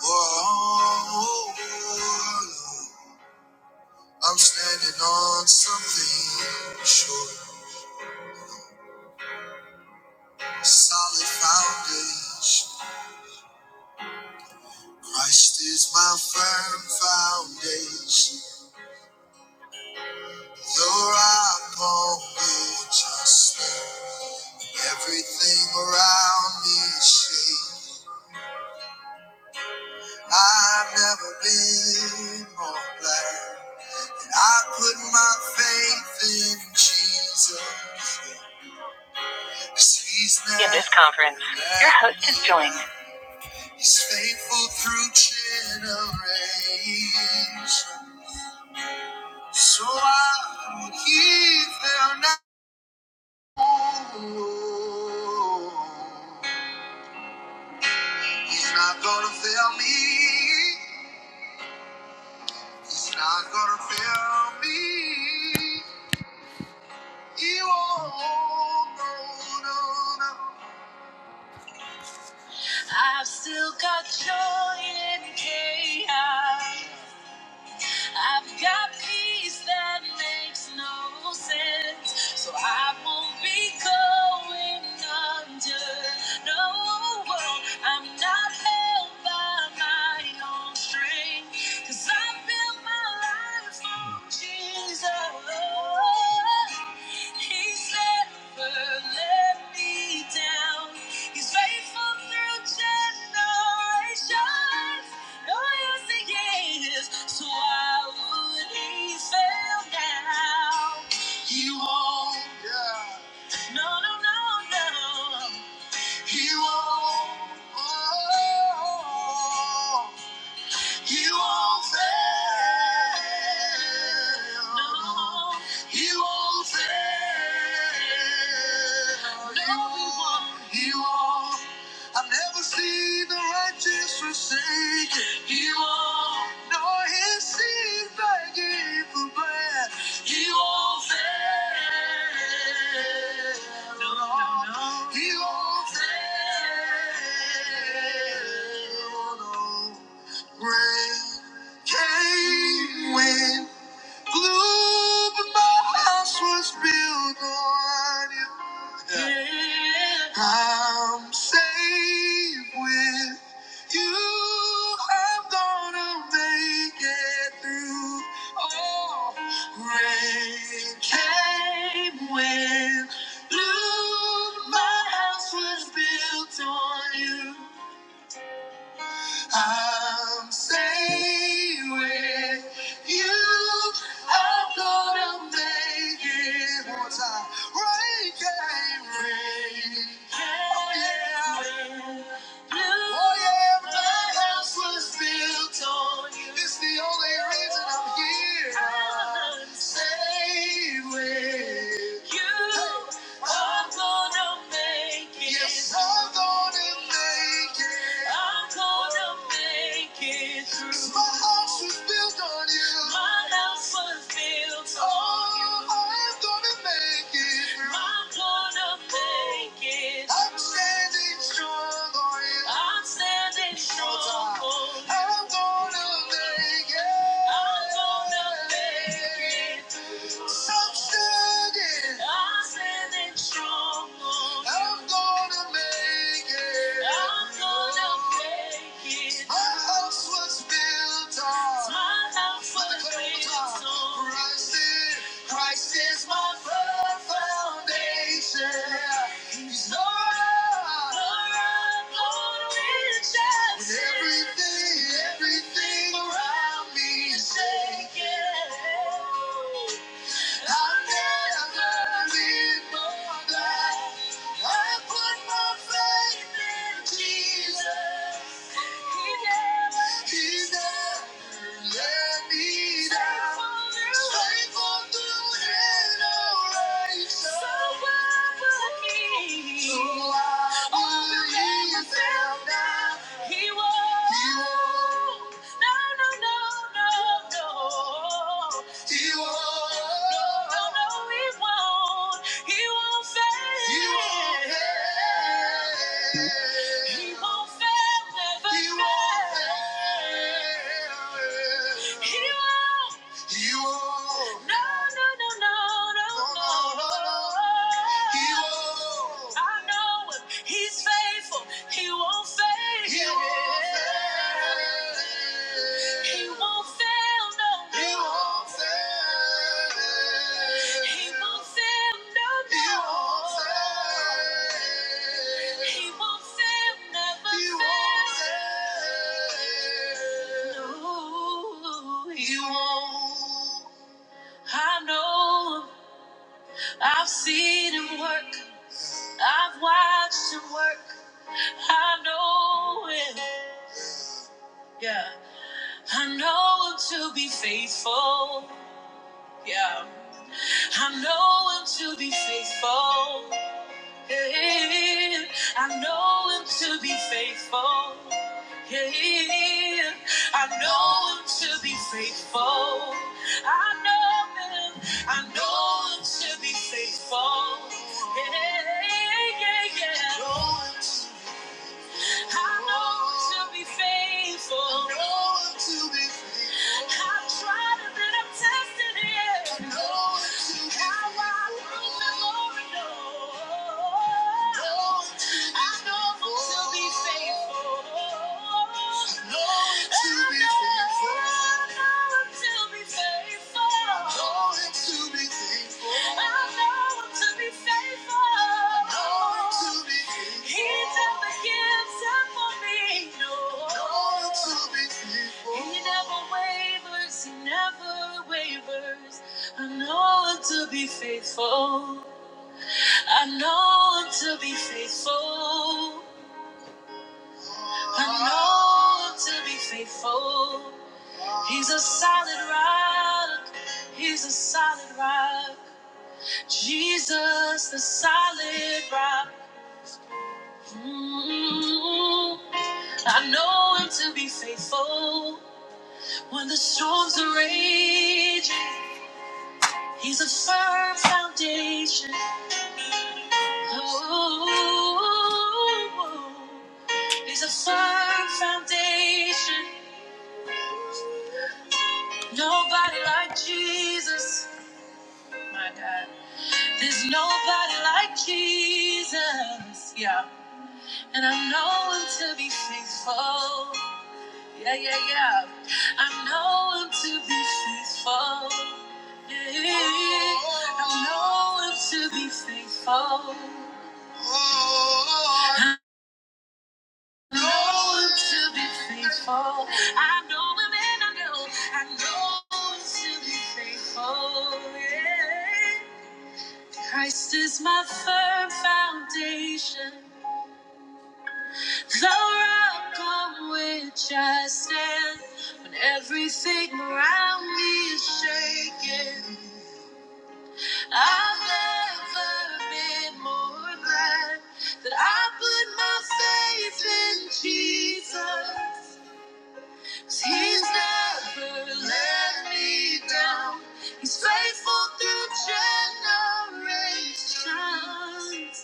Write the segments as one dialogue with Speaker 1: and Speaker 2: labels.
Speaker 1: Whoa, I'm standing on something sure, solid foundation. Christ is my firm foundation. Your rock on which I stand. Everything around me is shaking. I've never been more glad. that I put my faith in Jesus. In this conference, your host has joined. He's faithful through generations. So I would give them now. He's not gonna fail me. He's not gonna fail me. He won't. No, no, no. I've still got joy in chaos. I've got peace that makes no sense, so I won't be going under. No, I'm not held by my own strength, 'cause I built my life on Jesus. He won't. Yeah. No, no, no, no. He won't. You won't fail. No. You won't fail. No, you won't. You won't. I've never seen the righteous forsaken. He won't. Nor his seed begging for bread. He won't fail. No, no, no. He won't fail. No. no. Rain came wind blew, but my house was built on you. Yeah. I'm safe with you. I'm gonna make it through. Oh, rain came when blue, my house was built on you. I'm safe with you. I'm gonna make it one more time. Rain came, rain. came. Oh yeah. Oh yeah, my house was built on you. It's the only reason I'm here. I'm saved with you. I'm gonna make it. Yes, I'm gonna make it. I'm gonna make it through. 'Cause My house was built on you. My house was built on you. God's gonna make it. I'm gonna make it. I'm standing strong I'm standing strong I'm gonna make it. I'm gonna make it. So I'm standing. I'm standing strong I'm gonna make it. My house was built on. Christ Christ is my foundation. He's Lord. Lord, Lord, we shall When Everything, everything around me is shaking. So I believe him now. He won't. No, no, no, no, no. He won't. No, no, no, he won't. He won't fail. He won't. fail. He won't fail. Never he won't fail. fail. He won't. He won't. No, no, no, no, no, no, no, no. no. He won't. I know him. He's faithful. He won't fail. He won't fail. He won't fail. No. He won't fail. He won't fail, no, no. He won't fail. He won't fail, No, he won't. I know. I've seen him work. I've watched him work. I know it. Yeah. I know him to be faithful. Yeah. I know him to be faithful. Yeah. I know him to be faithful. Yeah. I know him to be faithful. I know him. I know him to be faithful. Yeah, yeah, yeah. I know him to I know to be faithful. I know to be faithful. I've tried and then I'm tested it. I know to be How I prove the Lord knows. I know to be faithful. I know to be faithful. I know I know him to be faithful. I know him to be faithful. I know to be faithful. He's a solid rock. He's a solid rock. Jesus, the solid rock. Mm. I know him to be faithful. When the storms are raging, he's a firm foundation. Oh, he's a firm foundation. Nobody like Jesus. My God. There's nobody like Jesus. Yeah. And I'm known to be faithful. Yeah, yeah, yeah. I'm known to be faithful. Yeah. I'm known to be faithful. know him to be faithful. I know him and I know, I know him to be faithful. Yeah. Christ is my firm foundation, the rock on which I stand. When everything around me is shaking, I've never been more glad that I put my faith in Jesus. 'Cause He's never let me down. He's faithful through generations.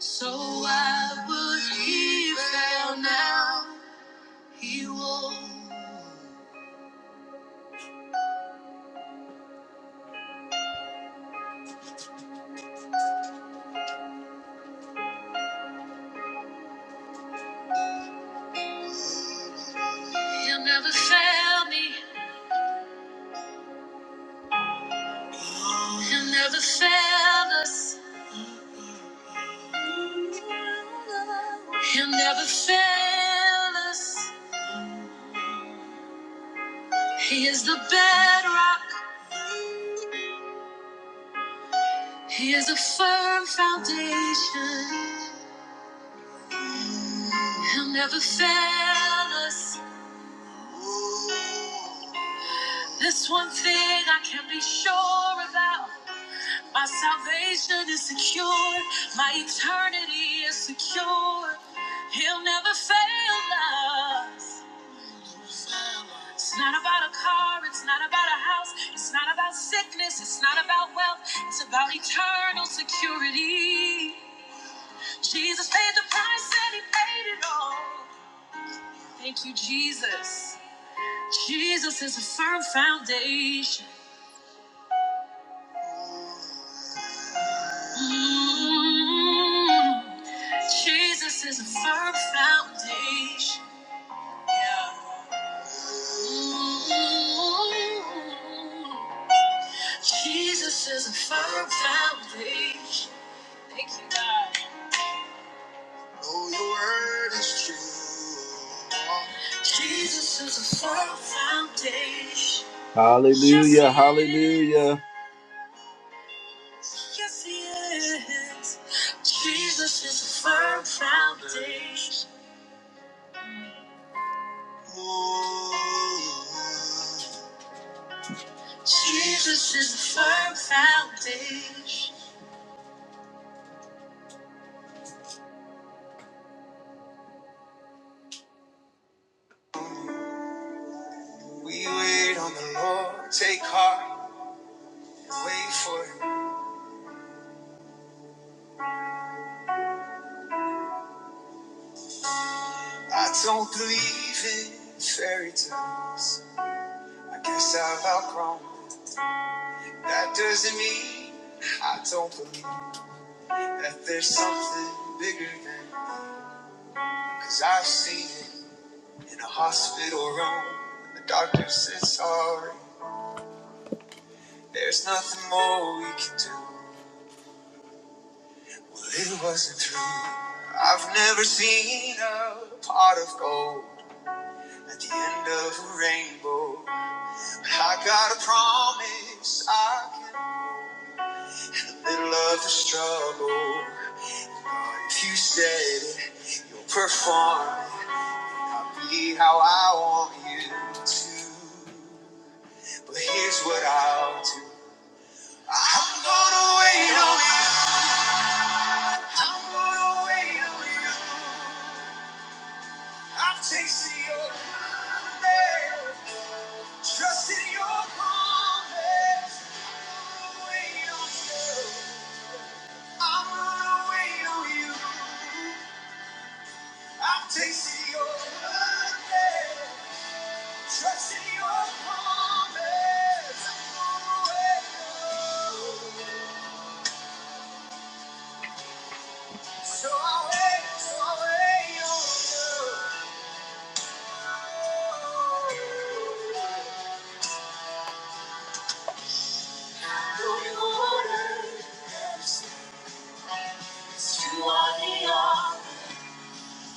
Speaker 1: So why would he fail now? He will. not He'll never fail me. He'll never fail us. He'll never fail us. He is the bedrock. He is a firm foundation. He'll never fail us. There's one thing I can be sure about. My salvation is secure. My eternity is secure. He'll never fail us. It's not about a car. It's not about a house. It's not about sickness. It's not about wealth. It's about eternal security. Jesus paid the price and he paid it all. Thank you, Jesus. Jesus is a firm foundation. Mm, Jesus is a firm foundation. Yeah. Mm, Jesus is a firm foundation. Thank you, God. Oh, your word is true. Jesus is a firm foundation. Hallelujah, hallelujah. Yes, he is. Jesus is a firm foundation. Jesus is a firm foundation. We wait on the Lord, take heart, wait for Him. I don't believe in fairy tales. I guess I've outgrown. That doesn't mean I don't believe that there's something bigger than. Cause I've seen it in a hospital room. The doctor says sorry. There's nothing more we can do. Well, it wasn't true. I've never seen a pot of gold at the end of a rainbow. But I got a promise I can. In the Middle of the struggle. God, if you said it, you'll perform it. I'll be how I want you to. But here's what I'll do. I'm gonna wait on you. I'm gonna wait on you. I'm chasing your name, trusting your promise. I'm gonna wait on you. I'm gonna wait on you. I'm chasing your name, trusting your promise. I'm gonna wait on you. So I wait, so I wait on you. I'm Going on. You are the all.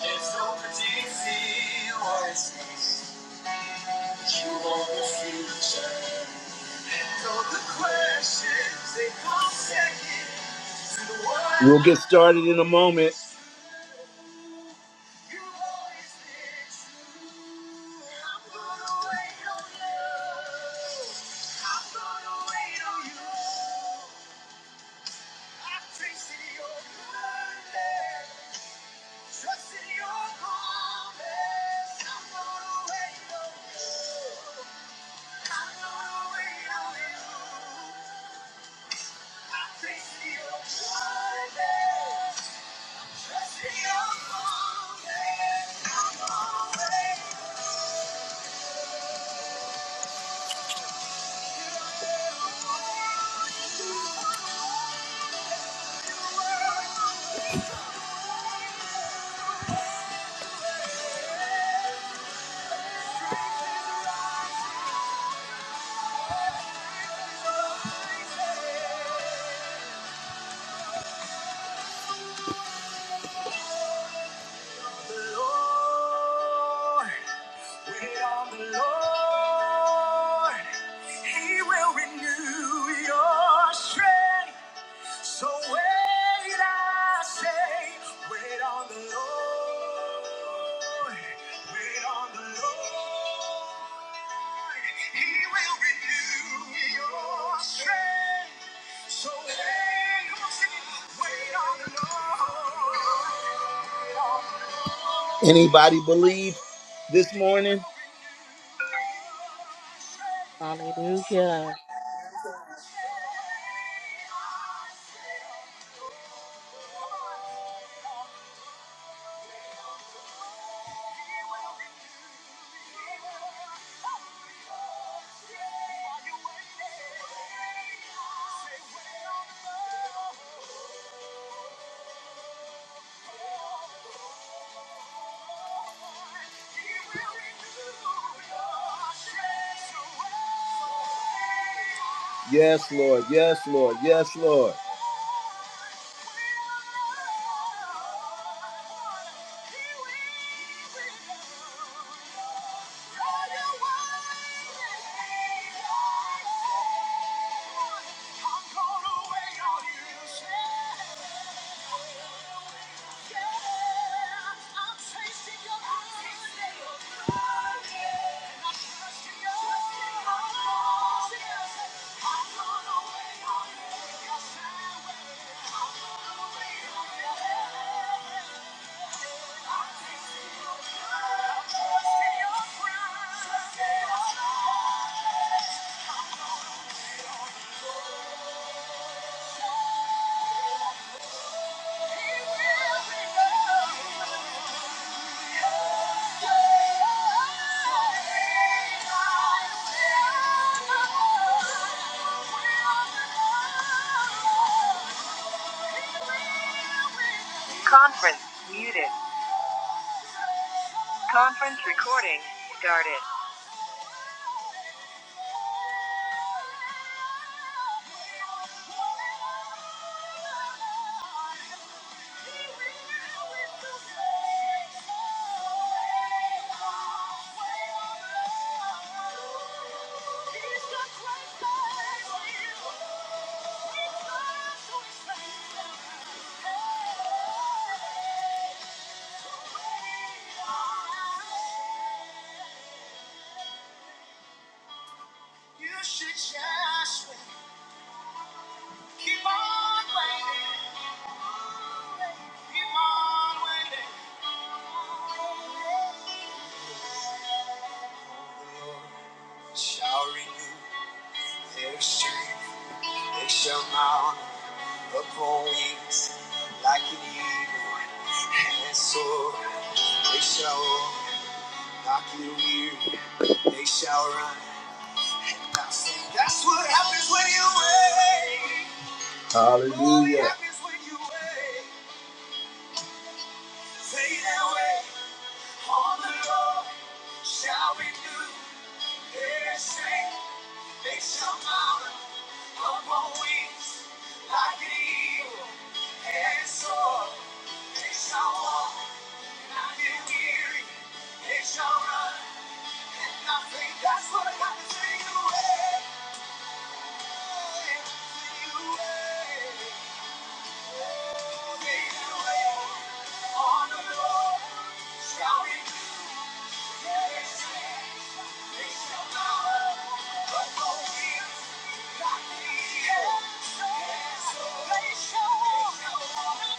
Speaker 1: There's no predicting what is next. You are the future. And all the questions, they come second to the one. We'll get started in a moment. You always been true. I'm gonna wait on you. I'm gonna wait on you. I've tasted your goodness. Trust in your promise. I'm gonna wait on you. I'm gonna wait on you. I taste your goodness. Trust in your promise. I'm gonna wait on you. the Lord. Wait on the Lord. He will renew your strength. So wait, I say, wait on the Lord. Wait on the Lord. He will renew your strength. So wait, come on, sing it. Wait on the Lord. Anybody believe this morning?
Speaker 2: Hallelujah.
Speaker 1: Yes, Lord. Yes, Lord. Yes, Lord. Conference muted. Conference recording started. You should just keep on waiting. Keep on waiting. shall renew their strength. They shall mount upon wings like an eagle, and so they shall not get weary. They shall run. and not That's what happens when you wait. Hallelujah. What happens when you wait? Say that way on the Lord shall renew. They shall mount up wings like an eagle and They shall walk not weary. They shall run and not faint. That's what I got to take away. Take away. Oh, they that wait on the Lord shall that's what happens when you happens when you that's what that's what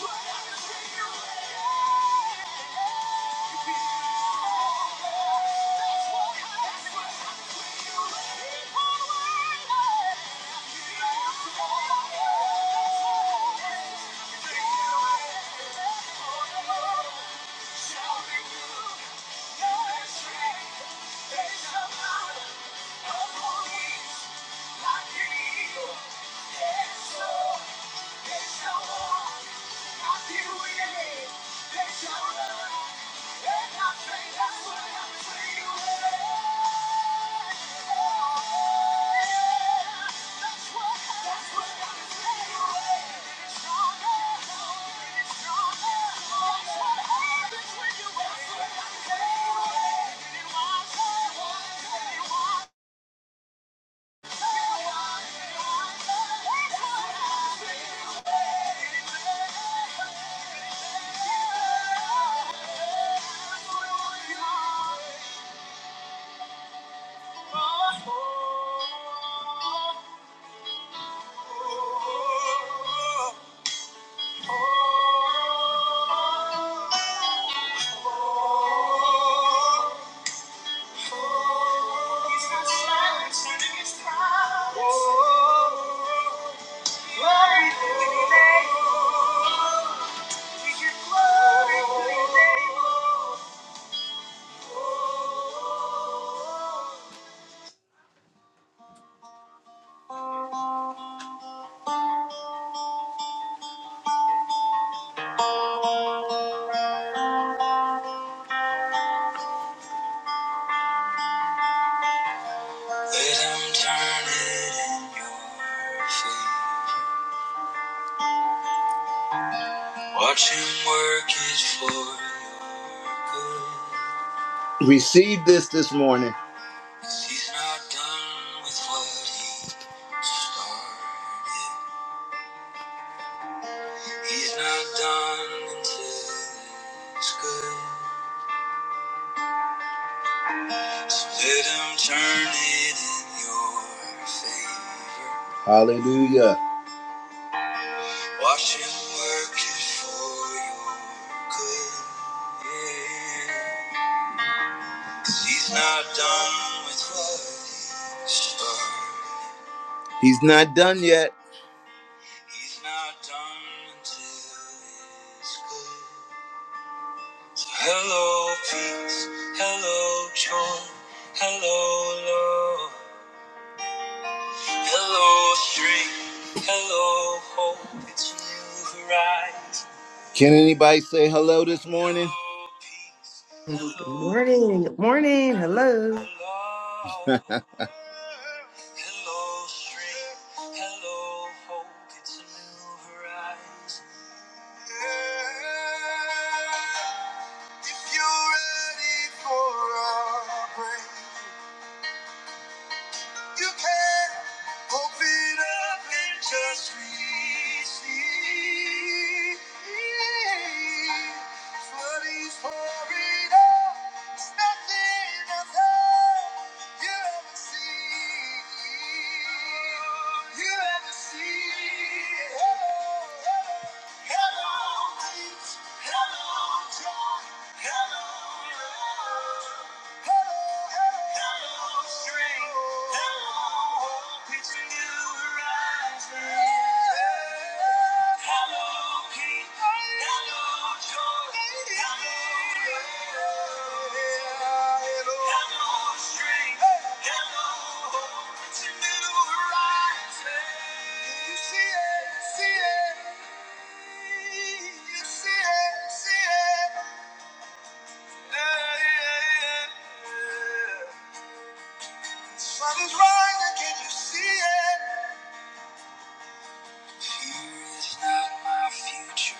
Speaker 1: happens when you Thank you. Stronger, stronger, stronger for you. Let him turn it in your favor. Watch him work it for your good. Receive this this morning. 'Cause He's not done with what he started. He's not done until it's good. So let him turn it in your favor. Hallelujah. Watch him work it for your good. Yeah. He's not done with what he's done. He's not done yet. He's not done until it's good. So hello, peace. Hello, joy. Hello, love. Hello, strength. Hello, hope. It's a new horizon. Can anybody say hello this morning? Hello, peace.
Speaker 3: Good
Speaker 1: Hello,
Speaker 3: morning. Good morning. Hello.
Speaker 1: Hello, strength. Hello, hope. It's a new horizon. If you're ready for a break, you can open up and just receive. What Flooding pouring out, it's nothing of hell you ever see. You ever see. Hello, hello, hello, peace. Hello, joy. Hello, love. See it, see it. Yeah, yeah, yeah. Sun is rising, can you see it? Fear is not my future,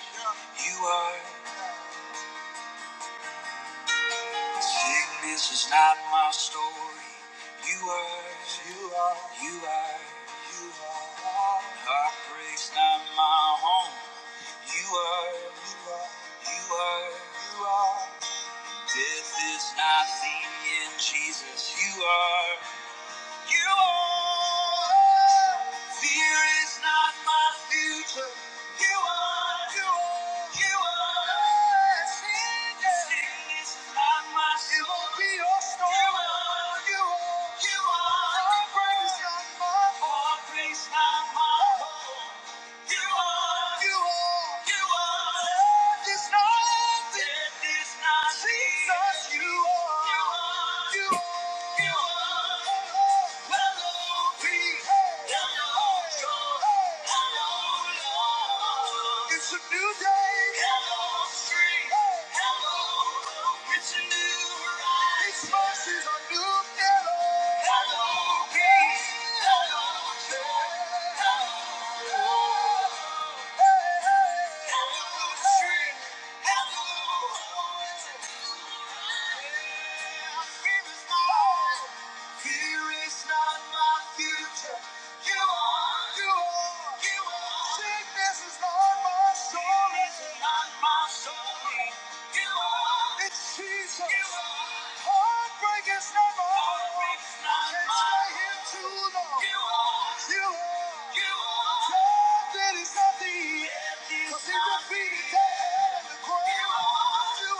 Speaker 1: you are. Sickness is not my story, you are. You are. You are. You are. Heartbreak's not my home, you are. You are. You are. You are. Death is not the end, Jesus, you are. You are. Fear is not my future. You are. You are. You are. Sin is Sin is not my story. It won't be your story. You are. You are. You are. Heartbreak is not my Heartbreak is not my home. You are. You are. You are. Death is not. Death is not. Jesus, you are. you are. You are. Hello, street. Sickness is not my story. It's Jesus. Heartbreak is never over. Can't stay here too long. You are. Glad that it's not the end. 'Cause he defeated death and the grave. You are. You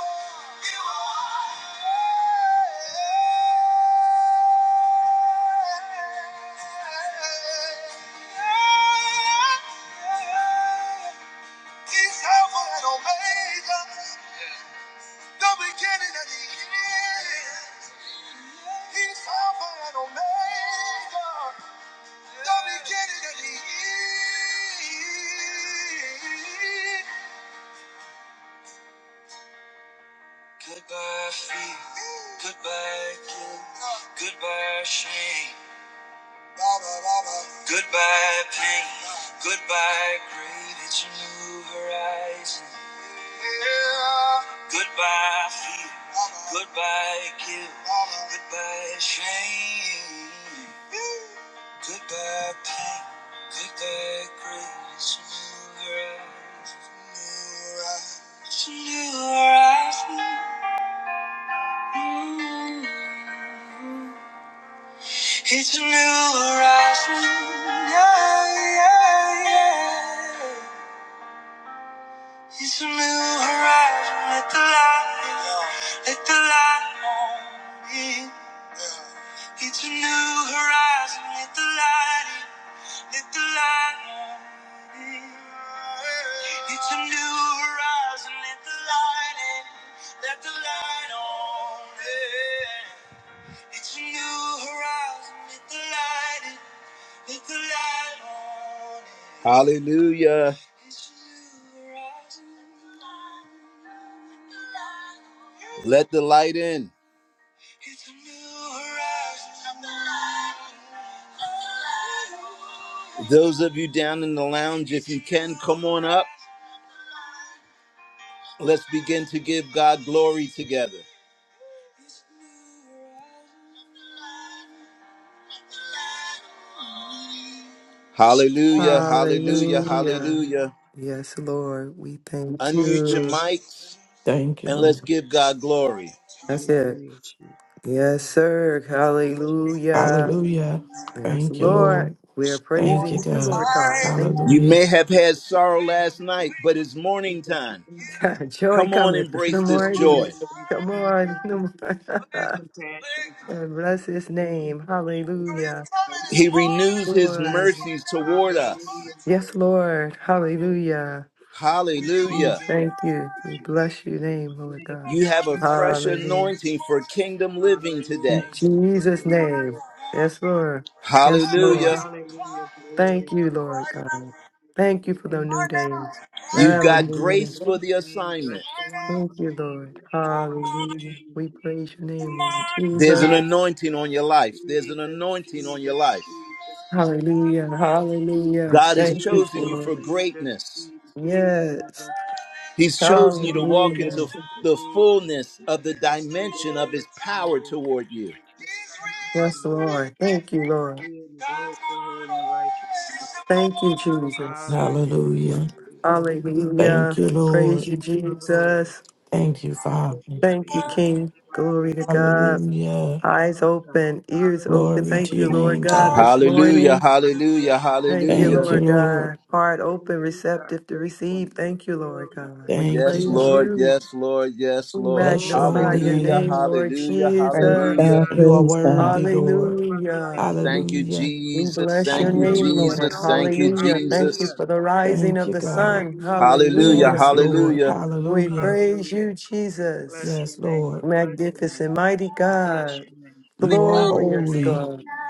Speaker 1: are. He's Alpha and Omega. The beginning and the end. He's Alpha and Omega. The beginning and the end. Goodbye, fear. Goodbye, guilt. Goodbye, shame. Goodbye, pain. Goodbye, grave. It's a new horizon. Yeah. Goodbye, fear. Goodbye, guilt. Goodbye, shame. Goodbye pain, goodbye grace, new rise, new rise, new rise. It's a new horizon, yeah, yeah, yeah. It's a new horizon, let the light, let the light on in. It's a new horizon, let the light in. Hallelujah. Let the light in. Those of you down in the lounge, if you can, come on up. Let's begin to give God glory together. Hallelujah, hallelujah,
Speaker 3: Hallelujah.
Speaker 1: hallelujah.
Speaker 3: Yes, Lord, we thank
Speaker 1: Unmute your
Speaker 3: you.
Speaker 1: mics
Speaker 4: Thank you,
Speaker 1: and let's
Speaker 4: Lord.
Speaker 1: give God glory.
Speaker 3: That's it.
Speaker 5: Hallelujah, Jesus.
Speaker 3: Yes,
Speaker 5: Hallelujah.
Speaker 3: sir.
Speaker 5: Glory, glory,
Speaker 3: Hallelujah.
Speaker 5: glory to your
Speaker 4: Hallelujah.
Speaker 5: name,
Speaker 3: Yes,
Speaker 5: glory
Speaker 4: Thank you,
Speaker 5: to Jesus.
Speaker 3: Lord.
Speaker 4: Lord.
Speaker 3: We are
Speaker 4: Thank you,
Speaker 3: praising you,
Speaker 4: God.
Speaker 3: Lord
Speaker 5: For
Speaker 3: God.
Speaker 5: your
Speaker 3: Thank you.
Speaker 1: You
Speaker 4: Hallelujah.
Speaker 1: may have
Speaker 5: peace,
Speaker 1: had
Speaker 5: for
Speaker 1: sorrow
Speaker 5: your
Speaker 1: last night,
Speaker 5: mercy,
Speaker 1: but it's
Speaker 5: we
Speaker 1: morning
Speaker 5: thank you
Speaker 1: time.
Speaker 5: for no mercy.
Speaker 3: Joy
Speaker 1: Come on,
Speaker 3: cometh. Good
Speaker 1: embrace this
Speaker 5: Hallelujah.
Speaker 1: joy.
Speaker 3: morning.
Speaker 5: We thank you
Speaker 3: Come
Speaker 5: for no
Speaker 3: on. Good
Speaker 5: mercy,
Speaker 3: morning.
Speaker 5: no compassion.
Speaker 3: And
Speaker 5: Hallelujah.
Speaker 3: bless
Speaker 5: We
Speaker 3: his
Speaker 5: thank you.
Speaker 3: name.
Speaker 5: We
Speaker 3: Hallelujah.
Speaker 5: glorify you
Speaker 1: He
Speaker 5: and
Speaker 1: renews
Speaker 5: magnify
Speaker 1: his
Speaker 5: you.
Speaker 3: Lord.
Speaker 1: mercies toward us.
Speaker 5: Hallelujah.
Speaker 3: Yes,
Speaker 5: Hallelujah.
Speaker 3: Lord.
Speaker 5: Thank you,
Speaker 3: Hallelujah.
Speaker 5: Jesus. Thank you,
Speaker 3: We
Speaker 1: Hallelujah.
Speaker 5: Jesus.
Speaker 3: Thank
Speaker 5: Thank
Speaker 3: you.
Speaker 5: you,
Speaker 3: We
Speaker 5: Jesus.
Speaker 3: bless your name, Lord
Speaker 5: Thank you,
Speaker 3: God.
Speaker 1: You have a
Speaker 5: Jesus.
Speaker 1: fresh
Speaker 3: Hallelujah.
Speaker 1: anointing for kingdom living today.
Speaker 3: In
Speaker 5: Hallelujah.
Speaker 3: Jesus'
Speaker 5: Hallelujah.
Speaker 3: name.
Speaker 5: Glory.
Speaker 3: Yes, Lord. Yes, Lord.
Speaker 1: Hallelujah.
Speaker 5: Hallelujah. Glory.
Speaker 3: Thank you, Lord God. Thank you for the
Speaker 5: Thank
Speaker 3: new
Speaker 5: you, Jesus.
Speaker 3: days.
Speaker 1: You've
Speaker 5: Bless
Speaker 1: got
Speaker 5: the
Speaker 3: Hallelujah.
Speaker 1: grace for
Speaker 5: wonderful
Speaker 1: the
Speaker 5: name, bless
Speaker 1: assignment.
Speaker 5: the wonderful
Speaker 3: Thank you,
Speaker 5: name,
Speaker 3: Lord.
Speaker 5: bless the wonderful
Speaker 3: Hallelujah.
Speaker 5: name,
Speaker 3: We
Speaker 5: Jesus,
Speaker 3: praise your name, Lord
Speaker 1: There's
Speaker 5: Jesus,
Speaker 3: Jesus.
Speaker 1: an anointing on your life. There's an
Speaker 5: Jesus,
Speaker 1: anointing on your
Speaker 5: Jesus,
Speaker 1: life.
Speaker 5: Jesus, Jesus, Jesus,
Speaker 3: Hallelujah. Hallelujah.
Speaker 1: God has
Speaker 3: Thank
Speaker 5: Jesus,
Speaker 3: you,
Speaker 1: chosen you for
Speaker 3: Lord.
Speaker 5: Jesus,
Speaker 1: greatness.
Speaker 3: Yes.
Speaker 5: Jesus, Jesus,
Speaker 1: He's chosen you to walk into
Speaker 3: Hallelujah.
Speaker 1: the
Speaker 5: Jesus,
Speaker 1: fullness of the
Speaker 5: Jesus. We
Speaker 1: dimension of his
Speaker 5: glorify
Speaker 1: power
Speaker 5: you,
Speaker 1: toward you.
Speaker 5: we
Speaker 3: Yes,
Speaker 5: magnify you,
Speaker 3: Lord. Thank you, Lord.
Speaker 5: we exalt your holy and righteous name.
Speaker 3: Thank you, Jesus.
Speaker 5: Hallelujah,
Speaker 4: Hallelujah.
Speaker 5: hallelujah.
Speaker 4: Thank
Speaker 3: Hallelujah.
Speaker 4: you,
Speaker 3: We
Speaker 5: Blessed be
Speaker 3: praise
Speaker 5: the
Speaker 4: Lord.
Speaker 3: you,
Speaker 5: name of the Lord.
Speaker 3: Jesus.
Speaker 4: Thank you, Father.
Speaker 5: Blessed
Speaker 3: Thank you,
Speaker 5: be the
Speaker 3: King.
Speaker 5: name of the
Speaker 3: Glory to
Speaker 5: Lord.
Speaker 3: God.
Speaker 4: Hallelujah.
Speaker 3: Eyes
Speaker 5: Our God,
Speaker 3: open, ears open.
Speaker 5: hallelujah.
Speaker 4: Glory
Speaker 3: Thank
Speaker 4: to
Speaker 3: you,
Speaker 4: your
Speaker 5: Great
Speaker 3: Lord
Speaker 4: name,
Speaker 3: God,
Speaker 5: is
Speaker 4: God.
Speaker 3: this
Speaker 1: Hallelujah,
Speaker 3: morning.
Speaker 5: thy
Speaker 1: hallelujah,
Speaker 5: faithfulness.
Speaker 3: Thank you,
Speaker 4: Thank
Speaker 1: hallelujah.
Speaker 4: you,
Speaker 3: Lord
Speaker 4: Lord.
Speaker 3: God. Heart
Speaker 5: Great
Speaker 3: open,
Speaker 5: is thy
Speaker 3: receptive to receive.
Speaker 5: faithfulness.
Speaker 3: Thank you, Lord
Speaker 5: Glory
Speaker 3: God.
Speaker 5: to
Speaker 3: We
Speaker 5: God.
Speaker 4: Thank you,
Speaker 1: Yes,
Speaker 3: praise
Speaker 4: God.
Speaker 1: Lord,
Speaker 5: Glory to
Speaker 3: you.
Speaker 1: yes,
Speaker 5: God.
Speaker 1: Lord, yes,
Speaker 3: We
Speaker 1: Lord.
Speaker 4: Bless your
Speaker 5: Glory
Speaker 3: magnify
Speaker 4: holy
Speaker 5: to
Speaker 3: your
Speaker 5: God.
Speaker 1: Hallelujah,
Speaker 3: name,
Speaker 4: name.
Speaker 3: Lord
Speaker 1: hallelujah,
Speaker 2: Praise
Speaker 5: Nobody
Speaker 3: Jesus.
Speaker 1: hallelujah.
Speaker 2: God,
Speaker 5: like
Speaker 4: You are
Speaker 2: praise
Speaker 5: you,
Speaker 2: God.
Speaker 4: worthy,
Speaker 5: Jesus.
Speaker 4: Lord.
Speaker 5: Nobody like
Speaker 3: Hallelujah.
Speaker 5: you,
Speaker 1: Thank you,
Speaker 5: Jesus.
Speaker 4: Hallelujah.
Speaker 3: We
Speaker 1: Jesus.
Speaker 3: bless your
Speaker 1: Thank
Speaker 5: You
Speaker 1: you,
Speaker 5: are
Speaker 3: name,
Speaker 5: my one
Speaker 4: Hallelujah.
Speaker 5: and
Speaker 3: Lord.
Speaker 1: Jesus. Thank
Speaker 5: only.
Speaker 1: you,
Speaker 3: Hallelujah. Thank you
Speaker 1: Jesus.
Speaker 5: Hallelujah.
Speaker 3: for the rising
Speaker 4: Thank
Speaker 3: of
Speaker 4: you,
Speaker 3: the
Speaker 4: God.
Speaker 3: sun.
Speaker 5: Hallelujah. You are
Speaker 1: Hallelujah,
Speaker 5: my
Speaker 4: Yes,
Speaker 3: Hallelujah.
Speaker 5: one and
Speaker 4: Lord.
Speaker 1: hallelujah.
Speaker 5: only God.
Speaker 3: We
Speaker 4: Hallelujah.
Speaker 3: praise
Speaker 5: Hallelujah.
Speaker 3: you,
Speaker 5: Bless
Speaker 3: Jesus.
Speaker 4: Yes,
Speaker 5: your name. I
Speaker 4: Lord.
Speaker 5: bless your name.
Speaker 3: Magnificent, mighty
Speaker 5: I bless
Speaker 3: God,
Speaker 5: your name. I
Speaker 4: You are
Speaker 5: bless your
Speaker 3: glorious
Speaker 5: name.
Speaker 4: holy.
Speaker 3: God,
Speaker 5: Jesus.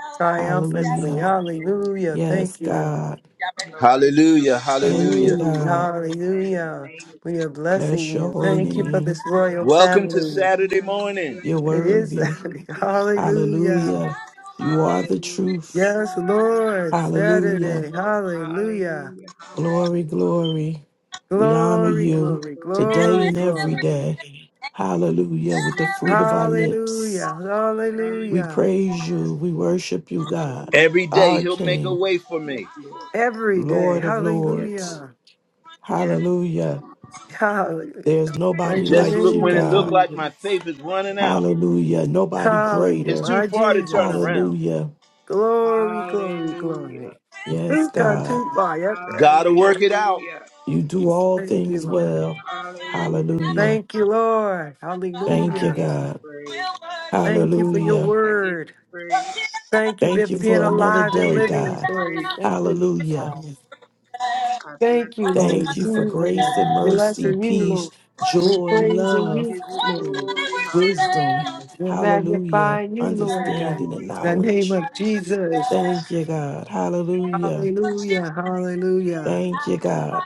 Speaker 5: I
Speaker 4: Hallelujah.
Speaker 3: triumphantly,
Speaker 5: bless your holy name.
Speaker 3: hallelujah.
Speaker 4: Yes,
Speaker 3: Thank you, God.
Speaker 4: God.
Speaker 5: from the rising of
Speaker 1: Hallelujah,
Speaker 5: the sun to
Speaker 4: Thank
Speaker 5: the
Speaker 4: you,
Speaker 1: hallelujah.
Speaker 3: Mm,
Speaker 5: going down
Speaker 4: God.
Speaker 5: of the same. Your
Speaker 3: Hallelujah.
Speaker 5: name is
Speaker 3: We
Speaker 5: to
Speaker 3: are
Speaker 5: be praised.
Speaker 3: blessing
Speaker 4: Bless your
Speaker 3: you.
Speaker 4: holy
Speaker 3: Thank you for
Speaker 4: name.
Speaker 3: this
Speaker 5: Your
Speaker 3: royal
Speaker 1: Welcome
Speaker 5: name,
Speaker 1: to
Speaker 5: your
Speaker 3: family.
Speaker 5: name,
Speaker 1: Saturday
Speaker 5: your name,
Speaker 1: morning.
Speaker 5: your
Speaker 4: You're
Speaker 5: name,
Speaker 3: It
Speaker 5: your
Speaker 3: is
Speaker 4: worthy.
Speaker 5: name is
Speaker 3: Saturday.
Speaker 5: to be praised.
Speaker 3: hallelujah.
Speaker 4: Hallelujah. You are the
Speaker 5: Hallelujah,
Speaker 4: truth.
Speaker 3: Yes,
Speaker 5: hallelujah,
Speaker 3: Lord,
Speaker 4: Hallelujah.
Speaker 3: Saturday,
Speaker 5: hallelujah,
Speaker 3: hallelujah.
Speaker 5: hallelujah,
Speaker 4: Glory,
Speaker 5: hallelujah. Glory,
Speaker 4: glory. We honor
Speaker 3: Glory,
Speaker 5: glory,
Speaker 4: you
Speaker 3: glory,
Speaker 5: glory, glory.
Speaker 4: today
Speaker 3: glory,
Speaker 4: and
Speaker 5: Thank you,
Speaker 4: every
Speaker 3: glory.
Speaker 5: Jesus.
Speaker 4: day. Hallelujah. With the
Speaker 5: Thank you,
Speaker 4: fruit of our
Speaker 5: Jesus.
Speaker 4: lips,
Speaker 3: Hallelujah,
Speaker 4: we
Speaker 5: Thank you,
Speaker 3: hallelujah.
Speaker 4: praise
Speaker 5: Jesus.
Speaker 4: you. We worship you, God,
Speaker 5: Hallelujah.
Speaker 1: Every day
Speaker 4: our
Speaker 1: he'll make a
Speaker 4: King,
Speaker 1: way for
Speaker 5: Yes,
Speaker 1: me.
Speaker 5: Lord.
Speaker 3: Every day,
Speaker 5: Yes,
Speaker 4: Lord of
Speaker 5: Lord. Yes,
Speaker 4: Lords.
Speaker 5: Lord.
Speaker 3: hallelujah.
Speaker 5: Yes, Lord
Speaker 4: Hallelujah.
Speaker 5: Jesus.
Speaker 4: There's
Speaker 5: Yes, Lord
Speaker 3: Praise
Speaker 4: nobody
Speaker 3: the
Speaker 1: Just
Speaker 5: Jesus.
Speaker 4: like
Speaker 1: look
Speaker 4: you,
Speaker 1: when
Speaker 3: name,
Speaker 1: it
Speaker 4: God.
Speaker 1: looked like my
Speaker 3: Jesus.
Speaker 1: faith is
Speaker 5: Thank
Speaker 1: running out.
Speaker 5: you,
Speaker 4: Hallelujah.
Speaker 5: Jesus. Thank
Speaker 4: Nobody
Speaker 5: you,
Speaker 3: Calling,
Speaker 1: It's
Speaker 4: greater.
Speaker 1: too
Speaker 5: Jesus.
Speaker 3: my
Speaker 5: Thank
Speaker 1: far to
Speaker 5: you,
Speaker 1: turn
Speaker 3: Jesus.
Speaker 5: Jesus.
Speaker 1: around.
Speaker 4: Hallelujah.
Speaker 3: Glory, glory,
Speaker 5: Hallelujah.
Speaker 3: glory.
Speaker 4: Yes,
Speaker 3: Think on
Speaker 4: God.
Speaker 3: too far. Yes, right.
Speaker 1: Gotta work it out.
Speaker 5: Hallelujah.
Speaker 4: You do
Speaker 3: Yes.
Speaker 4: all
Speaker 3: Thank you,
Speaker 4: things
Speaker 3: Lord.
Speaker 4: well.
Speaker 5: Hallelujah.
Speaker 4: Hallelujah.
Speaker 3: Thank you, Lord.
Speaker 4: Thank
Speaker 5: I
Speaker 4: you,
Speaker 3: Hallelujah.
Speaker 5: give you
Speaker 4: God.
Speaker 5: praise.
Speaker 3: Thank you for your
Speaker 4: Hallelujah.
Speaker 5: I give
Speaker 3: word.
Speaker 5: you praise.
Speaker 3: Thank you for
Speaker 4: Thank you
Speaker 3: being
Speaker 4: for another
Speaker 3: alive and
Speaker 5: I
Speaker 4: day,
Speaker 5: give
Speaker 3: living,
Speaker 5: you
Speaker 4: God.
Speaker 3: Lord.
Speaker 5: praise.
Speaker 3: Thank you,
Speaker 4: Hallelujah.
Speaker 3: God.
Speaker 5: I bless
Speaker 3: Thank you,
Speaker 5: you.
Speaker 3: Lord
Speaker 4: Thank you
Speaker 5: I
Speaker 4: for
Speaker 3: Jesus.
Speaker 5: bless
Speaker 4: grace
Speaker 5: you.
Speaker 4: and
Speaker 5: I
Speaker 4: mercy,
Speaker 5: bless
Speaker 3: Blessing you,
Speaker 5: you.
Speaker 4: peace,
Speaker 3: Lord.
Speaker 5: I
Speaker 3: We're
Speaker 4: joy,
Speaker 3: praising you
Speaker 5: give
Speaker 4: love,
Speaker 5: you
Speaker 3: this morning.
Speaker 5: glory. Hallelujah.
Speaker 4: wisdom.
Speaker 3: We're
Speaker 4: Hallelujah.
Speaker 3: magnifying you,
Speaker 5: I give you
Speaker 3: Lord God. In
Speaker 4: Understanding and
Speaker 5: glory.
Speaker 3: the name
Speaker 4: knowledge.
Speaker 5: Hallelujah.
Speaker 3: of Jesus.
Speaker 4: Thank you, God.
Speaker 5: And
Speaker 4: Hallelujah.
Speaker 5: thank you.
Speaker 3: Hallelujah.
Speaker 5: Thank you.
Speaker 3: Hallelujah.
Speaker 4: Thank you, God.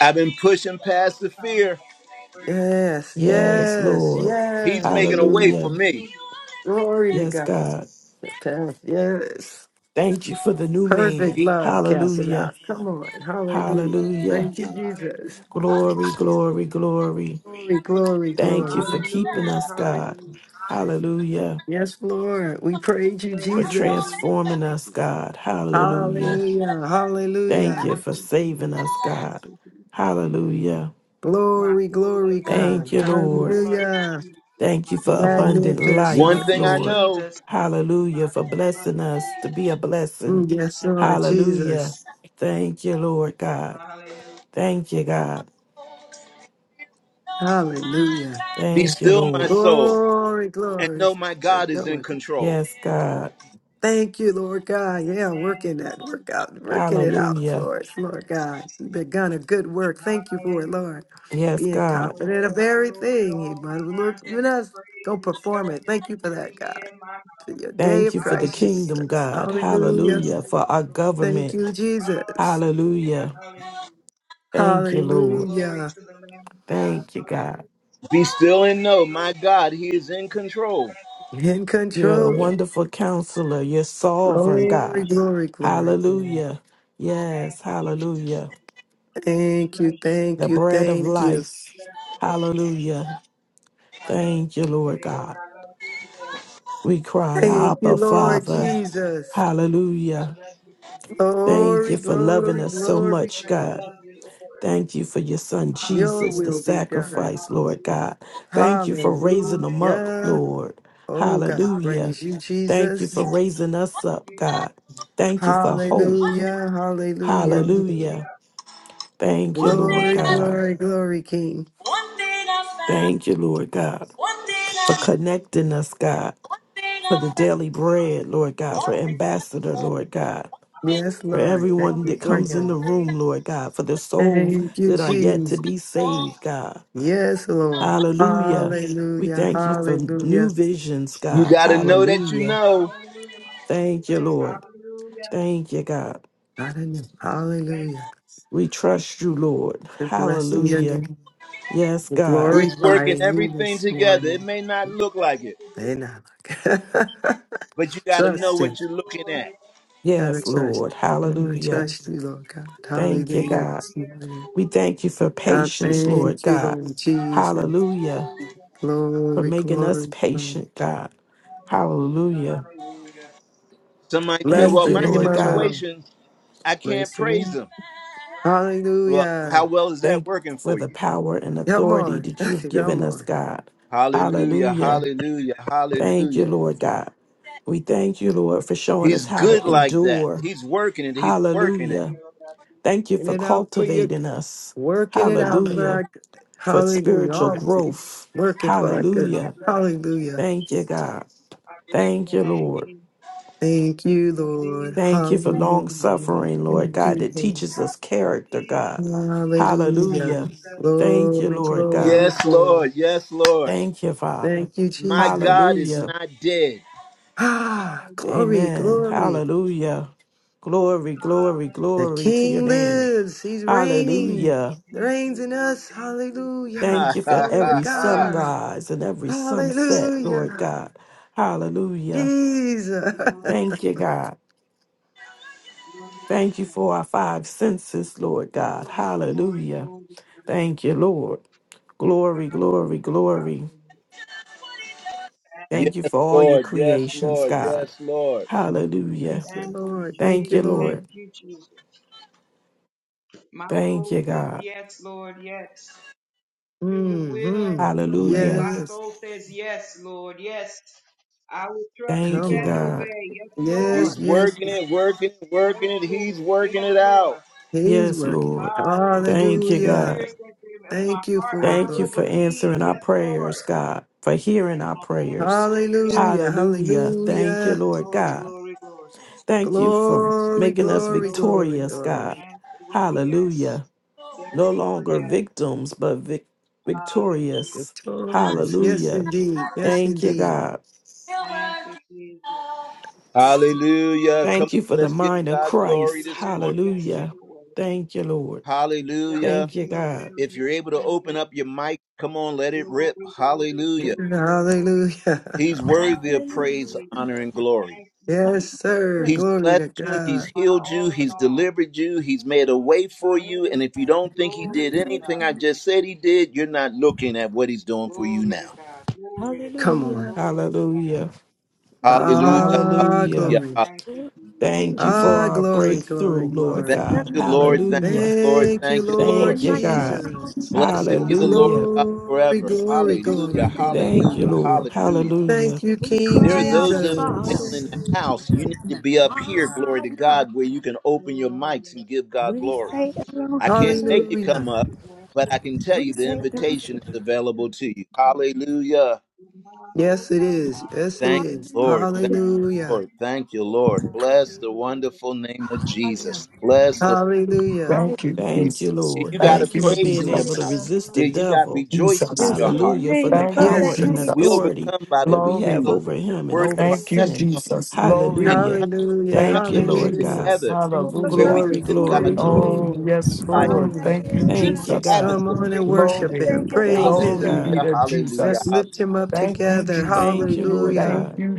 Speaker 1: I've been
Speaker 5: Thank you.
Speaker 1: pushing
Speaker 5: Thank
Speaker 1: past
Speaker 5: you.
Speaker 1: the
Speaker 5: Thank you.
Speaker 1: fear.
Speaker 5: I give you praise. to you.
Speaker 3: Yes.
Speaker 4: Yes,
Speaker 3: Yes.
Speaker 4: Lord.
Speaker 1: He's making
Speaker 3: Yes.
Speaker 1: a way for
Speaker 4: Hallelujah.
Speaker 1: me.
Speaker 5: Hallelujah.
Speaker 3: Glory to
Speaker 4: Yes,
Speaker 3: God.
Speaker 4: God.
Speaker 3: Yes.
Speaker 4: Thank you for the new
Speaker 3: Perfect
Speaker 4: man.
Speaker 3: love cast it out.
Speaker 4: Hallelujah.
Speaker 3: Come on. Hallelujah.
Speaker 4: Hallelujah.
Speaker 3: Thank you,
Speaker 5: Hallelujah.
Speaker 3: Jesus.
Speaker 5: Hallelujah.
Speaker 4: Glory,
Speaker 5: Hallelujah.
Speaker 4: glory, glory.
Speaker 3: Glory, glory,
Speaker 4: Thank you for
Speaker 3: glory.
Speaker 4: keeping
Speaker 5: Hallelujah.
Speaker 4: us, God.
Speaker 5: Hallelujah.
Speaker 4: Hallelujah.
Speaker 3: Yes, Lord. We praise you,
Speaker 5: Thank
Speaker 4: For
Speaker 5: you,
Speaker 3: Jesus.
Speaker 5: Jesus.
Speaker 4: transforming
Speaker 5: Thank
Speaker 4: us,
Speaker 5: you,
Speaker 4: God.
Speaker 5: Jesus.
Speaker 4: Hallelujah.
Speaker 3: Hallelujah.
Speaker 4: Thank
Speaker 3: Hallelujah.
Speaker 4: you
Speaker 5: Thank
Speaker 4: for
Speaker 5: you,
Speaker 4: saving
Speaker 5: Jesus.
Speaker 4: us,
Speaker 5: Thank
Speaker 4: God.
Speaker 5: you, Jesus.
Speaker 4: Hallelujah.
Speaker 5: My
Speaker 3: Glory,
Speaker 5: soul
Speaker 3: glory,
Speaker 5: loves you, Lord.
Speaker 4: Thank
Speaker 3: God.
Speaker 4: you,
Speaker 5: My
Speaker 4: Lord.
Speaker 5: soul loves you,
Speaker 3: Hallelujah.
Speaker 5: Jesus.
Speaker 4: Thank
Speaker 5: My
Speaker 4: you for
Speaker 5: soul
Speaker 4: abundant
Speaker 1: One
Speaker 5: loves
Speaker 4: life,
Speaker 3: Magnificent.
Speaker 1: thing
Speaker 5: you,
Speaker 1: I
Speaker 4: Lord.
Speaker 1: know
Speaker 5: Jesus.
Speaker 4: Hallelujah,
Speaker 5: My
Speaker 4: for
Speaker 5: soul loves
Speaker 4: blessing
Speaker 5: you,
Speaker 4: us to
Speaker 5: Jesus.
Speaker 4: be a
Speaker 3: Mm,
Speaker 4: blessing.
Speaker 3: Yes, Lord
Speaker 4: Hallelujah.
Speaker 3: Jesus.
Speaker 4: Thank you, Lord God.
Speaker 5: Hallelujah.
Speaker 4: Thank you, God.
Speaker 5: Hallelujah.
Speaker 3: Hallelujah.
Speaker 1: be
Speaker 4: Thank you,
Speaker 1: still, my
Speaker 4: Lord.
Speaker 1: soul,
Speaker 3: Glory,
Speaker 1: and
Speaker 3: glory.
Speaker 1: know my
Speaker 5: Thank
Speaker 1: God
Speaker 3: Great
Speaker 5: you,
Speaker 1: is in
Speaker 3: going.
Speaker 1: control.
Speaker 4: Yes,
Speaker 5: Jesus.
Speaker 4: God.
Speaker 3: Thank you, Lord God. Yeah,
Speaker 5: Thank
Speaker 3: working
Speaker 5: you,
Speaker 3: that
Speaker 5: Jesus.
Speaker 3: work out,
Speaker 5: Thank
Speaker 3: working it
Speaker 5: you,
Speaker 3: out,
Speaker 4: Hallelujah.
Speaker 5: Jesus.
Speaker 3: Lord, Lord God. You've begun a good work. Thank you for it, Lord.
Speaker 5: Hallelujah.
Speaker 4: Yes,
Speaker 3: Being
Speaker 5: Hallelujah. I
Speaker 4: God.
Speaker 5: will
Speaker 3: confident of
Speaker 5: bless the Lord at
Speaker 3: everything. You
Speaker 5: all
Speaker 3: might work
Speaker 5: times, and
Speaker 3: with
Speaker 5: his
Speaker 3: us. Go
Speaker 5: praise shall
Speaker 3: perform it. Thank you for that,
Speaker 5: continually be
Speaker 3: God.
Speaker 5: in my mouth.
Speaker 3: For your day
Speaker 4: Thank
Speaker 3: of
Speaker 4: you for the
Speaker 3: Christ Jesus.
Speaker 5: Hallelujah.
Speaker 4: kingdom,
Speaker 5: oh,
Speaker 4: God.
Speaker 5: shall make
Speaker 3: Hallelujah.
Speaker 5: a
Speaker 4: Hallelujah. For
Speaker 5: boast in
Speaker 4: our
Speaker 5: the Lord.
Speaker 3: Thank you,
Speaker 4: government.
Speaker 3: Jesus.
Speaker 5: Hallelujah.
Speaker 4: Hallelujah.
Speaker 5: Hallelujah.
Speaker 4: Thank you,
Speaker 5: Glory,
Speaker 4: Lord.
Speaker 5: glory
Speaker 3: Hallelujah.
Speaker 5: to the Lamb of God.
Speaker 4: Thank you, God.
Speaker 5: Hallelujah.
Speaker 1: Be still and know my
Speaker 5: Glory,
Speaker 1: God,
Speaker 5: glory,
Speaker 1: He is in
Speaker 5: glory.
Speaker 1: control.
Speaker 5: Thank you,
Speaker 3: In
Speaker 5: Jesus.
Speaker 4: You're a
Speaker 3: control.
Speaker 4: wonderful counselor. You're sovereign,
Speaker 5: Thank you,
Speaker 3: Glory,
Speaker 4: God.
Speaker 5: Jesus.
Speaker 3: glory, glory, glory.
Speaker 4: Hallelujah.
Speaker 5: Thank
Speaker 4: Yes,
Speaker 5: you, Jesus.
Speaker 4: hallelujah.
Speaker 3: Thank you,
Speaker 5: Bless your
Speaker 3: thank
Speaker 4: The
Speaker 5: holy
Speaker 3: you,
Speaker 5: name.
Speaker 4: bread of
Speaker 3: thank you.
Speaker 4: life.
Speaker 5: Bless your holy name.
Speaker 4: Hallelujah.
Speaker 5: I love
Speaker 4: Thank
Speaker 5: you
Speaker 4: you, Lord
Speaker 5: today, Lord.
Speaker 4: God.
Speaker 5: I love you today.
Speaker 4: We
Speaker 5: I love
Speaker 4: cry,
Speaker 5: you
Speaker 3: Thank
Speaker 5: today,
Speaker 3: you,
Speaker 4: Abba,
Speaker 5: Lord.
Speaker 3: Lord
Speaker 5: I
Speaker 4: Father.
Speaker 5: love you today.
Speaker 3: Jesus.
Speaker 5: I
Speaker 4: Hallelujah.
Speaker 5: love you today, Lord. And
Speaker 4: Thank you
Speaker 3: Glory,
Speaker 4: for
Speaker 5: yesterday,
Speaker 4: loving
Speaker 5: I
Speaker 3: glory,
Speaker 4: us
Speaker 5: love
Speaker 4: so
Speaker 5: you,
Speaker 3: glory,
Speaker 4: much,
Speaker 5: Lord. I
Speaker 4: God.
Speaker 3: glory.
Speaker 5: love you, Lord.
Speaker 4: Thank you for your son
Speaker 3: Your
Speaker 4: Jesus, the
Speaker 5: Hallelujah.
Speaker 3: will be done.
Speaker 4: sacrifice, Lord
Speaker 5: Hallelujah.
Speaker 4: God. Thank you for raising him up,
Speaker 5: Hallelujah.
Speaker 3: Hallelujah.
Speaker 4: Lord.
Speaker 3: Oh God,
Speaker 4: Hallelujah.
Speaker 3: praise you,
Speaker 5: Hallelujah.
Speaker 4: Thank you
Speaker 3: Jesus.
Speaker 4: for raising us up, God. Thank you for hope.
Speaker 3: Hallelujah, hallelujah.
Speaker 4: Hallelujah.
Speaker 5: Hallelujah.
Speaker 4: Thank you, Lord
Speaker 3: Glory,
Speaker 4: God.
Speaker 3: glory, glory, King.
Speaker 4: Thank you, Lord God, for
Speaker 5: Hallelujah.
Speaker 4: connecting us,
Speaker 5: Glory.
Speaker 4: God, for the daily bread,
Speaker 5: Hallelujah.
Speaker 4: Lord God, for
Speaker 5: Glory.
Speaker 4: Ambassador, Lord God,
Speaker 3: Yes,
Speaker 4: for
Speaker 5: Hallelujah.
Speaker 3: Lord. Thank
Speaker 4: everyone
Speaker 3: you
Speaker 5: Glory.
Speaker 4: that
Speaker 3: for
Speaker 4: comes in the
Speaker 3: him.
Speaker 5: Glory.
Speaker 4: room, Lord God, for the souls
Speaker 5: Thank
Speaker 3: Thank you,
Speaker 4: that are yet to
Speaker 3: Jesus.
Speaker 4: be saved, God.
Speaker 3: Yes, Lord.
Speaker 4: Hallelujah. We
Speaker 3: Hallelujah,
Speaker 4: thank you for
Speaker 3: hallelujah.
Speaker 4: new visions,
Speaker 1: You
Speaker 4: God.
Speaker 1: got to know that you
Speaker 4: Hallelujah.
Speaker 1: know
Speaker 5: Hallelujah. My soul
Speaker 4: Thank you,
Speaker 5: sings
Speaker 4: Lord.
Speaker 5: hallelujah.
Speaker 4: Thank you, God.
Speaker 3: I
Speaker 5: Thank you,
Speaker 3: Hallelujah.
Speaker 4: We trust you, Lord.
Speaker 3: We're blessing your
Speaker 4: Hallelujah.
Speaker 3: name.
Speaker 4: Yes,
Speaker 3: We
Speaker 4: God.
Speaker 1: He's
Speaker 3: glorify
Speaker 1: working
Speaker 3: you
Speaker 1: everything
Speaker 3: this
Speaker 1: together. It
Speaker 3: morning.
Speaker 1: may not look like
Speaker 5: God,
Speaker 1: it.
Speaker 5: for
Speaker 3: And I
Speaker 5: Jesus.
Speaker 3: look-
Speaker 1: but you got to know
Speaker 3: trust him.
Speaker 5: Yes,
Speaker 1: what you're looking
Speaker 5: Lord.
Speaker 1: at.
Speaker 3: Gotta
Speaker 4: Yes,
Speaker 5: Yes,
Speaker 3: trust
Speaker 4: Lord.
Speaker 5: glory,
Speaker 3: him. I
Speaker 4: Hallelujah.
Speaker 3: trust you, Lord God.
Speaker 5: glory, glory, Yes,
Speaker 4: Thank you,
Speaker 3: Hallelujah
Speaker 4: God.
Speaker 5: Lord.
Speaker 3: this
Speaker 5: Yes,
Speaker 3: morning.
Speaker 4: We
Speaker 5: Lord. Yes,
Speaker 4: thank you for
Speaker 3: God,
Speaker 4: patience, Lord
Speaker 3: thank you,
Speaker 4: God.
Speaker 3: Lord Jesus.
Speaker 4: Hallelujah.
Speaker 5: Hallelujah.
Speaker 4: For
Speaker 3: Glory,
Speaker 4: making us
Speaker 3: glory. glory.
Speaker 4: patient, God. Hallelujah.
Speaker 5: Hallelujah.
Speaker 1: Somebody said,
Speaker 3: Bless
Speaker 1: Well,
Speaker 4: Thank
Speaker 3: the
Speaker 4: you,
Speaker 1: my
Speaker 3: name
Speaker 4: Lord
Speaker 3: of the
Speaker 4: God.
Speaker 3: Lord.
Speaker 1: situation, I can't
Speaker 3: Bless the
Speaker 1: praise
Speaker 3: name.
Speaker 1: him.
Speaker 5: Hallelujah.
Speaker 1: Well, how
Speaker 3: Hallelujah.
Speaker 1: well is that
Speaker 4: Thank you
Speaker 1: working
Speaker 4: for
Speaker 1: for
Speaker 4: the
Speaker 1: you?
Speaker 4: power and
Speaker 3: Come
Speaker 4: authority
Speaker 3: on.
Speaker 4: that you've
Speaker 5: Hallelujah.
Speaker 3: Come
Speaker 4: given us,
Speaker 3: on.
Speaker 4: God.
Speaker 1: Hallelujah,
Speaker 4: Hallelujah.
Speaker 1: hallelujah,
Speaker 4: Thank you,
Speaker 1: hallelujah.
Speaker 4: Lord God. We thank you, Lord, for showing us
Speaker 1: He's
Speaker 4: how
Speaker 1: good
Speaker 4: to
Speaker 5: Hallelujah,
Speaker 1: like that.
Speaker 4: endure.
Speaker 1: He's working it, he's working it.
Speaker 4: Hallelujah.
Speaker 5: Lord God. We
Speaker 4: Thank you
Speaker 3: Working
Speaker 4: for
Speaker 3: it out for you.
Speaker 4: cultivating us.
Speaker 3: Working it
Speaker 5: bless your
Speaker 3: out for
Speaker 5: name.
Speaker 4: Hallelujah.
Speaker 3: our good.
Speaker 4: For
Speaker 3: Hallelujah.
Speaker 4: spiritual
Speaker 3: All things.
Speaker 4: growth.
Speaker 5: Bless
Speaker 3: Working for
Speaker 5: your
Speaker 3: our
Speaker 5: name.
Speaker 3: good.
Speaker 5: I
Speaker 4: Hallelujah.
Speaker 5: bless your
Speaker 3: Hallelujah.
Speaker 5: name.
Speaker 4: Thank you, God.
Speaker 5: I bless
Speaker 4: Thank
Speaker 5: your
Speaker 4: you,
Speaker 5: name,
Speaker 4: Lord.
Speaker 5: Jesus.
Speaker 3: Thank you, Lord.
Speaker 5: Jesus,
Speaker 4: Thank you for
Speaker 5: Jesus,
Speaker 4: long
Speaker 3: Hallelujah.
Speaker 5: Jesus,
Speaker 4: suffering, Lord
Speaker 3: Thank
Speaker 4: God,
Speaker 3: you,
Speaker 4: that
Speaker 3: Lord.
Speaker 4: teaches us character, God.
Speaker 5: Jesus, Jesus,
Speaker 3: Hallelujah.
Speaker 4: Hallelujah.
Speaker 5: Jesus,
Speaker 4: Thank you,
Speaker 3: Glory,
Speaker 4: Lord
Speaker 3: glory,
Speaker 4: God.
Speaker 5: Jesus.
Speaker 1: Yes,
Speaker 3: glory.
Speaker 1: Lord, yes, Lord.
Speaker 4: Thank you, Father.
Speaker 3: Thank you,
Speaker 1: My
Speaker 3: Jesus.
Speaker 1: God is
Speaker 4: Hallelujah.
Speaker 1: not dead.
Speaker 3: Ah,
Speaker 5: Hallelujah,
Speaker 3: glory,
Speaker 4: Amen.
Speaker 3: glory.
Speaker 4: Hallelujah. Glory, glory,
Speaker 3: The
Speaker 4: glory to
Speaker 5: hallelujah.
Speaker 4: your
Speaker 3: King
Speaker 4: name.
Speaker 3: lives. He's reigning.
Speaker 4: Hallelujah.
Speaker 5: Thank
Speaker 3: Reigns
Speaker 5: you,
Speaker 3: in
Speaker 5: Lord.
Speaker 3: us.
Speaker 5: Thank you, Lord. Thank
Speaker 1: Ha
Speaker 3: Hallelujah.
Speaker 4: Thank you
Speaker 5: you,
Speaker 4: for
Speaker 1: ha
Speaker 3: Glory
Speaker 5: Lord.
Speaker 3: to
Speaker 1: ha
Speaker 4: every
Speaker 5: Thank you,
Speaker 1: ha.
Speaker 5: Lord.
Speaker 3: God.
Speaker 4: sunrise and every sunset, Lord
Speaker 5: Glory to
Speaker 3: Hallelujah.
Speaker 4: God.
Speaker 5: God.
Speaker 4: Hallelujah.
Speaker 3: Jesus.
Speaker 5: Glory to
Speaker 4: Thank you,
Speaker 5: God.
Speaker 4: God.
Speaker 5: Glory to
Speaker 4: Thank you
Speaker 5: God.
Speaker 4: for our five senses, Lord God.
Speaker 5: Glory, glory,
Speaker 4: Hallelujah.
Speaker 5: glory to God.
Speaker 4: Thank you, Lord. Glory, glory, glory.
Speaker 5: Hallelujah. Thank
Speaker 1: Yes,
Speaker 4: Thank you
Speaker 5: you,
Speaker 4: for all your
Speaker 1: Lord,
Speaker 5: Jesus.
Speaker 1: yes,
Speaker 5: Thank
Speaker 4: creations,
Speaker 5: you,
Speaker 1: Lord,
Speaker 5: Jesus.
Speaker 4: God.
Speaker 1: yes, Lord.
Speaker 4: Hallelujah.
Speaker 3: Thank you,
Speaker 5: Thank you,
Speaker 3: Lord. Thank
Speaker 4: Thank
Speaker 3: you,
Speaker 4: you,
Speaker 5: Jesus. Thank
Speaker 4: Lord.
Speaker 3: Lord.
Speaker 5: you, Jesus. My
Speaker 4: Thank
Speaker 5: soul
Speaker 4: you,
Speaker 5: says
Speaker 4: God.
Speaker 5: yes, Lord, yes. To your will and
Speaker 3: hmm
Speaker 5: to your way.
Speaker 4: Hallelujah.
Speaker 5: My
Speaker 3: Yes.
Speaker 5: soul says yes, Lord, yes. I will trust you
Speaker 4: Thank
Speaker 3: Come
Speaker 4: you,
Speaker 5: and
Speaker 3: on.
Speaker 4: God.
Speaker 5: obey. Yes, Lord.
Speaker 3: Yes,
Speaker 1: He's
Speaker 3: yes,
Speaker 1: working it, working it, working
Speaker 5: Yes,
Speaker 1: it. He's
Speaker 5: Lord.
Speaker 1: working
Speaker 5: Yes,
Speaker 1: it out.
Speaker 5: Lord.
Speaker 3: He's
Speaker 4: Yes,
Speaker 3: working.
Speaker 4: Lord.
Speaker 5: Hallelujah.
Speaker 4: Thank
Speaker 5: When
Speaker 4: you,
Speaker 5: the
Speaker 3: Hallelujah.
Speaker 5: Spirit
Speaker 4: God.
Speaker 5: says to him, if my
Speaker 3: Thank you
Speaker 5: heart
Speaker 3: for it,
Speaker 5: I
Speaker 4: Thank you
Speaker 5: will
Speaker 3: Lord
Speaker 4: for
Speaker 3: God.
Speaker 5: believe.
Speaker 4: answering our
Speaker 5: Yes,
Speaker 4: prayers,
Speaker 5: Lord.
Speaker 4: God, for hearing
Speaker 5: And
Speaker 4: our
Speaker 5: my answer
Speaker 4: prayers.
Speaker 5: will be yes.
Speaker 3: Hallelujah.
Speaker 4: Hallelujah. Thank you,
Speaker 3: Hallelujah.
Speaker 4: Lord
Speaker 5: Glory,
Speaker 4: God.
Speaker 5: glory, glory.
Speaker 4: Thank you for
Speaker 3: Glory,
Speaker 4: making us
Speaker 3: glory,
Speaker 5: Glory,
Speaker 3: glory,
Speaker 4: victorious,
Speaker 5: glory. My
Speaker 4: God.
Speaker 3: glory.
Speaker 5: answer will be
Speaker 4: Hallelujah.
Speaker 5: yes. Yes,
Speaker 4: no
Speaker 5: Lord,
Speaker 4: longer
Speaker 5: yes.
Speaker 4: victims, but vic-
Speaker 5: Hallelujah.
Speaker 4: victorious.
Speaker 3: Victorious. Yes,
Speaker 4: Hallelujah.
Speaker 3: indeed. Yes,
Speaker 4: Thank you,
Speaker 5: Hallelujah.
Speaker 3: indeed.
Speaker 4: God.
Speaker 5: Thank you, Jesus. Thank you, Jesus.
Speaker 1: Hallelujah. Come
Speaker 4: Thank you for
Speaker 1: on,
Speaker 4: the
Speaker 1: let's give
Speaker 4: mind of
Speaker 1: God
Speaker 5: Yes to
Speaker 1: glory
Speaker 4: Christ.
Speaker 5: your
Speaker 1: this morning.
Speaker 5: will. Yes to
Speaker 4: Hallelujah.
Speaker 5: your will.
Speaker 4: Thank you, Lord.
Speaker 5: Yes
Speaker 1: Hallelujah.
Speaker 4: Thank
Speaker 5: to
Speaker 4: you,
Speaker 5: your
Speaker 4: God.
Speaker 5: will.
Speaker 1: If you're
Speaker 5: Yes
Speaker 1: able
Speaker 5: to
Speaker 1: to
Speaker 5: your
Speaker 1: open up
Speaker 5: will.
Speaker 1: your mic, come on, let it rip.
Speaker 5: Glory, glory,
Speaker 3: Yeah,
Speaker 1: Hallelujah.
Speaker 5: glory, glory.
Speaker 3: Hallelujah.
Speaker 1: He's worthy
Speaker 5: Thank
Speaker 1: of
Speaker 5: you,
Speaker 1: praise,
Speaker 6: Hallelujah.
Speaker 1: honor,
Speaker 5: Jesus.
Speaker 1: and glory.
Speaker 5: Thank you,
Speaker 3: Yes,
Speaker 5: Jesus.
Speaker 3: sir.
Speaker 1: He's
Speaker 3: Glory
Speaker 1: blessed
Speaker 3: to
Speaker 1: you, he's
Speaker 3: God.
Speaker 5: My
Speaker 1: healed you,
Speaker 5: all in
Speaker 1: he's
Speaker 5: all.
Speaker 1: delivered you, he's made a way for
Speaker 5: My
Speaker 1: you. And if you
Speaker 5: everything.
Speaker 1: don't think he
Speaker 5: Glory
Speaker 1: did
Speaker 5: to
Speaker 1: anything
Speaker 5: God.
Speaker 1: I just said he did, you're not looking at what he's doing for you
Speaker 5: Glory to
Speaker 1: now.
Speaker 5: God. Glory to God.
Speaker 3: Come on.
Speaker 6: Hallelujah.
Speaker 5: Glory to God.
Speaker 4: Hallelujah.
Speaker 1: Hallelujah.
Speaker 3: Ah,
Speaker 4: Hallelujah.
Speaker 1: Hallelujah.
Speaker 3: glory.
Speaker 1: hallelujah.
Speaker 5: Thank you, Jesus.
Speaker 4: Thank you for
Speaker 3: Ah,
Speaker 5: Thank
Speaker 4: our
Speaker 5: you,
Speaker 3: glory,
Speaker 5: Jesus.
Speaker 4: breakthrough,
Speaker 3: glory,
Speaker 4: Lord
Speaker 1: Thank
Speaker 3: glory.
Speaker 4: God.
Speaker 6: None
Speaker 1: you,
Speaker 6: like
Speaker 1: Lord.
Speaker 5: Thank
Speaker 6: you,
Speaker 1: Thank
Speaker 5: you,
Speaker 6: Lord.
Speaker 1: you,
Speaker 4: Hallelujah.
Speaker 5: Jesus.
Speaker 1: Lord.
Speaker 3: Thank you,
Speaker 1: Thank you, Lord.
Speaker 3: Lord
Speaker 4: Thank
Speaker 6: None
Speaker 4: you,
Speaker 6: like you,
Speaker 4: God.
Speaker 3: Jesus.
Speaker 1: Blessed
Speaker 6: Lord.
Speaker 1: be
Speaker 5: My
Speaker 1: the Lord
Speaker 4: Hallelujah.
Speaker 5: soul
Speaker 1: God
Speaker 5: is
Speaker 3: Glory,
Speaker 1: forever.
Speaker 5: weak,
Speaker 6: We
Speaker 3: glory,
Speaker 6: thank
Speaker 1: Hallelujah,
Speaker 3: glory,
Speaker 6: you,
Speaker 5: we
Speaker 6: thank
Speaker 3: glory.
Speaker 4: Thank
Speaker 5: will
Speaker 4: you,
Speaker 1: hallelujah,
Speaker 6: you.
Speaker 4: Lord.
Speaker 5: live.
Speaker 1: hallelujah.
Speaker 4: Hallelujah.
Speaker 3: Thank you,
Speaker 6: We
Speaker 5: We
Speaker 3: King
Speaker 1: There are
Speaker 6: cry
Speaker 5: will
Speaker 6: out,
Speaker 1: those of
Speaker 5: live
Speaker 1: you
Speaker 5: and
Speaker 1: down
Speaker 6: Father.
Speaker 3: Jesus.
Speaker 1: in
Speaker 5: feel
Speaker 1: the
Speaker 5: it.
Speaker 1: house,
Speaker 5: I
Speaker 1: you need to be
Speaker 5: will
Speaker 1: up here,
Speaker 5: praise you
Speaker 1: glory
Speaker 6: My
Speaker 1: to
Speaker 5: and
Speaker 6: God.
Speaker 1: God, where you can open your
Speaker 5: adore
Speaker 1: mics
Speaker 5: you.
Speaker 1: and give God
Speaker 6: We
Speaker 1: glory.
Speaker 5: I'm
Speaker 6: say
Speaker 5: with
Speaker 1: I can't
Speaker 6: Elohim.
Speaker 1: make
Speaker 5: you and the
Speaker 1: you come
Speaker 3: Hallelujah.
Speaker 1: up,
Speaker 5: blessing
Speaker 1: but I can tell
Speaker 6: We
Speaker 1: you the
Speaker 6: say
Speaker 1: invitation is
Speaker 6: Elohim.
Speaker 1: available to you.
Speaker 5: of you.
Speaker 1: Hallelujah.
Speaker 5: In my whole
Speaker 3: Yes, it
Speaker 5: heart
Speaker 3: is.
Speaker 5: I
Speaker 3: Yes, it
Speaker 1: Thank
Speaker 5: believe,
Speaker 3: is.
Speaker 1: you, Lord. Thank
Speaker 5: and
Speaker 6: Hallelujah.
Speaker 1: you,
Speaker 5: hand
Speaker 3: Hallelujah.
Speaker 1: Lord.
Speaker 5: I
Speaker 1: Thank you,
Speaker 5: give
Speaker 1: Lord. Bless
Speaker 5: you
Speaker 1: the
Speaker 5: the Lord,
Speaker 1: wonderful name of
Speaker 5: grant me to live.
Speaker 6: Higher.
Speaker 1: Jesus. Bless the.
Speaker 3: Hallelujah.
Speaker 6: Higher.
Speaker 7: Thank you,
Speaker 4: Thank you,
Speaker 7: Jesus.
Speaker 1: You
Speaker 4: Lord.
Speaker 1: got
Speaker 7: Thank
Speaker 1: a
Speaker 4: Thank
Speaker 7: you,
Speaker 4: you for
Speaker 1: praise
Speaker 4: being
Speaker 1: in your
Speaker 4: able to
Speaker 1: mouth.
Speaker 7: Jesus.
Speaker 6: Higher.
Speaker 5: Lord,
Speaker 4: resist the
Speaker 1: You you
Speaker 5: grant me
Speaker 1: got
Speaker 4: devil.
Speaker 1: rejoicing in
Speaker 7: Jesus.
Speaker 6: There's
Speaker 5: to
Speaker 1: your
Speaker 6: no
Speaker 1: heart.
Speaker 4: Hallelujah. For
Speaker 6: name
Speaker 4: the
Speaker 7: Thank
Speaker 6: above
Speaker 7: you,
Speaker 5: live
Speaker 3: Yes.
Speaker 4: power
Speaker 6: that
Speaker 3: sir.
Speaker 5: and
Speaker 4: and
Speaker 6: name.
Speaker 1: We
Speaker 7: Jesus.
Speaker 5: feel
Speaker 4: authority
Speaker 1: overcome by the
Speaker 5: it.
Speaker 4: that
Speaker 1: blood
Speaker 4: we
Speaker 1: of the
Speaker 4: have
Speaker 6: My
Speaker 1: Lamb,
Speaker 7: Glory.
Speaker 4: over
Speaker 5: I'm
Speaker 6: God,
Speaker 4: him and
Speaker 1: words
Speaker 5: with
Speaker 1: of
Speaker 4: over
Speaker 1: our
Speaker 5: you.
Speaker 7: Thank you,
Speaker 4: sin.
Speaker 1: testimony,
Speaker 7: Jesus.
Speaker 5: Glorious, hallelujah,
Speaker 1: and
Speaker 7: Glory.
Speaker 4: Hallelujah.
Speaker 1: come
Speaker 3: Hallelujah.
Speaker 4: Thank
Speaker 7: Thank
Speaker 4: you,
Speaker 7: you,
Speaker 1: fellowship
Speaker 4: Lord
Speaker 5: hallelujah,
Speaker 3: Hallelujah.
Speaker 4: God.
Speaker 7: Jesus.
Speaker 1: together
Speaker 3: Thank
Speaker 6: woke
Speaker 3: you,
Speaker 6: us
Speaker 1: where
Speaker 6: up
Speaker 1: we
Speaker 7: Hallelujah.
Speaker 4: Glory,
Speaker 6: this
Speaker 3: Jesus.
Speaker 1: give God
Speaker 5: hallelujah,
Speaker 4: glory,
Speaker 3: Praise your
Speaker 1: glory
Speaker 6: morning.
Speaker 3: name,
Speaker 7: Oh,
Speaker 4: glory.
Speaker 3: Lord.
Speaker 1: and
Speaker 7: yes,
Speaker 1: magnify
Speaker 3: Come
Speaker 7: Lord.
Speaker 1: His
Speaker 3: on.
Speaker 1: name.
Speaker 7: Thank you,
Speaker 1: He
Speaker 4: Thank
Speaker 6: Hallelujah.
Speaker 4: you,
Speaker 7: Jesus.
Speaker 1: inhabits
Speaker 4: God.
Speaker 3: Come
Speaker 1: the
Speaker 3: on
Speaker 1: praise
Speaker 3: and
Speaker 6: Thank
Speaker 1: of
Speaker 6: you,
Speaker 1: His
Speaker 3: worship
Speaker 7: Glory.
Speaker 3: him.
Speaker 6: thank you,
Speaker 1: people.
Speaker 3: Praise
Speaker 6: thank
Speaker 4: Thank you,
Speaker 6: you,
Speaker 7: Glory
Speaker 3: him.
Speaker 7: be
Speaker 4: God.
Speaker 1: Hallelujah,
Speaker 7: to
Speaker 1: hallelujah,
Speaker 3: Let's
Speaker 7: Jesus.
Speaker 1: hallelujah.
Speaker 3: lift him up
Speaker 7: Thank you,
Speaker 3: together.
Speaker 7: Jesus.
Speaker 6: thank
Speaker 4: Thank you,
Speaker 6: you,
Speaker 4: Lord
Speaker 3: Hallelujah.
Speaker 7: Thank
Speaker 4: God.
Speaker 7: you,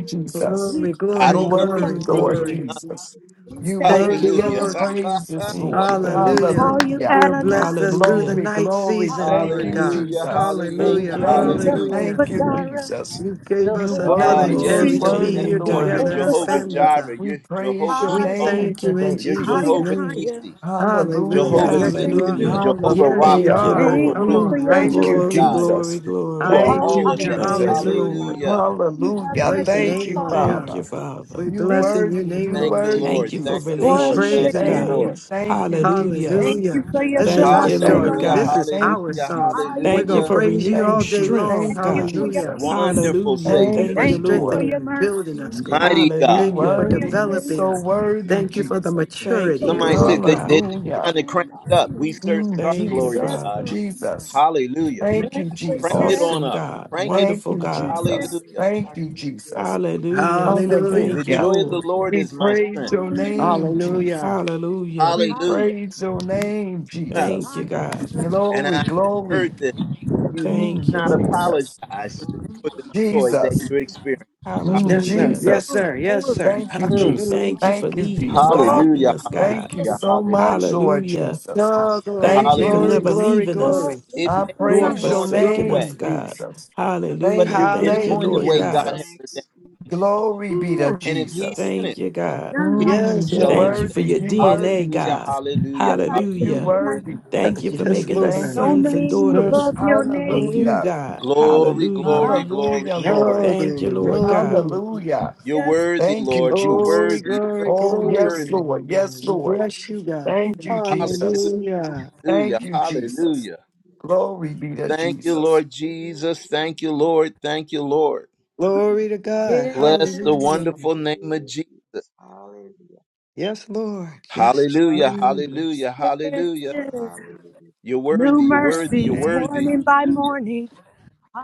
Speaker 6: Lord.
Speaker 7: Jesus.
Speaker 6: We
Speaker 3: Glory,
Speaker 6: call
Speaker 1: I
Speaker 7: You
Speaker 3: glory,
Speaker 6: you
Speaker 1: don't know
Speaker 6: our
Speaker 1: these
Speaker 7: worthy,
Speaker 3: glory,
Speaker 6: Father.
Speaker 1: truths.
Speaker 7: Lord
Speaker 3: glory.
Speaker 7: Jesus.
Speaker 6: We
Speaker 7: You
Speaker 6: say
Speaker 3: Thank
Speaker 6: El
Speaker 3: you,
Speaker 7: worthy of
Speaker 1: Hallelujah,
Speaker 7: the
Speaker 3: Lord,
Speaker 6: Shaddai.
Speaker 7: praises,
Speaker 4: Thank
Speaker 7: Lord.
Speaker 4: you,
Speaker 6: We
Speaker 4: God.
Speaker 3: Hallelujah.
Speaker 6: call you
Speaker 7: Hallelujah.
Speaker 3: You blessed
Speaker 6: Adonai.
Speaker 3: us through the
Speaker 4: Hallelujah.
Speaker 7: Glory,
Speaker 3: night
Speaker 7: glory.
Speaker 3: season,
Speaker 7: Thank
Speaker 3: Lord
Speaker 7: you,
Speaker 6: Higher.
Speaker 3: God.
Speaker 1: hallelujah,
Speaker 7: Jesus.
Speaker 1: hallelujah,
Speaker 6: We
Speaker 4: Thank
Speaker 3: Hallelujah.
Speaker 4: you,
Speaker 6: call you
Speaker 7: Thank
Speaker 4: God.
Speaker 7: you,
Speaker 1: hallelujah.
Speaker 3: Hallelujah.
Speaker 6: Jehovah
Speaker 7: thank you,
Speaker 6: Jireh.
Speaker 7: Jesus.
Speaker 3: You gave
Speaker 7: You
Speaker 3: us
Speaker 5: hallelujah.
Speaker 6: Jehovah
Speaker 1: Ah,
Speaker 3: another
Speaker 7: worthy, you
Speaker 1: yes,
Speaker 3: chance
Speaker 4: Glory
Speaker 6: Nisi.
Speaker 3: to
Speaker 4: to
Speaker 1: Lord,
Speaker 4: your
Speaker 3: be
Speaker 1: yes,
Speaker 7: worthy,
Speaker 3: here
Speaker 4: name,
Speaker 1: Lord.
Speaker 7: Lord
Speaker 1: You're
Speaker 4: God.
Speaker 5: Thank
Speaker 3: together
Speaker 5: you,
Speaker 6: Jehovah
Speaker 3: as
Speaker 1: Jehovah
Speaker 7: Jesus.
Speaker 5: Jesus.
Speaker 3: family,
Speaker 6: Samuel.
Speaker 1: Jireh.
Speaker 3: God.
Speaker 7: We
Speaker 1: You're
Speaker 7: praise
Speaker 1: Jehovah
Speaker 7: your
Speaker 3: We
Speaker 6: Higher.
Speaker 1: Shalom.
Speaker 7: name
Speaker 3: thank you in
Speaker 5: Thank
Speaker 7: today,
Speaker 1: You're
Speaker 5: you, Jesus. Thank you, Jesus. Thank
Speaker 7: Jesus.
Speaker 3: Jesus'
Speaker 6: Higher,
Speaker 1: Jehovah
Speaker 3: name.
Speaker 6: higher.
Speaker 1: Nisi.
Speaker 3: Hallelujah.
Speaker 7: Hallelujah.
Speaker 6: Oh,
Speaker 1: Jehovah
Speaker 6: we
Speaker 3: Yes, you
Speaker 6: thank
Speaker 3: are.
Speaker 6: you.
Speaker 1: Sitkanu,
Speaker 5: you,
Speaker 4: Hallelujah.
Speaker 1: Jehovah
Speaker 3: Yes, you
Speaker 4: Thank
Speaker 1: Rapha,
Speaker 7: Hallelujah.
Speaker 4: you,
Speaker 3: are.
Speaker 1: Jehovah
Speaker 4: Lord.
Speaker 6: Thank
Speaker 3: Come
Speaker 6: you
Speaker 1: Rohi,
Speaker 6: for
Speaker 7: Mm,
Speaker 3: on,
Speaker 6: your
Speaker 5: Jesus.
Speaker 1: glory
Speaker 7: thank you,
Speaker 1: to
Speaker 5: thank
Speaker 3: righteousness.
Speaker 5: you,
Speaker 4: Glory,
Speaker 1: God.
Speaker 6: anointing.
Speaker 4: glory,
Speaker 7: Jesus.
Speaker 1: You
Speaker 5: Jesus,
Speaker 4: glory.
Speaker 1: are
Speaker 7: Thank
Speaker 6: Oh,
Speaker 1: all
Speaker 7: you,
Speaker 1: of
Speaker 3: Hallelujah.
Speaker 1: that.
Speaker 4: Thank
Speaker 7: Jesus.
Speaker 4: you,
Speaker 6: hallelujah.
Speaker 5: Oh
Speaker 3: Hallelujah.
Speaker 4: Lord.
Speaker 5: God,
Speaker 1: Hallelujah.
Speaker 6: You
Speaker 5: you
Speaker 6: have
Speaker 5: are
Speaker 7: Hallelujah.
Speaker 5: so
Speaker 3: Praise
Speaker 6: breath
Speaker 3: the
Speaker 6: in
Speaker 1: Mm.
Speaker 7: Thank
Speaker 6: our
Speaker 3: name,
Speaker 7: you,
Speaker 3: Lord
Speaker 5: beautiful
Speaker 6: body.
Speaker 4: Thank
Speaker 3: God.
Speaker 4: you,
Speaker 5: and
Speaker 7: Father.
Speaker 4: Father.
Speaker 3: We're
Speaker 7: You
Speaker 6: Thank
Speaker 3: blessing
Speaker 6: you,
Speaker 3: your
Speaker 7: worthy,
Speaker 5: thank
Speaker 6: thank
Speaker 3: name,
Speaker 7: you
Speaker 6: you.
Speaker 1: Thank
Speaker 5: you,
Speaker 3: Lord
Speaker 1: you,
Speaker 7: worthy,
Speaker 1: Lord.
Speaker 4: Thank
Speaker 5: Jesus.
Speaker 4: you
Speaker 3: Jesus.
Speaker 4: for
Speaker 1: Thank you,
Speaker 7: Jesus.
Speaker 3: We're
Speaker 6: for
Speaker 1: Lord.
Speaker 5: Thank
Speaker 1: Thank
Speaker 6: another
Speaker 4: relationship,
Speaker 5: you,
Speaker 3: praising
Speaker 1: you,
Speaker 3: you,
Speaker 7: Thank
Speaker 4: God.
Speaker 5: Jesus.
Speaker 6: day.
Speaker 1: Lord.
Speaker 3: Lord.
Speaker 7: you, thank you,
Speaker 4: Hallelujah.
Speaker 7: Jesus.
Speaker 5: Thank
Speaker 6: Thank
Speaker 3: Hallelujah.
Speaker 6: you for your
Speaker 3: This is
Speaker 4: Thank
Speaker 7: Mm,
Speaker 3: our
Speaker 6: Shabbat
Speaker 4: you,
Speaker 7: thank
Speaker 4: Lord
Speaker 3: story.
Speaker 1: Hallelujah.
Speaker 5: you,
Speaker 7: you,
Speaker 3: This
Speaker 6: Shalom.
Speaker 4: God.
Speaker 5: Jesus.
Speaker 3: is
Speaker 7: thank
Speaker 3: our
Speaker 7: you,
Speaker 1: Hallelujah.
Speaker 3: song.
Speaker 7: Jesus.
Speaker 3: We're
Speaker 4: Thank you
Speaker 3: going to
Speaker 1: Hallelujah.
Speaker 4: for
Speaker 5: Give you
Speaker 3: praise
Speaker 5: the
Speaker 6: Hallelujah.
Speaker 3: you
Speaker 4: renewed
Speaker 3: all
Speaker 7: Thank
Speaker 3: day
Speaker 5: glory.
Speaker 7: you.
Speaker 3: long.
Speaker 4: strength,
Speaker 7: Thank
Speaker 6: Thank
Speaker 7: you,
Speaker 6: you
Speaker 4: God.
Speaker 6: for your
Speaker 3: Hallelujah.
Speaker 7: Jesus.
Speaker 5: Give
Speaker 6: peace.
Speaker 5: you the
Speaker 1: Wonderful
Speaker 4: Hallelujah.
Speaker 3: Thank you
Speaker 5: glory.
Speaker 1: Savior.
Speaker 7: Thank
Speaker 3: for
Speaker 4: Thank you,
Speaker 7: you,
Speaker 6: Thank you for
Speaker 7: Lord.
Speaker 4: Lord.
Speaker 3: strengthening
Speaker 6: your
Speaker 3: and building
Speaker 6: mercy.
Speaker 3: us,
Speaker 5: Give
Speaker 3: God.
Speaker 1: Mighty
Speaker 6: Thank
Speaker 7: You
Speaker 1: God.
Speaker 3: Thank you
Speaker 6: you
Speaker 4: Hallelujah.
Speaker 3: for
Speaker 6: for your
Speaker 7: worthy. You
Speaker 3: developing
Speaker 7: so
Speaker 3: us.
Speaker 6: grace.
Speaker 5: you the
Speaker 7: worthy,
Speaker 3: Thank you for the
Speaker 5: glory.
Speaker 7: Jesus.
Speaker 4: Thank
Speaker 3: maturity,
Speaker 4: you,
Speaker 1: Somebody
Speaker 3: glory.
Speaker 4: Lord
Speaker 6: Glory.
Speaker 1: said they, they,
Speaker 4: God.
Speaker 1: are trying
Speaker 7: Hallelujah.
Speaker 1: to crank
Speaker 5: I
Speaker 1: it up.
Speaker 5: give you
Speaker 1: We
Speaker 5: the
Speaker 1: certainly
Speaker 7: Mm,
Speaker 1: are.
Speaker 5: glory.
Speaker 4: Thank you,
Speaker 1: Glory to
Speaker 6: Yes,
Speaker 7: Jesus.
Speaker 1: God.
Speaker 4: Father.
Speaker 6: Lord.
Speaker 7: Jesus.
Speaker 1: Hallelujah.
Speaker 7: Thank
Speaker 6: yes,
Speaker 7: you,
Speaker 5: I
Speaker 6: yes,
Speaker 1: Crank
Speaker 5: give you the glory. I give you the
Speaker 1: it
Speaker 7: Jesus.
Speaker 1: on
Speaker 4: Awesome
Speaker 1: up.
Speaker 5: glory.
Speaker 4: God.
Speaker 1: Crank it
Speaker 7: Thank
Speaker 4: Wonderful
Speaker 7: you,
Speaker 1: up.
Speaker 6: yes,
Speaker 4: God.
Speaker 6: yes.
Speaker 7: Jesus.
Speaker 1: Hallelujah.
Speaker 5: Hallelujah. I
Speaker 7: Thank you,
Speaker 5: give you the
Speaker 7: Jesus.
Speaker 5: glory.
Speaker 4: Hallelujah.
Speaker 3: Hallelujah.
Speaker 1: The
Speaker 4: Thank you,
Speaker 7: Hallelujah.
Speaker 1: joy of the
Speaker 4: Lord.
Speaker 6: Hallelujah.
Speaker 5: Yes,
Speaker 1: Lord
Speaker 7: We
Speaker 1: is
Speaker 5: you're
Speaker 1: my
Speaker 5: a
Speaker 7: praise
Speaker 1: strength.
Speaker 7: your
Speaker 5: wonderful man.
Speaker 7: name,
Speaker 5: Yes,
Speaker 6: Hallelujah.
Speaker 7: Jesus.
Speaker 3: Hallelujah.
Speaker 4: Hallelujah.
Speaker 7: We
Speaker 1: Hallelujah.
Speaker 6: Hallelujah.
Speaker 7: praise your name,
Speaker 4: Thank
Speaker 7: Jesus.
Speaker 4: you,
Speaker 5: yes,
Speaker 4: God.
Speaker 5: you're a
Speaker 1: And
Speaker 7: Glory,
Speaker 1: I just
Speaker 5: wonderful man.
Speaker 1: heard
Speaker 7: glory.
Speaker 1: this.
Speaker 5: Yes,
Speaker 1: You need
Speaker 4: Thank
Speaker 7: Mm,
Speaker 4: you,
Speaker 1: not
Speaker 4: Lord.
Speaker 7: Jesus.
Speaker 1: apologize
Speaker 5: Lord, I
Speaker 1: for
Speaker 5: bless
Speaker 1: the
Speaker 5: the
Speaker 1: joy that
Speaker 7: Jesus.
Speaker 5: wonderful
Speaker 1: you're experiencing.
Speaker 5: name.
Speaker 7: Mm,
Speaker 3: Yes, sir.
Speaker 4: Hallelujah.
Speaker 1: Hallelujah.
Speaker 3: Yes,
Speaker 7: Jesus.
Speaker 6: Glory,
Speaker 3: sir. Yes, sir.
Speaker 5: Lord,
Speaker 7: Thank
Speaker 5: I
Speaker 7: you,
Speaker 5: bless
Speaker 1: Mm.
Speaker 5: the
Speaker 7: Jesus.
Speaker 3: Hallelujah.
Speaker 4: Thank you for
Speaker 7: Thank
Speaker 5: wonderful
Speaker 7: you,
Speaker 4: leading and
Speaker 5: name.
Speaker 7: Jesus.
Speaker 6: glory,
Speaker 4: guiding
Speaker 1: Hallelujah.
Speaker 4: us, God.
Speaker 7: Thank you
Speaker 1: Hallelujah.
Speaker 7: so
Speaker 6: glory.
Speaker 7: much,
Speaker 1: Hallelujah.
Speaker 7: Lord
Speaker 4: Hallelujah.
Speaker 7: Jesus.
Speaker 3: Oh, glory,
Speaker 4: Thank you
Speaker 7: Thank
Speaker 4: for
Speaker 7: you,
Speaker 3: glory,
Speaker 4: never
Speaker 1: Hallelujah.
Speaker 7: Jesus.
Speaker 3: glory,
Speaker 4: leaving
Speaker 6: Lord,
Speaker 4: us
Speaker 3: glory.
Speaker 6: thank
Speaker 1: It
Speaker 6: you
Speaker 7: I
Speaker 1: may
Speaker 6: for
Speaker 4: nor
Speaker 1: not
Speaker 7: praise
Speaker 1: go
Speaker 6: Zion.
Speaker 7: your
Speaker 1: on your
Speaker 5: Hallelujah.
Speaker 4: forsaking
Speaker 5: Thank
Speaker 4: us,
Speaker 5: you,
Speaker 1: way,
Speaker 7: name,
Speaker 5: Jesus.
Speaker 4: God.
Speaker 7: Jesus.
Speaker 1: uh, but
Speaker 7: Thank
Speaker 4: Hallelujah.
Speaker 1: you're,
Speaker 7: you,
Speaker 1: it's
Speaker 4: Thank you,
Speaker 7: thank
Speaker 1: going
Speaker 7: you,
Speaker 1: the
Speaker 4: Lord
Speaker 1: way
Speaker 3: Hallelujah.
Speaker 1: God
Speaker 4: God.
Speaker 1: has
Speaker 7: Jesus.
Speaker 5: Thank you,
Speaker 1: ordained.
Speaker 5: Jesus.
Speaker 7: Glory be to
Speaker 6: Lord,
Speaker 1: And if He's
Speaker 5: Oh,
Speaker 7: Jesus.
Speaker 1: in
Speaker 4: Thank
Speaker 1: it,
Speaker 4: you, God.
Speaker 6: none
Speaker 1: He's
Speaker 6: like
Speaker 1: going
Speaker 7: Mm,
Speaker 1: to
Speaker 3: Yes,
Speaker 6: you,
Speaker 7: you
Speaker 1: show
Speaker 3: Lord.
Speaker 1: Himself.
Speaker 4: Thank you for
Speaker 7: worthy,
Speaker 5: thank
Speaker 4: your
Speaker 5: you,
Speaker 7: you
Speaker 5: Jesus.
Speaker 4: DNA,
Speaker 7: worthy,
Speaker 1: Hallelujah.
Speaker 4: God.
Speaker 7: Jesus.
Speaker 1: Hallelujah.
Speaker 6: none like you,
Speaker 7: You
Speaker 4: Hallelujah.
Speaker 1: Hallelujah.
Speaker 6: none like
Speaker 7: worthy.
Speaker 6: you.
Speaker 4: Thank you for
Speaker 3: Yes,
Speaker 7: Mm,
Speaker 4: making us
Speaker 7: thank
Speaker 3: Lord.
Speaker 6: No
Speaker 7: you.
Speaker 4: sons and
Speaker 3: Yes,
Speaker 6: name
Speaker 4: daughters
Speaker 3: Lord.
Speaker 6: above your
Speaker 4: of you,
Speaker 6: name.
Speaker 7: Hallelujah.
Speaker 4: God.
Speaker 1: Glory,
Speaker 4: Hallelujah.
Speaker 1: glory,
Speaker 6: Ah,
Speaker 1: glory,
Speaker 7: Hallelujah, Lord.
Speaker 3: Oh,
Speaker 1: glory.
Speaker 3: glory, oh,
Speaker 4: Thank you,
Speaker 3: glory.
Speaker 4: Lord God.
Speaker 7: Hallelujah.
Speaker 1: You're
Speaker 6: yes,
Speaker 1: worthy,
Speaker 6: Lord,
Speaker 7: Thank you,
Speaker 1: Lord. You're
Speaker 3: Glory,
Speaker 7: Jesus.
Speaker 1: worthy. You're worthy.
Speaker 3: glory, glory,
Speaker 7: Oh,
Speaker 1: You're
Speaker 3: glory.
Speaker 7: yes,
Speaker 1: worthy.
Speaker 3: glory.
Speaker 7: Lord. Yes,
Speaker 3: We
Speaker 7: Lord.
Speaker 3: bless you,
Speaker 5: Hallelujah.
Speaker 3: God.
Speaker 7: Thank you,
Speaker 1: Hallelujah.
Speaker 7: Jesus.
Speaker 3: Hallelujah.
Speaker 1: Hallelujah.
Speaker 7: Thank you, Jesus.
Speaker 1: Hallelujah.
Speaker 5: Hallelujah,
Speaker 7: Glory be to
Speaker 1: Thank you,
Speaker 7: Jesus.
Speaker 1: Lord Jesus. Thank you, Lord. Thank you, Lord.
Speaker 3: Glory to God.
Speaker 1: Bless the
Speaker 3: Hallelujah.
Speaker 1: wonderful name of Jesus.
Speaker 5: Jesus. Hallelujah.
Speaker 3: Yes, Lord. Yes,
Speaker 1: Hallelujah.
Speaker 5: Hallelujah.
Speaker 3: Jesus.
Speaker 1: Hallelujah.
Speaker 6: yes,
Speaker 1: Hallelujah.
Speaker 6: yes.
Speaker 5: Hallelujah.
Speaker 1: You're
Speaker 5: Jesus.
Speaker 6: New
Speaker 1: worthy. You're worthy. You're
Speaker 6: mercies,
Speaker 5: Thank
Speaker 1: worthy.
Speaker 5: you,
Speaker 6: morning by
Speaker 5: Jesus.
Speaker 6: morning.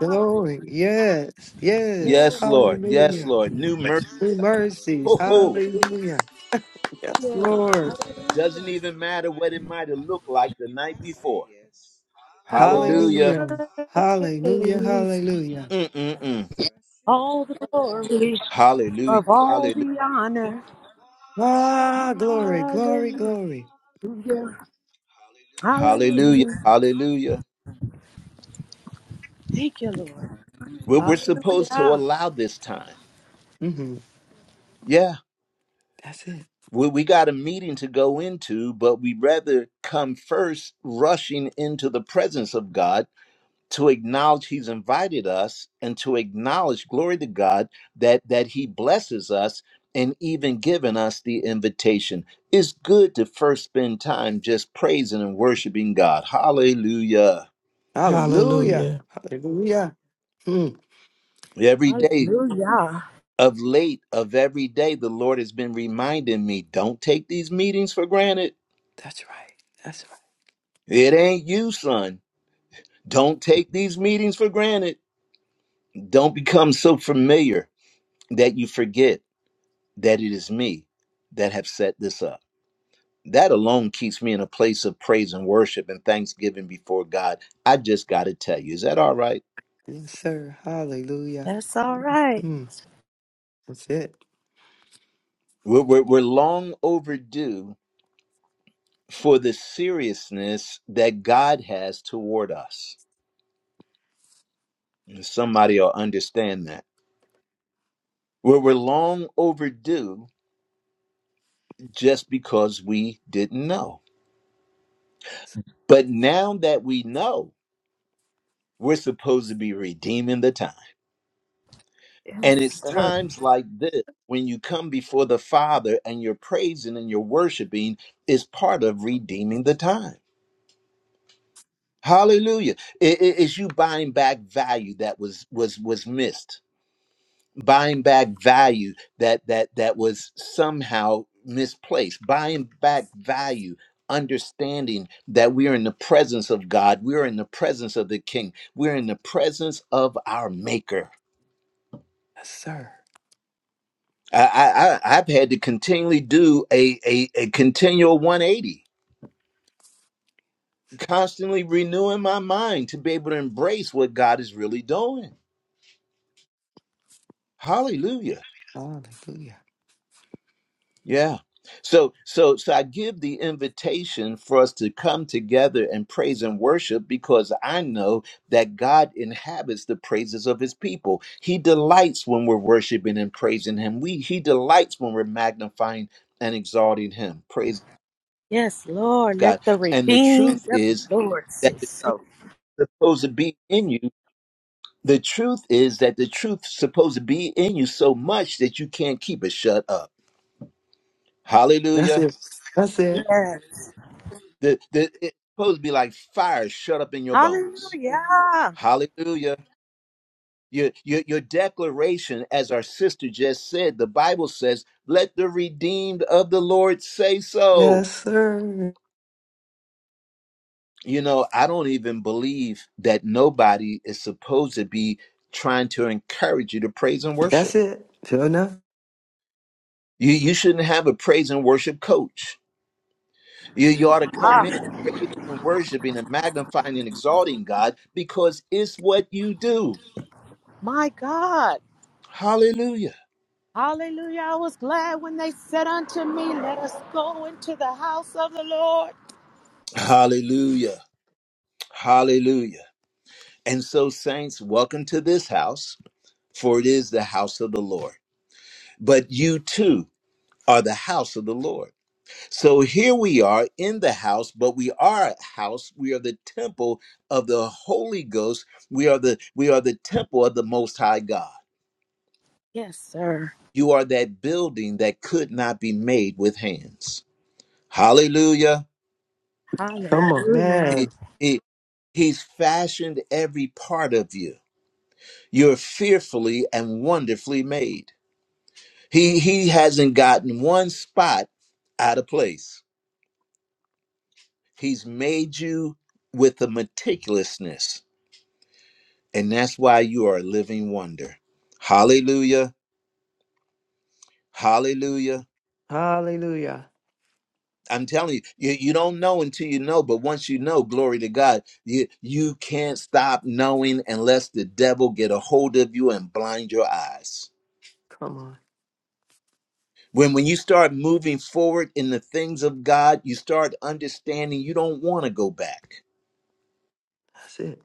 Speaker 5: Thank you,
Speaker 3: Glory.
Speaker 5: Jesus.
Speaker 3: Yes, yes.
Speaker 1: Yes,
Speaker 6: yes,
Speaker 5: Hallelujah. Lord, yes.
Speaker 1: Lord. Yes,
Speaker 3: Hallelujah.
Speaker 1: Lord. New mercy.
Speaker 3: New mercies.
Speaker 1: Ho, ho.
Speaker 3: Hallelujah. Yes,
Speaker 6: Lord.
Speaker 3: Lord.
Speaker 1: Doesn't
Speaker 6: Hallelujah.
Speaker 1: even matter what it might have looked like the
Speaker 5: I
Speaker 1: night
Speaker 5: say
Speaker 1: before.
Speaker 5: yes.
Speaker 6: Of all
Speaker 5: Lord,
Speaker 1: Hallelujah.
Speaker 5: yes.
Speaker 3: Hallelujah.
Speaker 6: the
Speaker 5: I
Speaker 3: Hallelujah.
Speaker 6: praise,
Speaker 3: Hallelujah.
Speaker 1: Mm-mm-mm.
Speaker 5: will trust you
Speaker 6: all
Speaker 5: and
Speaker 6: the
Speaker 5: obey.
Speaker 6: glory,
Speaker 1: Hallelujah.
Speaker 6: of all
Speaker 1: Hallelujah.
Speaker 6: the honor.
Speaker 3: Ah, glory, glory,
Speaker 6: Hallelujah.
Speaker 3: glory.
Speaker 1: Hallelujah.
Speaker 6: Hallelujah.
Speaker 1: Hallelujah.
Speaker 6: Thank you, Lord.
Speaker 1: We're, we're supposed to
Speaker 6: Hallelujah.
Speaker 1: allow this time.
Speaker 3: hmm
Speaker 1: Yeah.
Speaker 3: That's it.
Speaker 1: we, we got a meeting to go into, but we rather come first rushing into the presence of God to acknowledge He's invited us and to acknowledge, glory to God, that that He blesses us and even given us the invitation. It's good to first spend time just praising and worshiping God. Hallelujah.
Speaker 3: Hallelujah.
Speaker 4: Hallelujah.
Speaker 3: Hallelujah. Mm.
Speaker 1: Every day
Speaker 6: Hallelujah.
Speaker 1: of late of every day, the Lord has been reminding me, don't take these meetings for granted.
Speaker 3: That's right. That's
Speaker 1: It ain't you, son. Don't take these meetings for granted. Don't become so familiar that you forget that it is me that have set this up. That alone keeps me in a place of praise and worship and thanksgiving before God. I just got to tell you, is that all right?
Speaker 3: right. Yes, sir. Hallelujah.
Speaker 6: That's all right.
Speaker 3: Mm. That's it.
Speaker 1: We're, we're, we're long overdue for the seriousness that God has toward us. And Somebody will understand that. We're, we're long overdue just because we didn't know.
Speaker 3: Yes.
Speaker 1: But now that we know, We're supposed to be redeeming the time.
Speaker 6: Yes,
Speaker 1: And it's
Speaker 6: sir.
Speaker 1: times like this when you come before the Father and you're praising and you're worshiping is part of redeeming the time. Hallelujah. It is you buying back value that was was was missed. Buying back value that that that was somehow misplaced. Buying back value understanding that we are in the presence of God. We're in the presence of the King. We're in the presence of our maker.
Speaker 3: Yes, sir.
Speaker 1: I, I I- have had to continually do a, a a continual 180, constantly renewing my mind to be able to embrace what God is really doing. Hallelujah.
Speaker 3: Hallelujah.
Speaker 1: Yeah. So so so I give the invitation for us to come together and praise and worship because I know that God inhabits the praises of his people. He delights when we're worshiping and praising him. We he delights when we're magnifying and exalting him. Praise
Speaker 6: Yes, Lord.
Speaker 1: God.
Speaker 6: Let the
Speaker 1: And the truth
Speaker 6: redeemed of
Speaker 1: is
Speaker 6: the Lord say so.
Speaker 1: supposed to be in you. The truth is that the truth's supposed to be in you so much that you can't keep it shut up.
Speaker 3: That's
Speaker 1: Hallelujah.
Speaker 3: it. That's it.
Speaker 6: Yes.
Speaker 1: The, the, it's supposed to be like fire shut up in your bones.
Speaker 6: Hallelujah.
Speaker 1: Hallelujah. Your, your, your declaration, as our sister just said, the Bible says, let the redeemed of the Lord say
Speaker 3: Yes,
Speaker 1: so.
Speaker 3: sir.
Speaker 1: You know, I don't even believe that nobody is supposed to be trying to encourage you to praise and
Speaker 3: That's
Speaker 1: worship.
Speaker 3: it. Sure enough.
Speaker 1: You, you shouldn't have a praise and worship coach You, you ought to come
Speaker 6: Ah,
Speaker 1: in praising and worshiping and magnifying and exalting God because it's what you do.
Speaker 6: my God.
Speaker 1: Hallelujah.
Speaker 6: Hallelujah. I was glad when they said unto me, Let us go into the house of the Lord.
Speaker 1: Hallelujah. Hallelujah. And so, saints, welcome to this house, for it is the house of the Lord. But you too are the house of the Lord. So here we are in the house, but we are a house. We are the temple of the Holy Ghost. We are the we are the temple of the most high God.
Speaker 6: Yes, sir.
Speaker 1: You are that building that could not be made with hands. Hallelujah.
Speaker 3: Come on.
Speaker 6: Hallelujah.
Speaker 1: He,
Speaker 3: Man.
Speaker 1: he, he's fashioned every part of you. You're fearfully and wonderfully made. He, he hasn't gotten one spot out of place. He's made you with a meticulousness, and that's why you are a living wonder. Hallelujah. Hallelujah.
Speaker 3: Hallelujah.
Speaker 1: I'm telling you, you, you don't know until you know. But once you know, glory to God, you you can't stop knowing unless the devil get a hold of you and blind your eyes.
Speaker 3: Come on.
Speaker 1: When when you start moving forward in the things of God, you start understanding you don't want to go back.
Speaker 3: That's it.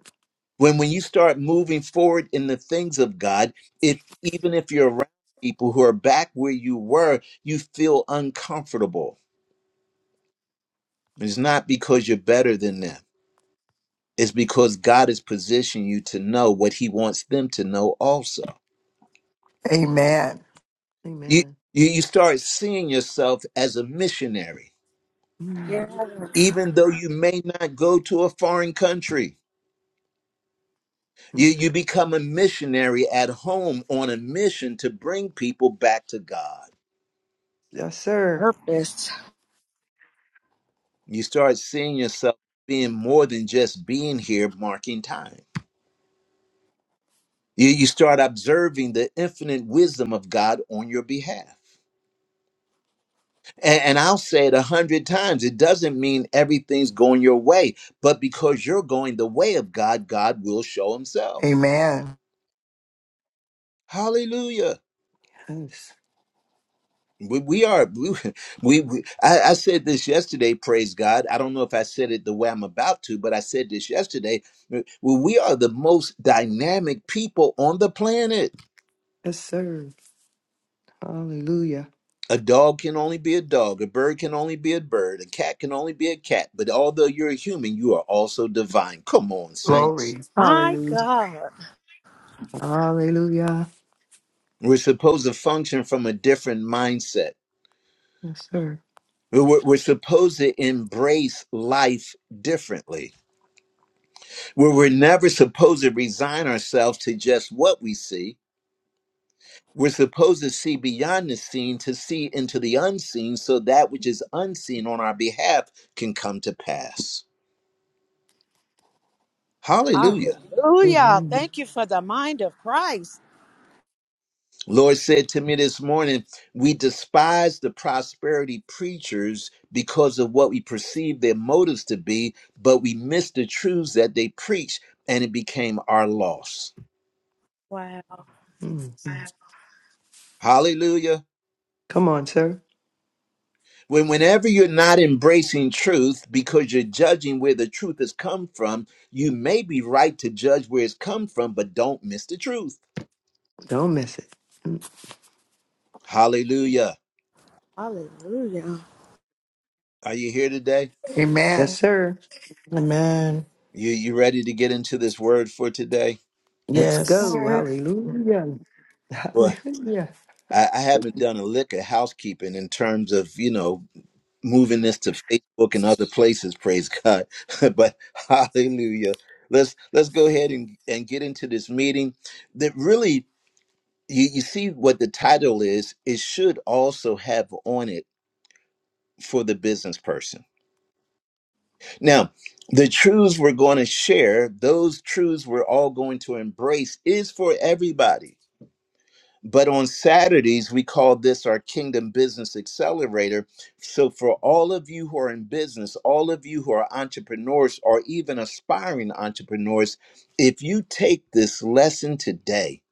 Speaker 1: When when you start moving forward in the things of God, if even if you're around people who are back where you were, you feel uncomfortable. It's not because you're better than them Is because God has positioned you to know what He wants them to know also.
Speaker 7: Amen.
Speaker 1: You,
Speaker 3: Amen.
Speaker 1: you, you start seeing yourself as a missionary,
Speaker 3: Mm.
Speaker 1: even though you may not go to a foreign country. You, you become a missionary at home on a mission to bring people back to God.
Speaker 3: Yes, sir.
Speaker 6: Purpose.
Speaker 1: You start seeing yourself being more than just being here marking time. You, you start observing the infinite wisdom of God on your behalf And, and I'll say it a hundred times. It doesn't mean everything's going your way, but because you're going the way of God, God will show himself.
Speaker 7: Amen.
Speaker 1: Hallelujah.
Speaker 3: Yes.
Speaker 1: We, we are, we, we, we- I, I said this yesterday, praise God. I don't know if I said it the way I'm about to, but I said this yesterday. Well, we are the most dynamic people on the planet.
Speaker 3: Yes, sir. Hallelujah.
Speaker 1: A dog can only be a dog, a bird can only be a bird, a cat can only be a cat. But although you're a human, you are also divine. Come on, saints.
Speaker 7: Glory.
Speaker 6: My
Speaker 3: Hallelujah.
Speaker 6: God.
Speaker 3: Hallelujah.
Speaker 1: We're supposed to function from a different mindset.
Speaker 3: Yes, sir.
Speaker 1: We're, we're supposed to embrace life differently. we're we're never supposed to resign ourselves to just what we see. We're supposed to see beyond the seen to see into the unseen so that which is unseen on our behalf can come to pass. Hallelujah.
Speaker 6: Hallelujah.
Speaker 3: Mm-hmm.
Speaker 6: Thank you for the mind of Christ.
Speaker 1: Lord said to me this morning, we despise the prosperity preachers because of what we perceive their motives to be, but we miss the truths that they preach and it became our loss.
Speaker 6: Wow.
Speaker 3: Mhm.
Speaker 1: Hallelujah.
Speaker 3: Come on, sir.
Speaker 1: When whenever you're not embracing truth because you're judging where the truth has come from, you may be right to judge where it's come from, but don't miss the truth.
Speaker 3: Don't miss it.
Speaker 1: Hallelujah.
Speaker 6: Hallelujah.
Speaker 1: Are you here today?
Speaker 3: Yes,
Speaker 7: Amen.
Speaker 3: sir.
Speaker 4: Amen.
Speaker 1: You you ready to get into this word for today?
Speaker 3: Let's
Speaker 6: Yes,
Speaker 4: Yes.
Speaker 3: go.
Speaker 6: sir.
Speaker 3: Hallelujah. Hallelujah.
Speaker 1: I, I haven't done a lick of housekeeping in terms of you know moving this to Facebook and other places. Praise God! but hallelujah. Let's let's go ahead and and get into this meeting. That really, you, you see what the title is. It should also have on it for the business person. Now, the truths we're going to share, those truths we're all going to embrace, is for everybody But on Saturdays, we call this our Kingdom Business Accelerator. So, for all of you who are in business, all of you who are entrepreneurs or even aspiring entrepreneurs, if you take this lesson today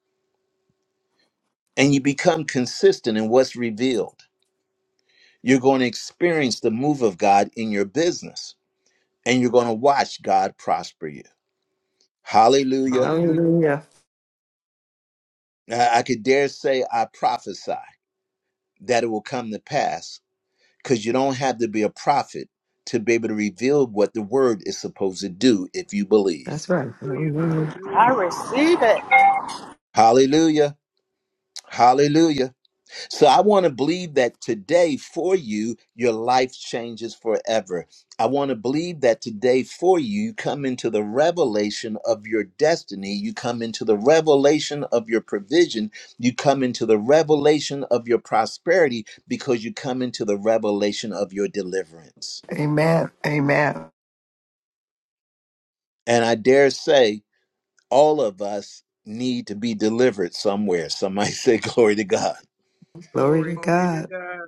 Speaker 1: and you become consistent in what's revealed, you're going to experience the move of God in your business and you're going to watch God prosper you. Hallelujah.
Speaker 5: Hallelujah.
Speaker 3: Hallelujah.
Speaker 1: I I could dare say, I prophesy that it will come to pass because you don't have to be a prophet to be able to reveal what the word is supposed to do if you believe.
Speaker 3: That's right. Hallelujah.
Speaker 6: I
Speaker 5: Hallelujah.
Speaker 6: receive it.
Speaker 1: Hallelujah. Hallelujah. So I want to believe that today for you, your life changes forever. I want to believe that today for you, you come into the revelation of your destiny. You come into the revelation of your provision. You come into the revelation of your prosperity because you come into the revelation of your deliverance.
Speaker 7: Amen. Amen.
Speaker 1: And I dare say, all of us need to be delivered somewhere. Somebody say, Glory to God.
Speaker 3: Glory
Speaker 5: Glory.
Speaker 3: to
Speaker 5: Glory to
Speaker 3: God.
Speaker 5: God.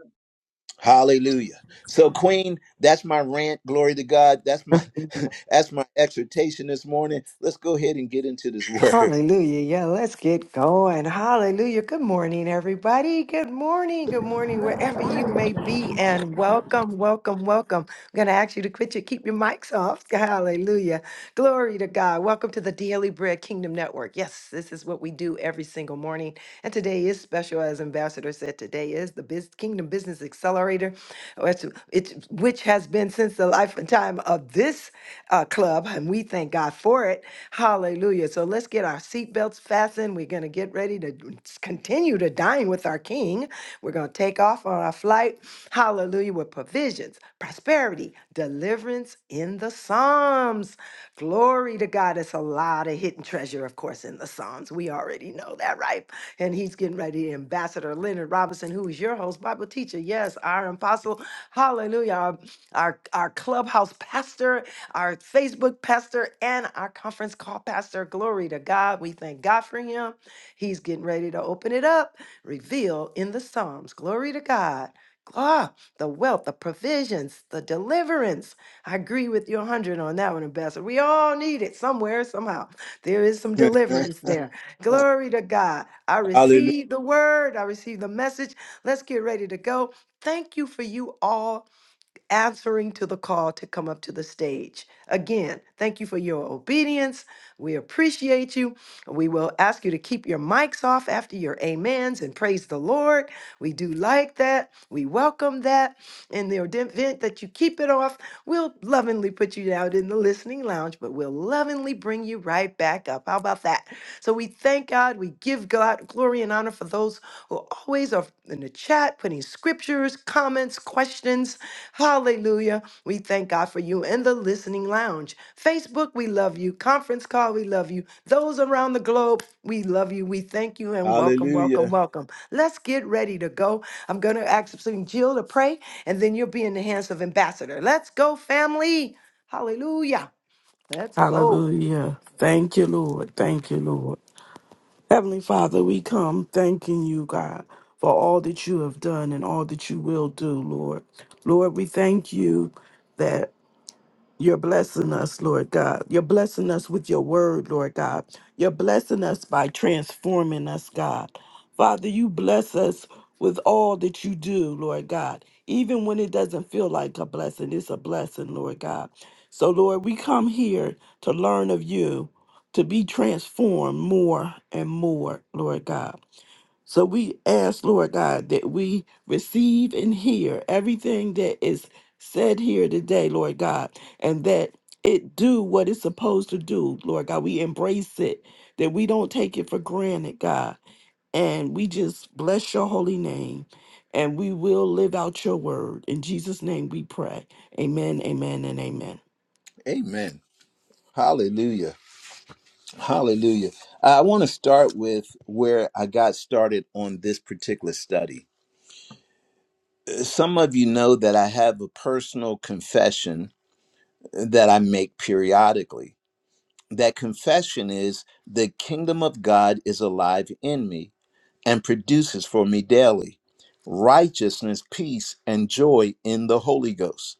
Speaker 1: Hallelujah. So, Queen, that's my rant. Glory to God. That's my that's my exhortation this morning. Let's go ahead and get into this word.
Speaker 3: Hallelujah. Yeah, let's get going. Hallelujah. Good morning, everybody. Good morning. Good morning, wherever you may be. And welcome, welcome, welcome. I'm going to ask you to quit your, keep your mics off. Hallelujah. Glory to God. Welcome to the Daily Bread Kingdom Network. Yes, this is what we do every single morning. And today is special, as Ambassador said. Today is the Biz- Kingdom Business Accelerator, which, it's, it's- which has been since the life and time of this uh, Club, and we thank God for it. Hallelujah. So let's get our seatbelts fastened. We're going to get ready to continue to dine with our King. We're going to take off on our flight. Hallelujah. With provisions, prosperity, deliverance in the Psalms. Glory to God. It's a lot of hidden treasure, of course, in the Psalms. We already know that, right? And he's getting ready. Ambassador Leonard Robinson, who is your host, Bible teacher. Yes, our apostle. Hallelujah. Our, our, our clubhouse pastor our Facebook pastor, and our conference call pastor. Glory to God. We thank God for him. He's getting ready to open it up, reveal in the Psalms. Glory to God. Ah, the wealth, the provisions, the deliverance. I agree with you 100 on that one, Ambassador. We all need it somewhere, somehow. There is some deliverance there. Glory to God. I
Speaker 1: Hallelujah.
Speaker 3: receive the word, I receive the message. Let's get ready to go. Thank you for you all answering to the call to come up to the stage. Again, thank you for your obedience. We appreciate you. We will ask you to keep your mics off after your amens and praise the Lord. We do like that. We welcome that. In the event that you keep it off, we'll lovingly put you out in the listening lounge, but we'll lovingly bring you right back up. How about that? So we thank God. We give God glory and honor for those who always are in the chat putting scriptures, comments, questions Hallelujah. We thank God for you in the listening lounge. Facebook, we love you. Conference call, we love you. Those around the globe, we love you. We thank you and welcome, welcome,
Speaker 1: Hallelujah.
Speaker 3: welcome. Let's get ready to go. I'm going to ask Sister Jill to pray, and then you'll be in the hands of Ambassador. Let's go, family. Hallelujah. Let's go.
Speaker 4: Hallelujah. Thank you, Lord. Thank you, Lord. Heavenly Father, we come thanking you, God, for all that you have done and all that you will do, Lord. Lord, we thank you that. You're blessing us, Lord God. You're blessing us with your word, Lord God. You're blessing us by transforming us, God. Father, you bless us with all that you do, Lord God. Even when it doesn't feel like a blessing, it's a blessing, Lord God. So, Lord, we come here to learn of you, to be transformed more and more, Lord God. So we ask, Lord God, that we receive and hear everything that is said here today, Lord God, and that it do what it's supposed to do, Lord God. We embrace it, that we don't take it for granted, God. And we just bless your holy name. And we will live out your word. In Jesus' name we pray. Amen, amen, and amen.
Speaker 1: Amen. Hallelujah. Hallelujah. I want to start with where I got started on this particular study. Some of you know that I have a personal confession that I make periodically. that confession is the kingdom of God is alive in me and produces for me daily righteousness, peace, and joy in the Holy Ghost.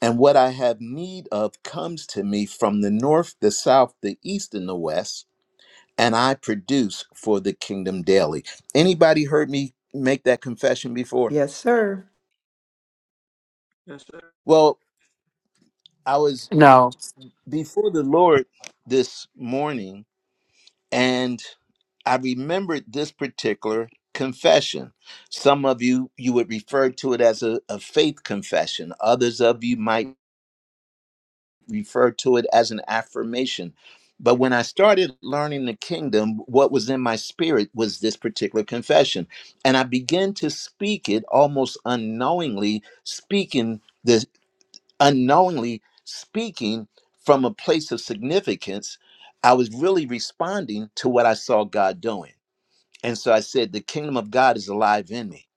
Speaker 1: And what I have need of comes to me from the north, the south, the east, and the west, and I produce for the kingdom daily. Anybody heard me make that confession before?
Speaker 3: Yes, sir.
Speaker 1: Well, I was
Speaker 8: No,
Speaker 1: before the Lord this morning and I remembered this particular confession. Some of you you would refer to it as a, a faith confession. Others of you might refer to it as an affirmation. But when I started learning the kingdom, what was in my spirit was this particular confession. And I began to speak it almost unknowingly, speaking this unknowingly speaking from a place of significance. I was really responding to what I saw God doing. And so I said, The kingdom of God is alive in me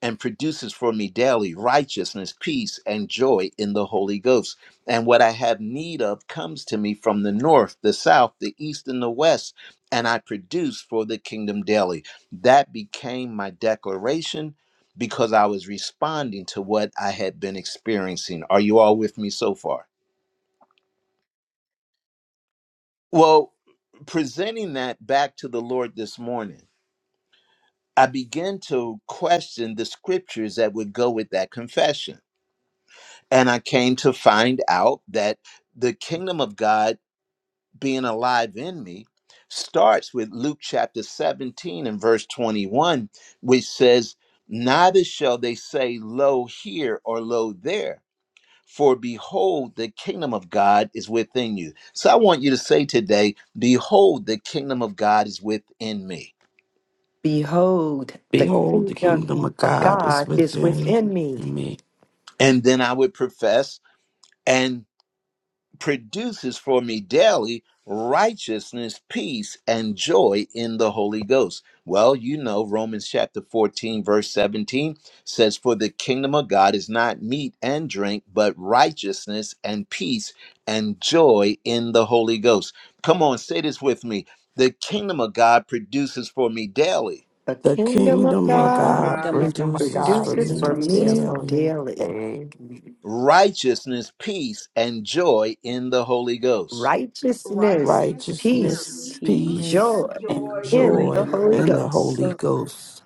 Speaker 1: and produces for me daily righteousness, peace, and joy in the Holy Ghost. And what I have need of comes to me from the north, the south, the east, and the west. And I produce for the kingdom daily. That became my declaration because I was responding to what I had been experiencing. Are you all with me so far? Well, presenting that back to the Lord this morning. I began to question the scriptures that would go with that confession. And I came to find out that the kingdom of God being alive in me starts with Luke chapter 17 and verse 21, which says, Neither shall they say, Lo here or lo there, for behold, the kingdom of God is within you. So I want you to say today, Behold, the kingdom of God is within me.
Speaker 3: Behold, the
Speaker 4: Behold, the
Speaker 3: kingdom
Speaker 4: kingdom of
Speaker 3: of
Speaker 4: God is
Speaker 3: God is
Speaker 9: with
Speaker 4: within
Speaker 3: within me.
Speaker 4: me.
Speaker 1: And then I would profess, and produces for me daily righteousness, peace, and joy in the Holy Ghost. Well, you know, Romans chapter 14, verse 17 says, For the kingdom of God is not meat and drink, but righteousness and peace and joy in the Holy Ghost. Come on, say this with me. The kingdom of God produces for me daily
Speaker 3: The
Speaker 4: The
Speaker 3: kingdom
Speaker 5: The
Speaker 3: of
Speaker 4: kingdom of
Speaker 5: kingdom
Speaker 9: the
Speaker 5: of
Speaker 3: God
Speaker 4: God
Speaker 5: God
Speaker 9: kingdom of
Speaker 7: Kingdom
Speaker 9: God
Speaker 5: produces
Speaker 7: of
Speaker 5: for
Speaker 4: produces
Speaker 5: me
Speaker 7: God
Speaker 4: for
Speaker 3: produces
Speaker 9: produces
Speaker 3: for
Speaker 4: me
Speaker 9: for
Speaker 5: daily
Speaker 9: me
Speaker 7: produces
Speaker 9: daily
Speaker 3: me
Speaker 7: for
Speaker 4: daily
Speaker 7: me
Speaker 3: daily.
Speaker 7: daily
Speaker 1: righteousness, peace, and joy in the Holy Ghost.
Speaker 3: righteousness,
Speaker 5: righteousness,
Speaker 4: righteousness,
Speaker 9: righteousness,
Speaker 3: peace,
Speaker 5: peace,
Speaker 9: peace,
Speaker 6: And
Speaker 4: peace,
Speaker 3: joy
Speaker 5: and
Speaker 9: and
Speaker 5: joy
Speaker 4: and
Speaker 5: in the
Speaker 9: joy
Speaker 3: in the
Speaker 4: joy
Speaker 9: in
Speaker 5: Holy
Speaker 9: the
Speaker 5: Ghost.
Speaker 3: Holy
Speaker 9: Holy
Speaker 4: in the
Speaker 9: Ghost.
Speaker 3: Ghost.
Speaker 4: Holy
Speaker 6: go
Speaker 4: Ghost.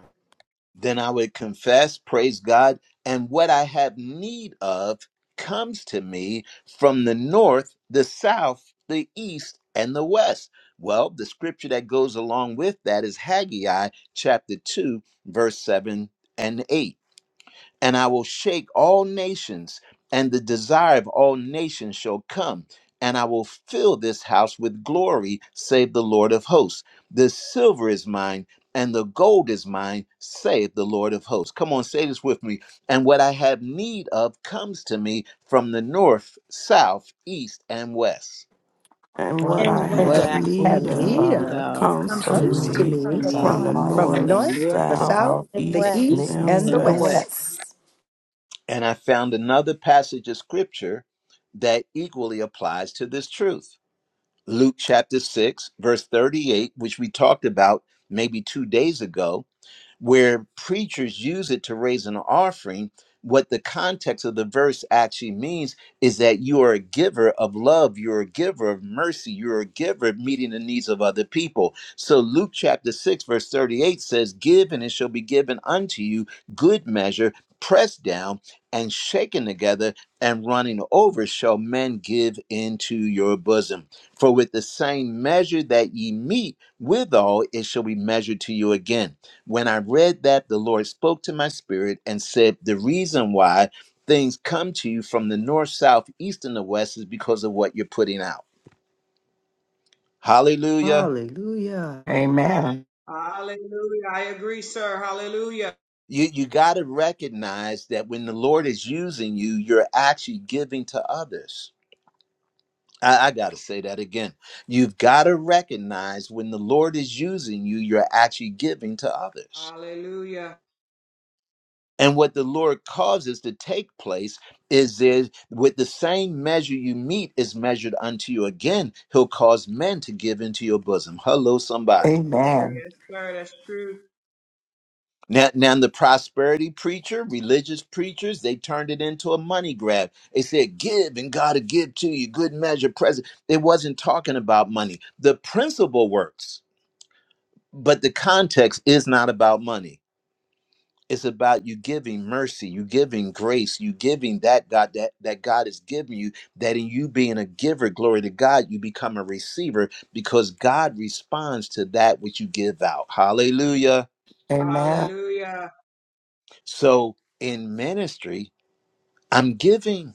Speaker 1: Then I would confess, praise God, and what I have need of comes to me from the north, the south, the east, and the west. Well, the scripture that goes along with that is Haggai chapter 2, verse 7 and 8 and I will shake all nations, and the desire of all nations shall come, and I will fill this house with glory, save the Lord of hosts. The silver is mine, and the gold is mine, save the Lord of hosts. Come on, say this with me. And what I have need of comes to me from the north, south, east, and west.
Speaker 4: And
Speaker 7: when
Speaker 4: what
Speaker 7: I
Speaker 4: I
Speaker 6: and what
Speaker 3: And
Speaker 9: What
Speaker 3: what
Speaker 4: have
Speaker 7: have
Speaker 9: I
Speaker 6: I
Speaker 3: I
Speaker 9: have
Speaker 3: have
Speaker 4: need
Speaker 7: food
Speaker 6: see
Speaker 4: of
Speaker 3: need
Speaker 9: need
Speaker 7: for,
Speaker 3: of
Speaker 9: of
Speaker 4: comes
Speaker 6: comes
Speaker 7: for
Speaker 4: to
Speaker 6: to
Speaker 3: comes
Speaker 6: me
Speaker 3: to
Speaker 7: me
Speaker 4: me
Speaker 9: for
Speaker 6: from
Speaker 3: me
Speaker 6: the
Speaker 9: me
Speaker 7: by
Speaker 4: from the
Speaker 7: night
Speaker 3: from
Speaker 6: north
Speaker 3: the
Speaker 9: from the
Speaker 4: north,
Speaker 3: north,
Speaker 9: north,
Speaker 3: the
Speaker 9: the,
Speaker 4: south,
Speaker 3: south,
Speaker 7: out
Speaker 6: and
Speaker 3: the
Speaker 9: the
Speaker 4: east,
Speaker 6: west.
Speaker 7: in the
Speaker 9: east,
Speaker 3: east,
Speaker 4: and
Speaker 3: and the
Speaker 7: east,
Speaker 9: and the
Speaker 7: the
Speaker 9: west.
Speaker 4: west.
Speaker 3: west.
Speaker 7: west.
Speaker 1: And I found another passage of scripture that equally applies to this truth. Luke chapter 6, verse 38, which we talked about maybe two days ago, where preachers use it to raise an offering, what the context of the verse actually means is that you are a giver of love, you're a giver of mercy, you're a giver of meeting the needs of other people. So Luke chapter 6, verse 38 says, Give and it shall be given unto you, good measure, pressed down and shaken together and running over, shall men give into your bosom. For with the same measure that ye meet withal, it shall be measured to you again. When I read that, the Lord spoke to my spirit and said, The reason why things come to you from the north, south, east, and the west is because of what you're putting out. Hallelujah.
Speaker 3: Hallelujah.
Speaker 7: Amen.
Speaker 5: Hallelujah. I agree, sir. Hallelujah.
Speaker 1: You, you got to recognize that when the Lord is using you, you're actually giving to others. I, I got to say that again. You've got to recognize when the Lord is using you, you're actually giving to others.
Speaker 5: Hallelujah.
Speaker 1: And what the Lord causes to take place is, is with the same measure you meet is measured unto you again. He'll cause men to give into your bosom. Hello, somebody.
Speaker 7: Amen.
Speaker 5: Yes, sir. That's true.
Speaker 1: Now, now the prosperity preacher, religious preachers, they turned it into a money grab. They said, give and God will give to you, good measure, present. It wasn't talking about money. The principle works, but the context is not about money. It's about you giving mercy, you giving grace, you giving that God that, that God is giving you, that in you being a giver, glory to God, you become a receiver because God responds to that which you give out. Hallelujah.
Speaker 7: Amen.
Speaker 5: Hallelujah.
Speaker 1: So in ministry, I'm giving.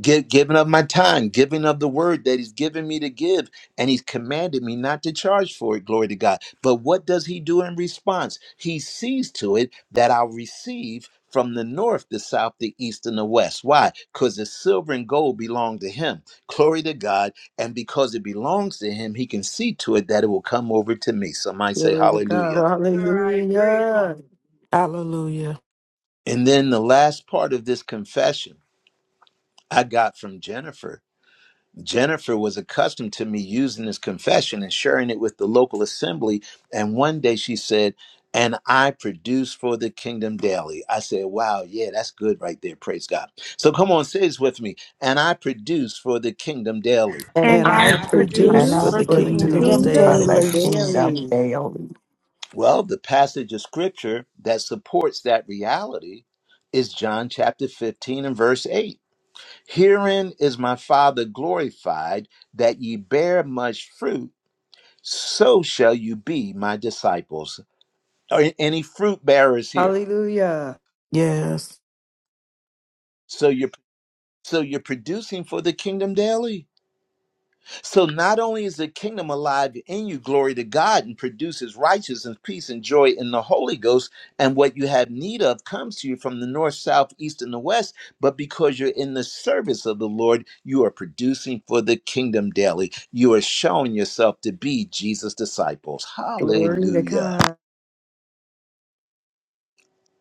Speaker 1: Give, giving of my time, giving of the word that he's given me to give, and he's commanded me not to charge for it, glory to God. But what does he do in response? He sees to it that I'll receive from the north, the south, the east, and the west. Why? Because the silver and gold belong to him. Glory to God. And because it belongs to him, he can see to it that it will come over to me. Somebody say
Speaker 3: Glory to God.
Speaker 1: hallelujah.
Speaker 5: Yes, sir. I agree.
Speaker 3: Hallelujah.
Speaker 4: Hallelujah.
Speaker 1: And then the last part of this confession I got from Jennifer Jennifer was accustomed to me using this confession and sharing it with the local assembly. And one day she said, and I produce for the kingdom daily. I said, wow, yeah, that's good right there. Praise God. So come on, say this with me. And I produce for the kingdom daily.
Speaker 3: And
Speaker 6: And
Speaker 4: And
Speaker 6: I
Speaker 5: And
Speaker 3: I
Speaker 4: I
Speaker 5: I produce
Speaker 4: produce
Speaker 7: And
Speaker 6: produce
Speaker 7: I
Speaker 4: for
Speaker 5: for
Speaker 3: produce
Speaker 5: the
Speaker 6: for
Speaker 4: the
Speaker 6: the
Speaker 3: for the
Speaker 5: kingdom
Speaker 4: kingdom
Speaker 7: produce
Speaker 5: daily.
Speaker 6: kingdom
Speaker 7: for
Speaker 3: kingdom
Speaker 7: the
Speaker 4: daily.
Speaker 6: daily.
Speaker 7: kingdom
Speaker 3: daily.
Speaker 7: daily.
Speaker 1: Well, the passage of scripture that supports that reality is John chapter 15 and verse 8. Herein is my Father glorified that ye bear much fruit so shall you be my disciples. Are any fruit bearers here?
Speaker 3: Hallelujah.
Speaker 4: Yes,
Speaker 1: So you're so you're producing for the kingdom daily. So not only is the kingdom alive in you, glory to God, and produces righteousness, peace, and joy in the Holy Ghost, and what you have need of comes to you from the north, south, east, and the west, but because you're in the service of the Lord, you are producing for the kingdom daily. You are showing yourself to be Jesus' disciples.
Speaker 3: Glory to
Speaker 1: Hallelujah.
Speaker 3: God.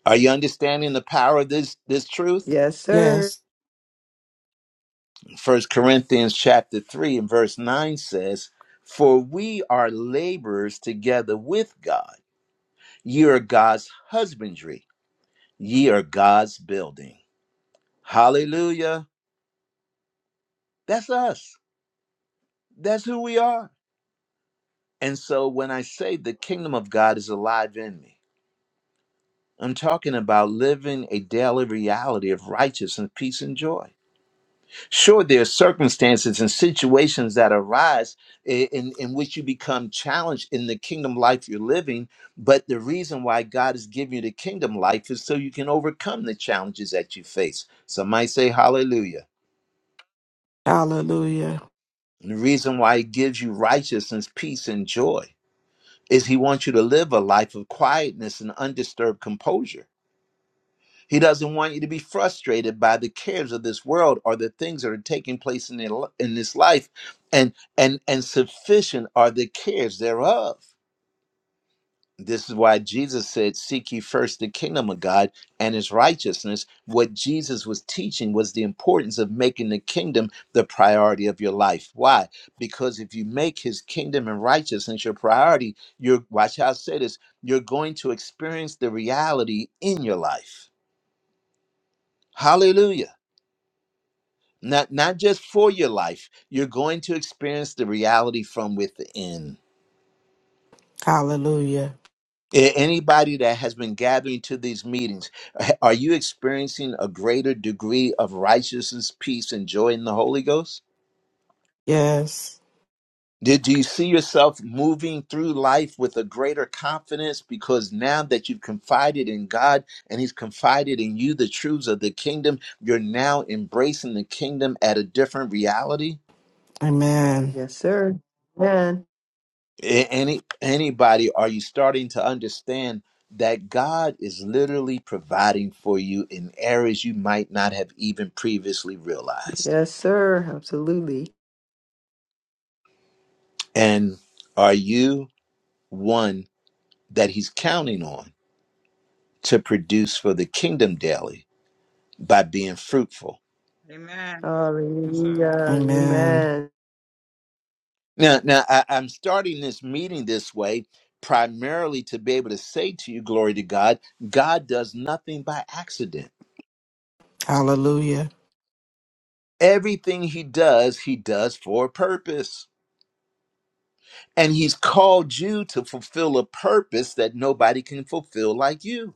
Speaker 1: Are you understanding the power of this this truth?
Speaker 3: Yes, sir.
Speaker 4: yes.
Speaker 1: First Corinthians chapter 3 and verse 9 says, For we are laborers together with God. Ye are God's husbandry, ye are God's building. Hallelujah. That's us. That's who we are. And so when I say the kingdom of God is alive in me, I'm talking about living a daily reality of righteousness, peace, and joy. Sure, there are circumstances and situations that arise i- in, in which you become challenged in the kingdom life you're living. But the reason why God is giving you the kingdom life is so you can overcome the challenges that you face. Some might say, Hallelujah.
Speaker 4: Hallelujah.
Speaker 1: And the reason why He gives you righteousness, peace, and joy is He wants you to live a life of quietness and undisturbed composure. He doesn't want you to be frustrated by the cares of this world or the things that are taking place in, the, in this life, and and and sufficient are the cares thereof. This is why Jesus said, "Seek ye first the kingdom of God and His righteousness." What Jesus was teaching was the importance of making the kingdom the priority of your life. Why? Because if you make His kingdom and righteousness your priority, you're watch how I say this: you're going to experience the reality in your life. Hallelujah. Not not just for your life. You're going to experience the reality from within.
Speaker 4: Hallelujah.
Speaker 1: A- Anybody that has been gathering to these meetings, a- are you experiencing a greater degree of righteousness, peace, and joy in the Holy Ghost?
Speaker 4: Yes.
Speaker 1: Did do you see yourself moving through life with a greater confidence because now that you've confided in God and He's confided in you the truths of the kingdom, you're now embracing the kingdom at a different reality?
Speaker 4: Amen.
Speaker 3: Yes, sir. Amen.
Speaker 1: a- any anybody are you starting to understand that God is literally providing for you in areas you might not have even previously realized
Speaker 3: Yes, sir. Absolutely.
Speaker 1: and are you one that he's counting on to produce for the kingdom daily by being fruitful
Speaker 5: Amen. Yes, sir.
Speaker 3: Hallelujah.
Speaker 4: Amen.
Speaker 3: Amen.
Speaker 1: now now I, i'm starting this meeting this way primarily to be able to say to you glory to god god does nothing by accident
Speaker 4: Hallelujah.
Speaker 1: everything he does he does for a purpose And he's called you to fulfill a purpose that nobody can fulfill like you.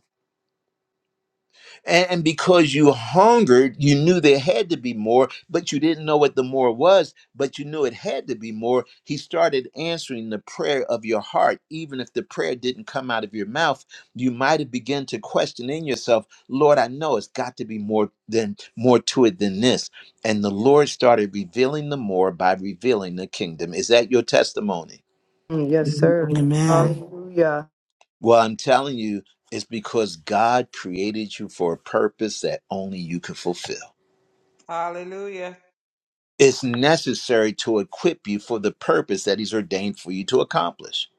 Speaker 1: And, and because you hungered, you knew there had to be more, but you didn't know what the more was, but you knew it had to be more. He started answering the prayer of your heart. Even if the prayer didn't come out of your mouth, you might have begun to question in yourself, Lord, I know it's got to be more than more to it than this. And the Lord started revealing the more by revealing the kingdom. Is that your testimony?
Speaker 3: Mm, Yes,
Speaker 10: Amen.
Speaker 3: sir.
Speaker 4: Amen.
Speaker 3: Hallelujah.
Speaker 1: Well, I'm telling you, it's because God created you for a purpose that only you can fulfill.
Speaker 5: Hallelujah.
Speaker 1: It's necessary to equip you for the purpose that He's ordained for you to accomplish.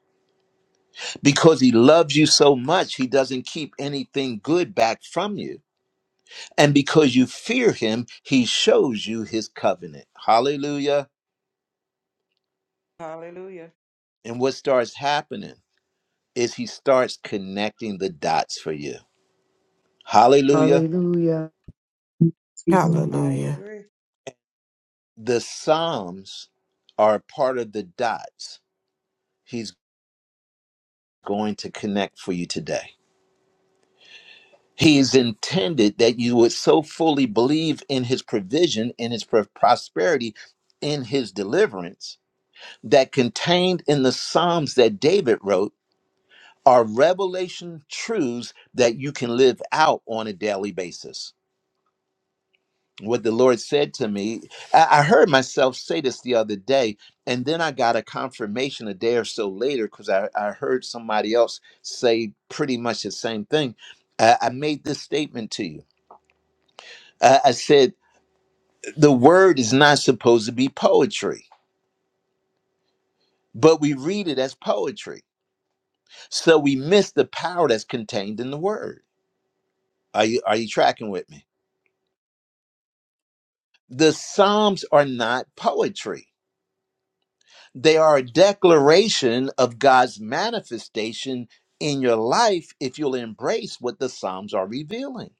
Speaker 1: Because He loves you so much, He doesn't keep anything good back from you. And because you fear Him, He shows you His covenant. Hallelujah.
Speaker 5: Hallelujah.
Speaker 1: And what starts happening is He starts connecting the dots for you. Hallelujah.
Speaker 3: Hallelujah.
Speaker 5: I
Speaker 4: Hallelujah.
Speaker 5: agree.
Speaker 1: The Psalms are part of the dots He's going to connect for you today. He's intended that you would so fully believe in his provision, in his pr- prosperity, in his deliverance, that contained in the Psalms that David wrote are revelation truths that you can live out on a daily basis. what the Lord said to me. I, I heard myself say this the other day, and then I got a confirmation a day or so later because I, I heard somebody else say pretty much the same thing. Uh, I made this statement to you. Uh, I said, The word is not supposed to be poetry, but we read it as poetry. So we miss the power that's contained in the word. Are you, are you tracking with me? The Psalms are not poetry They are a declaration of God's manifestation in your life if you'll embrace what the Psalms are revealing.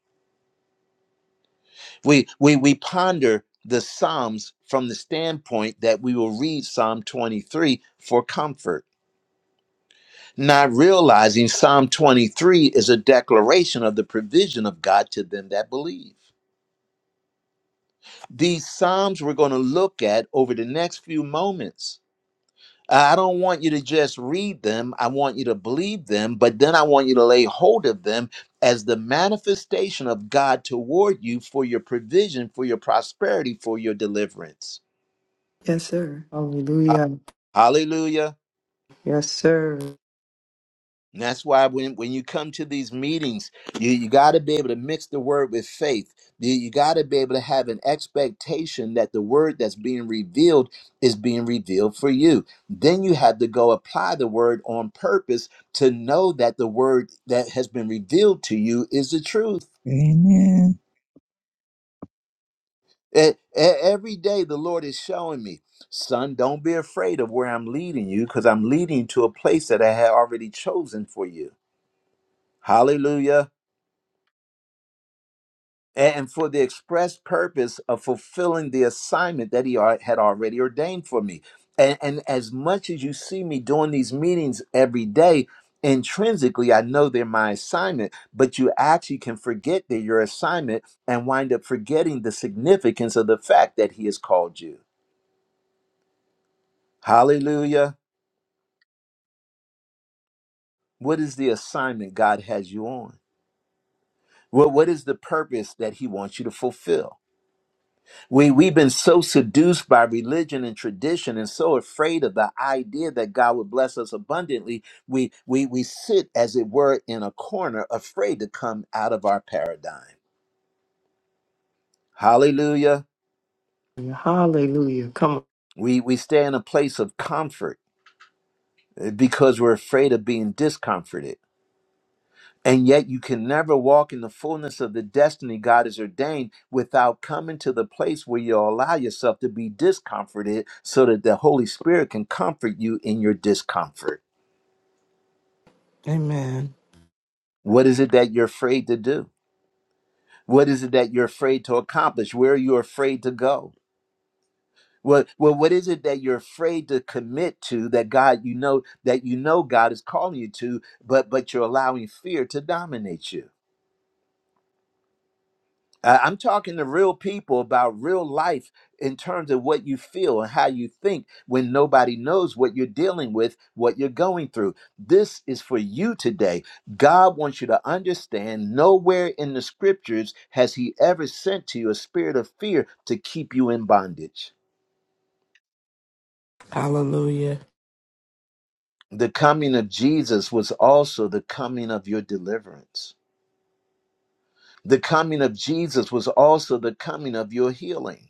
Speaker 1: We we we ponder the Psalms from the standpoint that we will read Psalm 23 for comfort, not realizing Psalm 23 is a declaration of the provision of God to them that believe. These Psalms we're going to look at over the next few moments I don't want you to just read them. I want you to believe them, but then I want you to lay hold of them as the manifestation of God toward you for your provision, for your prosperity, for your deliverance.
Speaker 3: Yes, sir.
Speaker 1: Ha-
Speaker 3: Hallelujah.
Speaker 1: Hallelujah.
Speaker 3: Yes, sir.
Speaker 1: And that's why when, when you come to these meetings, you, you got to be able to mix the word with faith. You, you got to be able to have an expectation that the word that's being revealed is being revealed for you. Then you have to go apply the word on purpose to know that the word that has been revealed to you is the truth. E- e- Every day, the Lord is showing me, son, don't be afraid of where I'm leading you because I'm leading you to a place that I had already chosen for you. Hallelujah. and for the express purpose of fulfilling the assignment that he al- had already ordained for me. And, and as much as you see me doing these meetings every day, intrinsically, I know they're my assignment, but you actually can forget they're your assignment and wind up forgetting the significance of the fact that he has called you. Hallelujah. What is the assignment God has you on? Well, what is the purpose that he wants you to fulfill? We we've been so seduced by religion and tradition and so afraid of the idea that God would bless us abundantly, we we we sit as it were in a corner afraid to come out of our paradigm. Hallelujah.
Speaker 3: Hallelujah. Come on.
Speaker 1: We we stay in a place of comfort eh, because we're afraid of being discomforted. And yet you can never walk in the fullness of the destiny God has ordained without coming to the place where you allow yourself to be discomforted so that the Holy Spirit can comfort you in your discomfort.
Speaker 4: Amen.
Speaker 1: What is it that you're afraid to do? What is it that you're afraid to accomplish? Where are you afraid to go? Well, well, what is it that you're afraid to commit to that God you know that you know God is calling you to, but but you're allowing fear to dominate you? Uh, I'm talking to real people about real life in terms of what you feel and how you think when nobody knows what you're dealing with, what you're going through. This is for you today. God wants you to understand nowhere in the scriptures has He ever sent to you a spirit of fear to keep you in bondage.
Speaker 4: Hallelujah.
Speaker 1: The coming of Jesus was also the coming of your deliverance, the coming of Jesus was also the coming of your healing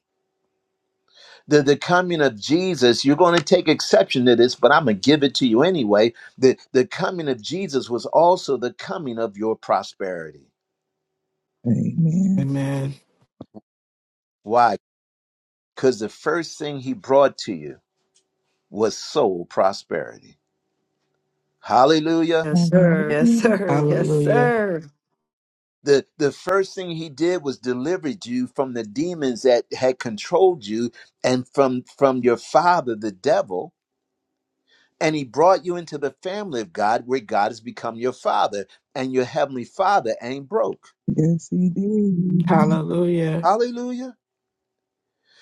Speaker 1: the, the coming of Jesus, you're going to take exception to this, but I'm going to give it to you anyway. The, the coming of Jesus was also the coming of your prosperity.
Speaker 10: Amen.
Speaker 4: Amen.
Speaker 1: Why? Because the first thing he brought to you was soul prosperity. Hallelujah.
Speaker 3: Yes, sir. Yes,
Speaker 10: Hallelujah.
Speaker 3: sir. Yes,
Speaker 4: Hallelujah.
Speaker 3: sir.
Speaker 1: The, the first thing he did was delivered you from the demons that had controlled you and from, from your father, the devil. And he brought you into the family of God where God has become your father and your heavenly father ain't broke.
Speaker 10: Yes, he did.
Speaker 4: Hallelujah.
Speaker 1: Hallelujah.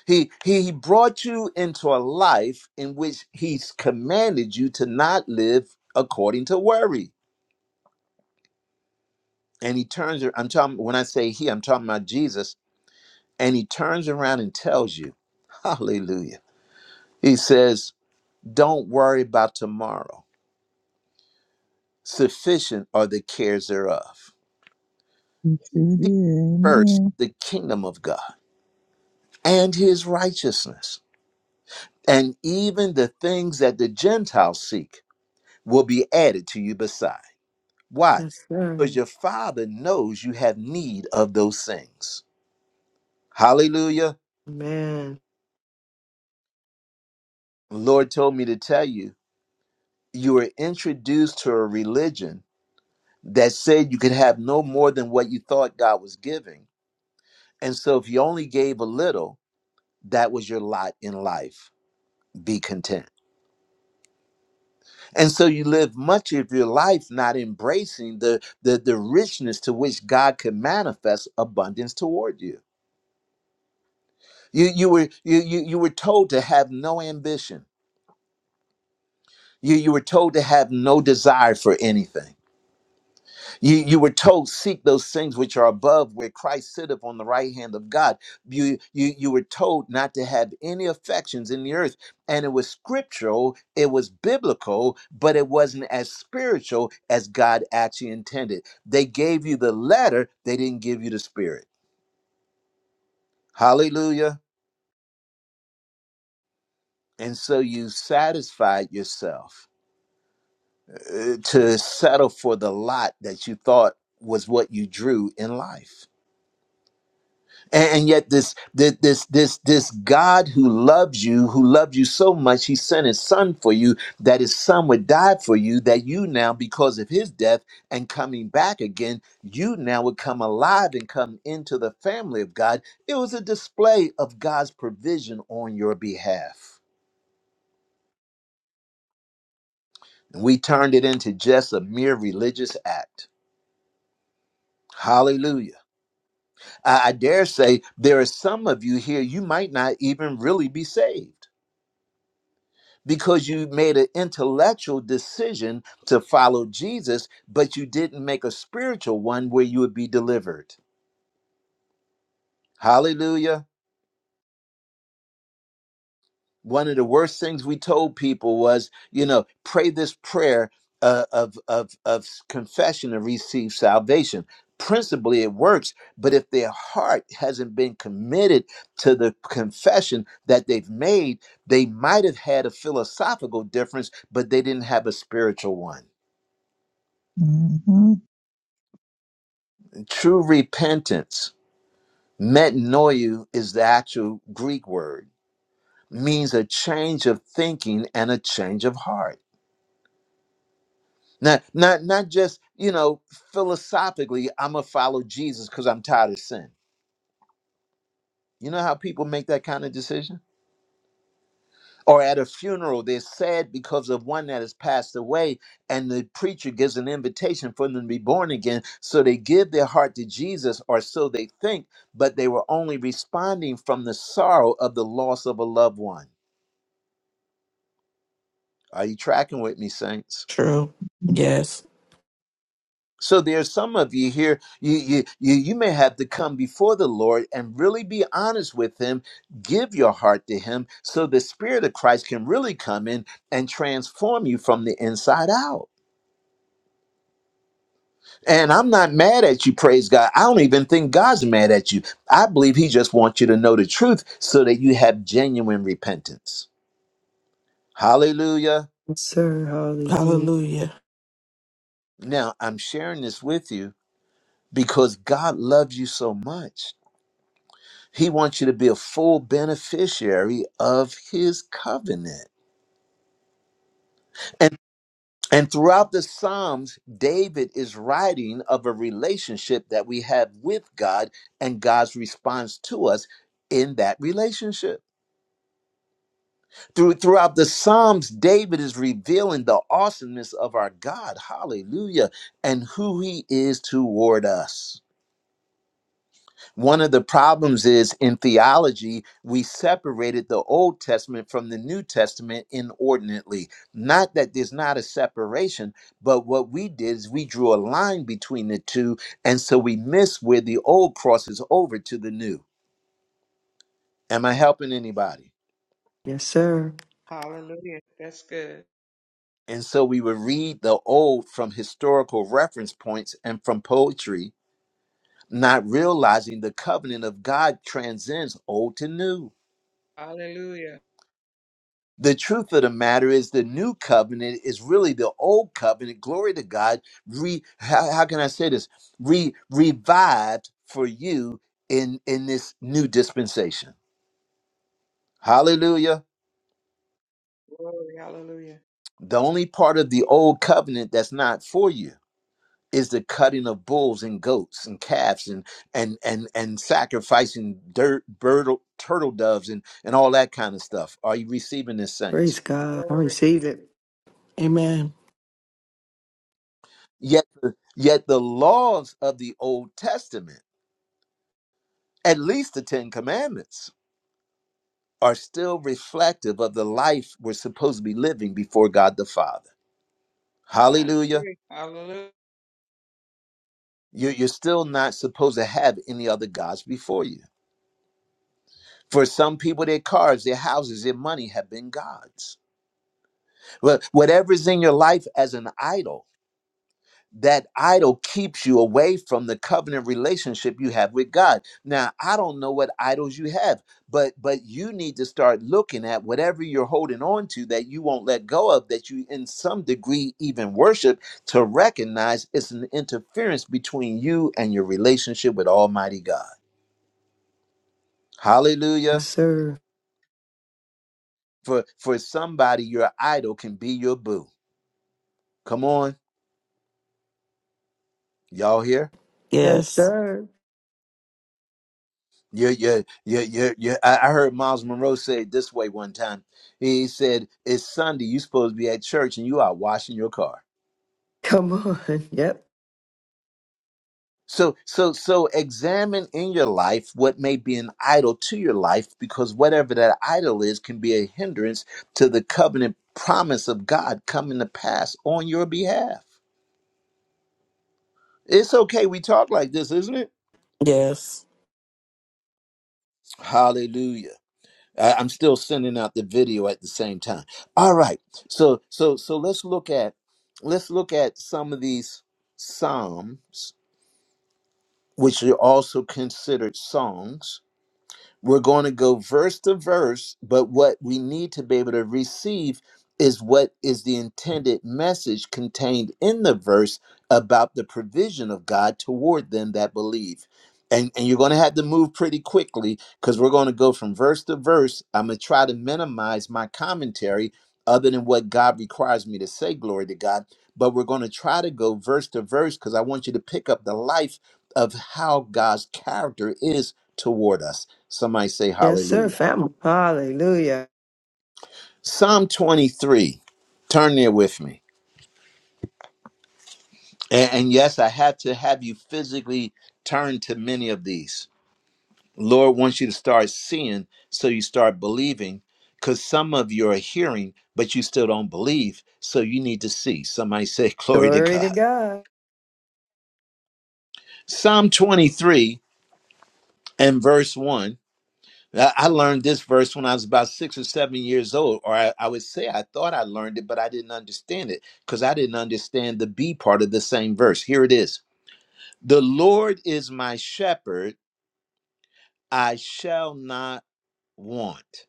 Speaker 1: He he brought you into a life in which he's commanded you to not live according to worry. And he turns ar- I'm talking when I say he, I'm talking about Jesus, and he turns around and tells you, Hallelujah. He says, Don't worry about tomorrow. Sufficient are the cares thereof.
Speaker 10: He sure did.
Speaker 1: Seek first
Speaker 10: Amen.
Speaker 1: the kingdom of God and his righteousness. And even the things that the Gentiles seek will be added to you besides. Why?
Speaker 3: Yes, sir.
Speaker 1: Because your father knows you have need of those things. Hallelujah.
Speaker 3: Amen.
Speaker 1: Lord told me to tell you, you were introduced to a religion that said you could have no more than what you thought God was giving. And so if you only gave a little, that was your lot in life. Be content. And so you live much of your life not embracing the, the, the richness to which God could manifest abundance toward you. You you were you you, you were told to have no ambition You, you were told to have no desire for anything. You, you were told seek those things which are above where Christ sitteth on the right hand of God. You, you, you were told not to have any affections in the earth. And it was scriptural, it was biblical, but it wasn't as spiritual as God actually intended. They gave you the letter, they didn't give you the spirit. Hallelujah. And so you satisfied yourself uh, to settle for the lot that you thought was what you drew in life. And, and yet this, this this this this God who loves you, who loved you so much, he sent his son for you, that his son would die for you, that you now, because of his death and coming back again, you now would come alive and come into the family of God. It was a display of God's provision on your behalf. And we turned it into just a mere religious act. Hallelujah. I, I dare say there are some of you here, you might not even really be saved because you made an intellectual decision to follow Jesus, but you didn't make a spiritual one where you would be delivered. Hallelujah. one of the worst things we told people was, you know, pray this prayer uh, of of of confession and receive salvation. Principally, it works, but if their heart hasn't been committed to the confession that they've made, they might have had a philosophical difference, but they didn't have a spiritual one.
Speaker 10: Uh huh.
Speaker 1: And True repentance, metanoia, is the actual Greek word, means a change of thinking and a change of heart. Not not not just, you know, philosophically, I'm gonna follow Jesus because I'm tired of sin. You know how people make that kind of decision? Or at a funeral, they're sad because of one that has passed away, and the preacher gives an invitation for them to be born again. So they give their heart to Jesus, or so they think, but they were only responding from the sorrow of the loss of a loved one. Are you tracking with me, saints?
Speaker 4: True. Yes.
Speaker 1: So there's some of you here, you, you you you may have to come before the Lord and really be honest with him, give your heart to him so the spirit of Christ can really come in and transform you from the inside out. And I'm not mad at you, praise God. I don't even think God's mad at you. I believe he just wants you to know the truth so that you have genuine repentance. Hallelujah.
Speaker 3: Yes, sir. Hallelujah.
Speaker 4: Hallelujah.
Speaker 1: Now, I'm sharing this with you because God loves you so much He wants you to be a full beneficiary of his covenant. And and throughout the Psalms, David is writing of a relationship that we have with God and God's response to us in that relationship. Through throughout the Psalms, David is revealing the awesomeness of our God, hallelujah, and who he is toward us. One of the problems is in theology, we separated the Old Testament from the New Testament inordinately. Not that there's not a separation, but what we did is we drew a line between the two. And so we miss where the old crosses over to the new. Am I helping anybody?
Speaker 3: Yes, sir.
Speaker 5: Hallelujah. That's good.
Speaker 1: And so we would read the old from historical reference points and from poetry, not realizing the covenant of God transcends old to new.
Speaker 5: Hallelujah.
Speaker 1: The truth of the matter is, the new covenant is really the old covenant. Glory to God. Re, how, how can I say this? Re, revived for you in in this new dispensation. Hallelujah.
Speaker 5: Glory. Hallelujah.
Speaker 1: The only part of the old covenant that's not for you is the cutting of bulls and goats and calves and and and and sacrificing dirt bird, turtle doves and and all that kind of stuff. Are you receiving this, saints?
Speaker 3: Praise God. I
Speaker 5: Glory.
Speaker 3: receive it.
Speaker 4: Amen.
Speaker 1: Yet, yet the laws of the Old Testament at least the Ten Commandments are still reflective of the life we're supposed to be living before God the Father.
Speaker 5: I
Speaker 1: Hallelujah.
Speaker 5: agree. Hallelujah.
Speaker 1: You- You're still not supposed to have any other gods before you. For some people, their cars, their houses, their money have been gods. Wha- Whatever's in your life as an idol that idol keeps you away from the covenant relationship you have with God. Now, I don't know what idols you have, but but you need to start looking at whatever you're holding on to that you won't let go of that you in some degree even worship to recognize it's an interference between you and your relationship with Almighty God.
Speaker 3: Yes,
Speaker 1: Hallelujah.
Speaker 3: sir.
Speaker 1: For for somebody your idol can be your boo. Come on, y'all here?
Speaker 3: Yes,
Speaker 4: Yes.
Speaker 3: sir.
Speaker 1: Yeah, yeah, yeah, yeah, yeah. I, I heard Miles Monroe say it this way one time. He said, "It's Sunday. You supposed to be at church, and you are washing your car."
Speaker 3: Come on. Yep.
Speaker 1: So, so, so, examine in your life what may be an idol to your life, because whatever that idol is can be a hindrance to the covenant promise of God coming to pass on your behalf. It's okay. We talk like this, isn't it?
Speaker 4: Yes.
Speaker 1: Hallelujah. I- I'm still sending out the video at the same time. All right. So so so let's look at let's look at some of these psalms which are also considered songs we're going to go verse to verse, but what we need to be able to receive is what is the intended message contained in the verse about the provision of God toward them that believe. And, and you're going to have to move pretty quickly because we're going to go from verse to verse. I'm going to try to minimize my commentary other than what God requires me to say, glory to God. But we're going to try to go verse to verse because I want you to pick up the life of how God's character is toward us. Somebody say
Speaker 3: Yes, sir.
Speaker 1: hallelujah.
Speaker 3: Family. Hallelujah.
Speaker 1: Psalm 23. Turn there with me. And, and yes, I had to have you physically turn to many of these. Lord wants you to start seeing so you start believing because some of you are hearing, but you still don't believe. So you need to see. Somebody say, Glory to
Speaker 3: Glory to
Speaker 1: God.
Speaker 3: God.
Speaker 1: Psalm 23 and verse 1 I I learned this verse when I was about six or seven years old, or I, I would say I thought I learned it, but I didn't understand it because I didn't understand the B part of the same verse. Here it is The Lord is my shepherd, I shall not want.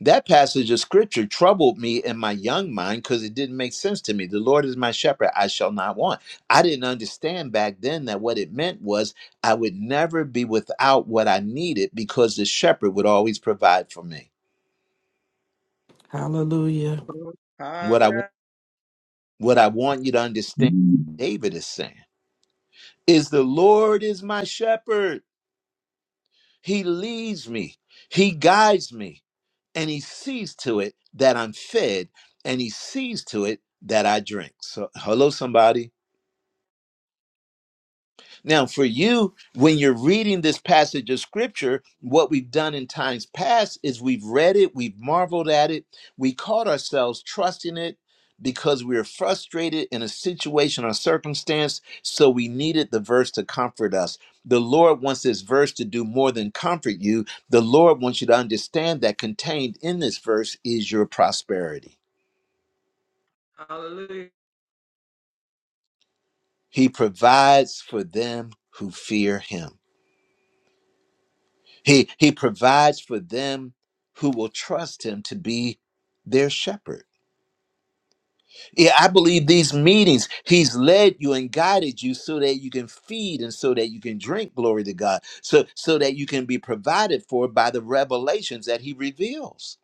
Speaker 1: That passage of scripture troubled me in my young mind because it didn't make sense to me. The Lord is my shepherd, I shall not want. I didn't understand back then that what it meant was I would never be without what I needed because the shepherd would always provide for me
Speaker 4: Hallelujah.
Speaker 1: what I
Speaker 5: Hallelujah.
Speaker 1: What I want you to understand, David is saying, is the Lord is my shepherd. He leads me, he guides me, and he sees to it that I'm fed, and he sees to it that I drink. So, hello, somebody. Now, for you, when you're reading this passage of scripture, what we've done in times past is we've read it, we've marveled at it, we caught ourselves trusting it because we were frustrated in a situation or circumstance, so we needed the verse to comfort us. The Lord wants this verse to do more than comfort you. The Lord wants you to understand that contained in this verse is your prosperity.
Speaker 5: Hallelujah.
Speaker 1: He provides for them who fear Him. He he provides for them who will trust him to be their shepherd. Yeah, I believe these meetings, he's led you and guided you so that you can feed and so that you can drink glory to God. So so that you can be provided for by the revelations that he reveals.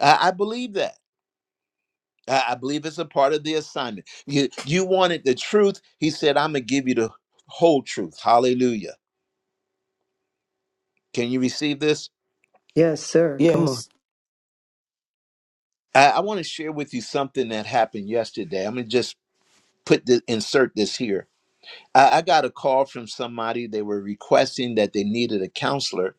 Speaker 1: I, I believe that. I, I believe it's a part of the assignment. You you wanted the truth. He said, I'm gonna give you the whole truth. Hallelujah. Can you receive this?
Speaker 3: Yes, sir. Come on.
Speaker 4: Yes.
Speaker 1: I, I want to share with you something that happened yesterday. I'm gonna just put the insert this here. I, I got a call from somebody. They were requesting that they needed a counselor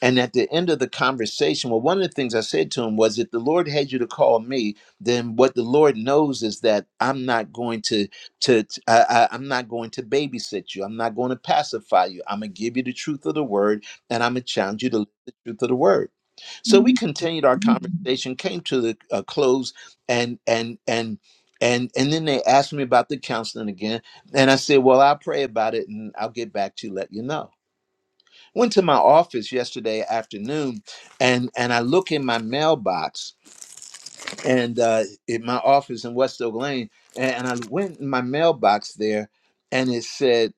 Speaker 1: and at the end of the conversation, well, one of the things I said to him was if the Lord had you to call me, then what the Lord knows is that I'm not going to to t- I, I- I'm not going to babysit you. I'm not going to pacify you. I'm gonna give you the truth of the word, and I'm gonna challenge you to live the truth of the word. So we continued our conversation, came to the uh, close, and and and and and then they asked me about the counseling again, and I said, well, I'll pray about it, and I'll get back to you, let you know went to my office yesterday afternoon and and i look in my mailbox and uh in my office in west oak lane and, and i went in my mailbox there and it said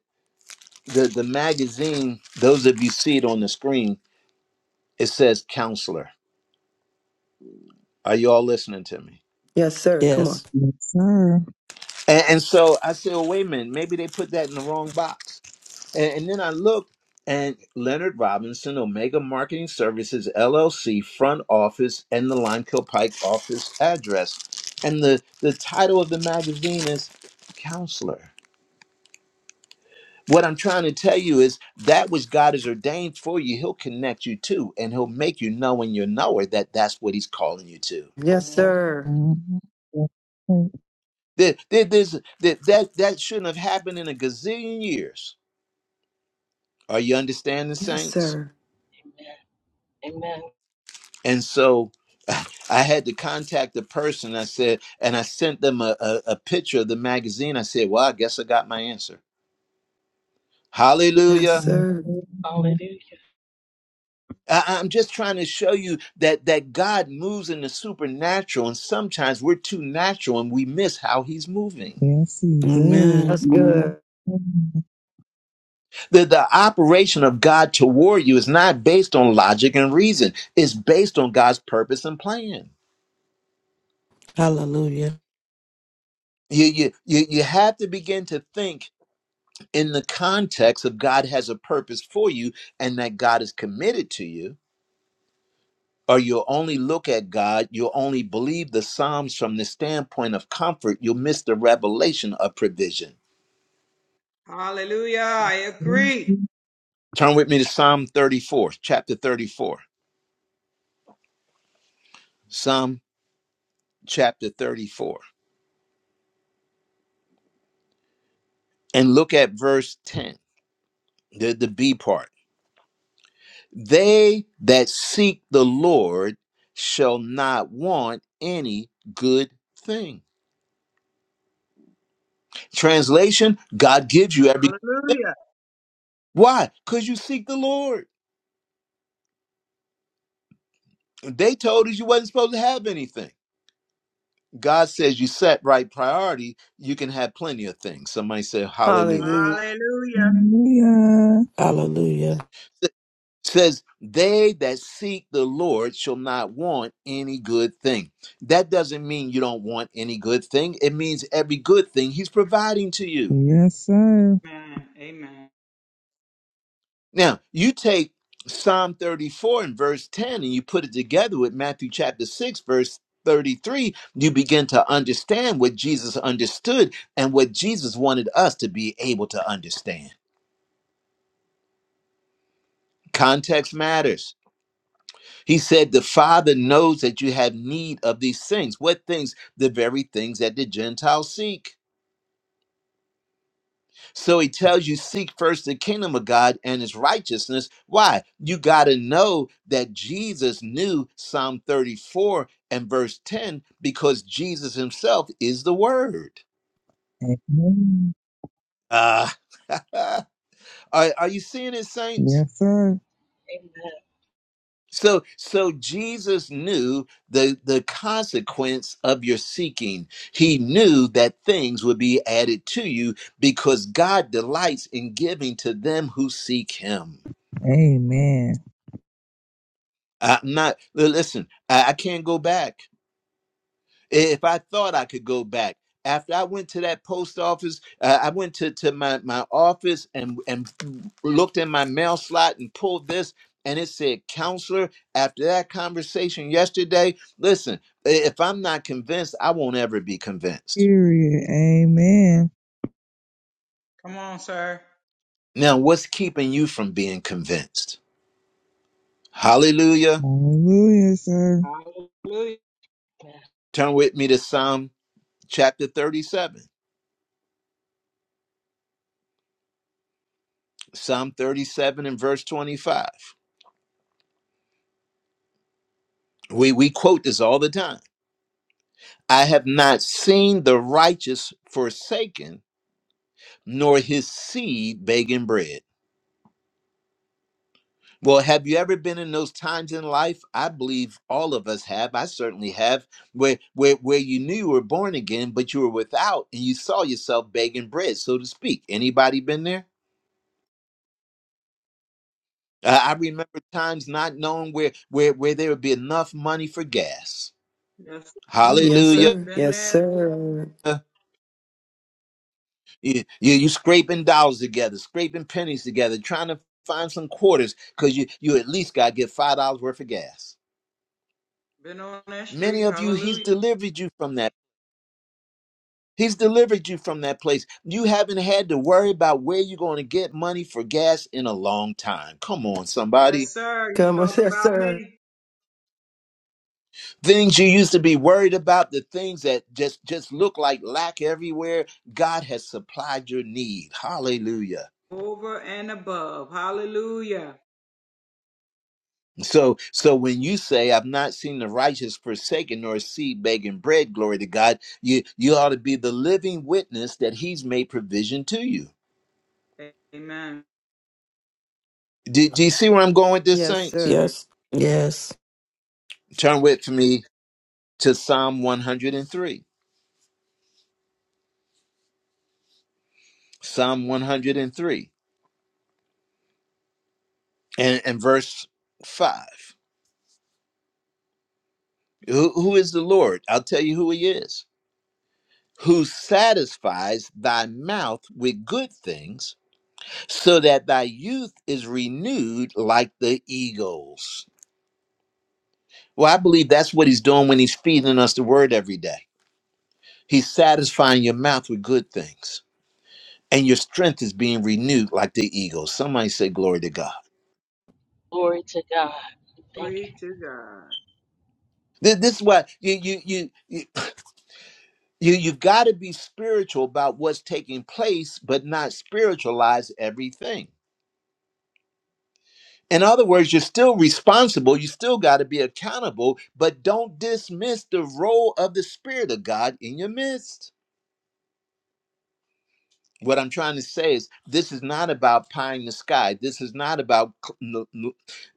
Speaker 1: the the magazine those of you see it on the screen it says counselor are you all listening to me
Speaker 3: Yes, sir. Come on.
Speaker 4: Yes.
Speaker 10: Yes, sir.
Speaker 1: and, and so i said well, wait a minute maybe they put that in the wrong box And, and then I looked, and Leonard Robinson, Omega Marketing Services LLC, front office, and the Limekiln Pike office address. And the, the title of the magazine is Counselor. What I'm trying to tell you is that which God has ordained for you, He'll connect you to, and He'll make you know in your knower that that's what He's calling you to.
Speaker 3: Yes, sir.
Speaker 10: Mm-hmm.
Speaker 1: There, there, there's, that, that, that shouldn't have happened in a gazillion years. Are you understanding,
Speaker 3: Yes,
Speaker 1: saints?
Speaker 3: sir.
Speaker 2: Amen. Amen.
Speaker 1: And so I had to contact the person. I said, and I sent them a, a, a picture of the magazine. I said, well, I guess I got my answer.
Speaker 3: Yes,
Speaker 1: Hallelujah.
Speaker 3: sir.
Speaker 2: Hallelujah.
Speaker 1: I, I'm just trying to show you that that God moves in the supernatural, and sometimes we're too natural and we miss how He's moving.
Speaker 10: Yes, he does.
Speaker 4: Amen.
Speaker 3: That's good.
Speaker 1: The, the operation of God toward you is not based on logic and reason. It's based on God's purpose and plan.
Speaker 4: Hallelujah.
Speaker 1: You, you, you, you have to begin to think in the context of God has a purpose for you and that God is committed to you, or you'll only look at God, you'll only believe the Psalms from the standpoint of comfort, you'll miss the revelation of provision.
Speaker 5: Hallelujah. I agree.
Speaker 1: Turn with me to Psalm 34, chapter 34. Psalm chapter 34. And look at verse 10, the, the B part. They that seek the Lord shall not want any good thing. Translation God gives you every
Speaker 5: Hallelujah.
Speaker 1: Why? Because you seek the Lord. They told us you wasn't supposed to have anything. God says you set right priority, you can have plenty of things. Somebody say hallelujah.
Speaker 3: Hallelujah.
Speaker 5: Hallelujah.
Speaker 10: Hallelujah.
Speaker 4: Hallelujah.
Speaker 1: Says they that seek the Lord shall not want any good thing. That doesn't mean you don't want any good thing. It means every good thing he's providing to you.
Speaker 10: Yes, sir.
Speaker 5: Amen. Amen.
Speaker 1: Now, you take Psalm 34 and verse 10 and you put it together with Matthew chapter 6, verse 33, you begin to understand what Jesus understood and what Jesus wanted us to be able to understand. Context matters. He said, The Father knows that you have need of these things. What things? The very things that the Gentiles seek. So he tells you, seek first the kingdom of God and his righteousness. Why? You got to know that Jesus knew Psalm 34 and verse 10 because Jesus himself is the word.
Speaker 10: Amen.
Speaker 1: Ah, are, are you seeing it, saints?
Speaker 10: Yes, sir.
Speaker 2: Amen.
Speaker 1: So, so Jesus knew the, the consequence of your seeking. He knew that things would be added to you because God delights in giving to them who seek him.
Speaker 10: Amen.
Speaker 1: Uh, I'm not. li- Listen, I, I can't go back. I- If I thought I could go back, after I went to that post office, uh, I went to, to my, my office and and looked in my mail slot and pulled this, and it said counselor. After that conversation yesterday, listen, i- if I'm not convinced, I won't ever be convinced.
Speaker 10: Period. Amen.
Speaker 5: Come on, sir.
Speaker 1: Now, what's keeping you from being convinced? Hallelujah.
Speaker 10: Hallelujah, sir.
Speaker 5: Hallelujah.
Speaker 2: Amen.
Speaker 1: Turn with me to Psalm chapter 37, Psalm 37 and verse 25. We we quote this all the time. I have not seen the righteous forsaken, nor his seed begging bread. Well, have you ever been in those times in life? I believe all of us have. I certainly have, where where where you knew you were born again, but you were without, and you saw yourself begging bread, so to speak. Anybody been there? Uh, I remember times not knowing where where where there would be enough money for gas.
Speaker 5: Yes, sir. come on,
Speaker 3: Yes,
Speaker 5: sir.
Speaker 1: Hallelujah.
Speaker 3: sir.
Speaker 5: Been
Speaker 3: Yes,
Speaker 5: there,
Speaker 3: sir.
Speaker 1: You, you you scraping dollars together, scraping pennies together, trying to find some quarters because you you at least got to get five dollars worth of gas.
Speaker 5: been on that
Speaker 1: Many
Speaker 5: street.
Speaker 1: of you, he's
Speaker 5: Hallelujah.
Speaker 1: delivered you from that. He's delivered you from that place. You haven't had to worry about where you're going to get money for gas in a long time. Come on,
Speaker 5: Yes,
Speaker 1: somebody.
Speaker 5: sir. You
Speaker 3: Come on,
Speaker 5: talking
Speaker 3: yes,
Speaker 5: about
Speaker 3: sir.
Speaker 5: me?
Speaker 1: Things you used to be worried about, the things that just just look like lack everywhere, God has supplied your need. Hallelujah.
Speaker 5: Over and above. Hallelujah.
Speaker 1: So so when you say I've not seen the righteous forsaken nor seed begging bread, glory to God, you you ought to be the living witness that he's made provision to you.
Speaker 5: Amen.
Speaker 1: Do, do you see where I'm going with this,
Speaker 3: Yes,
Speaker 1: saints?
Speaker 3: sir.
Speaker 4: Yes. Yes.
Speaker 1: Turn with me to Psalm 103. Psalm 103 and, three, and and verse 5. Who, who is the Lord? I'll tell you who he is. Who satisfies thy mouth with good things, so that thy youth is renewed like the eagles. Well, I believe that's what he's doing when he's feeding us the word every day. He's satisfying your mouth with good things, and your strength is being renewed like the eagle. Somebody say, "Glory to God."
Speaker 2: Glory to God. Thank
Speaker 5: Glory to God.
Speaker 1: Th- This is why you you you you you you've got to be spiritual about what's taking place, but not spiritualize everything. In other words, you're still responsible. You still got to be accountable, but don't dismiss the role of the Spirit of God in your midst. What I'm trying to say is, this is not about pie in the sky. This is not about,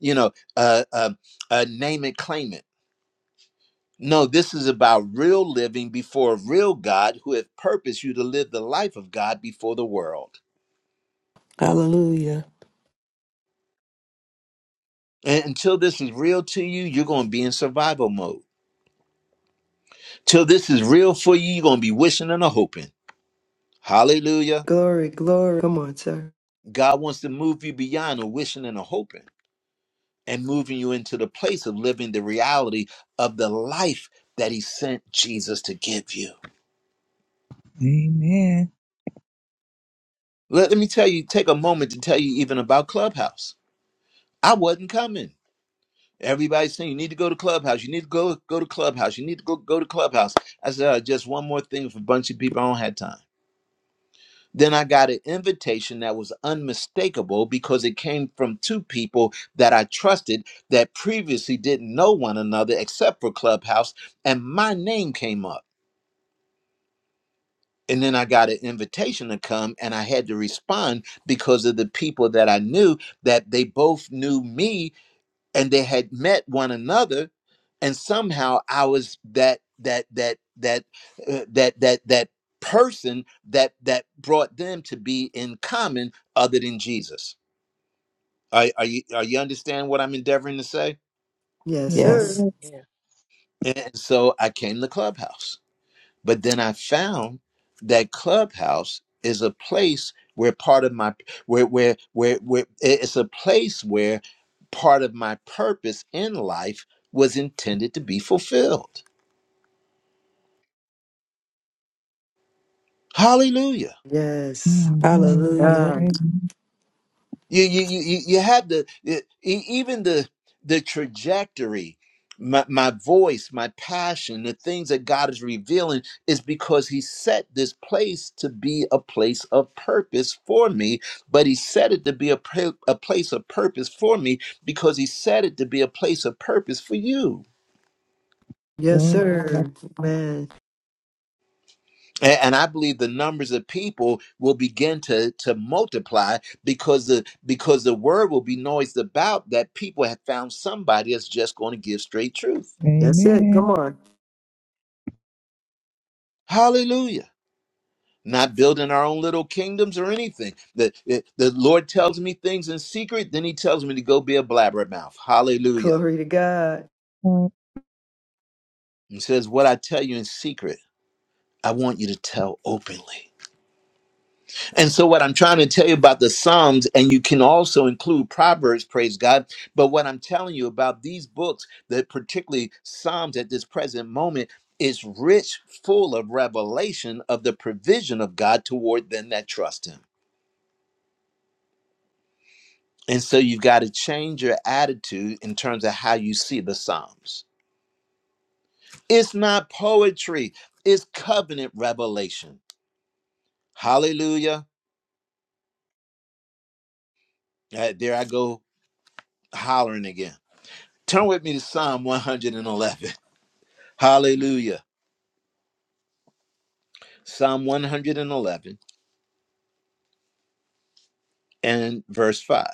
Speaker 1: you know, uh, uh, uh, name it, claim it. No, this is about real living before a real God who has purposed you to live the life of God before the world.
Speaker 4: Hallelujah.
Speaker 1: And until this is real to you, you're going to be in survival mode. Till this is real for you, you're going to be wishing and a hoping. Hallelujah.
Speaker 3: Glory, glory. Come on, sir.
Speaker 1: God wants to move you beyond a wishing and a hoping. and moving you into the place of living the reality of the life that he sent Jesus to give you.
Speaker 10: Amen.
Speaker 1: Let, let me tell you, take a moment to tell you even about Clubhouse. I wasn't coming. Everybody's saying you need to go to Clubhouse. You need to go go to Clubhouse. You need to go go to Clubhouse. I said "Uh, just one more thing for a bunch of people. I don't have time. Then I got an invitation that was unmistakable because it came from two people that I trusted that previously didn't know one another except for Clubhouse, and my name came up. And then I got an invitation to come, and I had to respond because of the people that I knew that they both knew me and they had met one another, and somehow I was that that that that uh, that that that person that that brought them to be in common other than Jesus. Are, are you are you understand what I'm endeavoring to say?
Speaker 3: Yes,
Speaker 10: Yes,
Speaker 3: sir.
Speaker 4: Yes.
Speaker 10: Lord.
Speaker 2: you.
Speaker 1: And so I came to Clubhouse. But then I found that Clubhouse is a place where part of my where where where where it's a place where part of my purpose in life was intended to be fulfilled. Hallelujah.
Speaker 3: Yes.
Speaker 10: Mhm, yes,
Speaker 4: Hallelujah.
Speaker 3: God.
Speaker 10: Amen.
Speaker 1: You you you you you have the e- e- even the the trajectory, my my voice, my passion, the things that God is revealing is because He set this place to be a place of purpose for me. But He set it to be a pra- a place of purpose for me because He set it to be a place of purpose for you.
Speaker 3: Yes,
Speaker 10: Glory to God.
Speaker 3: sir. Amen.
Speaker 1: A- And I believe the numbers of people will begin to, to multiply because the because the word will be noised about that people have found somebody that's just going to give straight truth.
Speaker 3: That's it. Come
Speaker 10: Amen.
Speaker 3: on.
Speaker 1: Hallelujah. Not building our own little kingdoms or anything. The, the the Lord tells me things in secret, then he tells me to go be a blabbermouth. Hallelujah.
Speaker 3: Glory to God.
Speaker 10: Oh,
Speaker 1: And says, What I tell you in secret, I want you to tell openly. And so, what I'm trying to tell you about the Psalms, and you can also include Proverbs, praise God. But what I'm telling you about these books, that particularly Psalms at this present moment, is rich, full of revelation of the provision of God toward them that trust Him. And so, you've got to change your attitude in terms of how you see the Psalms. It's not poetry, it's covenant revelation. Hallelujah. Uh, there I go hollering again. Turn with me to Psalm 111. Hallelujah. Psalm 111 and verse 5.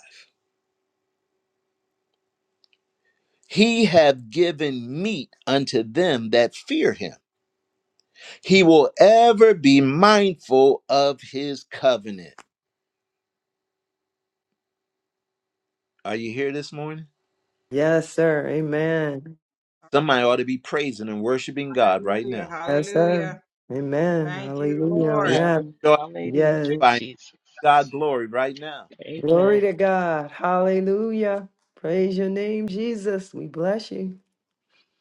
Speaker 1: He hath given meat unto them that fear him. He will ever be mindful of his covenant. Are you here this morning?
Speaker 3: Yes, sir. Amen.
Speaker 1: Somebody ought to be praising and worshiping God right
Speaker 5: Hallelujah.
Speaker 1: now.
Speaker 3: Yes, sir.
Speaker 5: Hallelujah.
Speaker 3: Amen.
Speaker 5: Thank you,
Speaker 3: Hallelujah on
Speaker 1: This
Speaker 5: Lord.
Speaker 2: Amen.
Speaker 3: that.
Speaker 1: ought to
Speaker 2: Hallelujah,
Speaker 3: Yes.
Speaker 1: be finding
Speaker 2: Jesus.
Speaker 1: God glory right now.
Speaker 3: Glory
Speaker 2: Amen.
Speaker 3: to God. Hallelujah. Praise your name, Jesus. We bless you.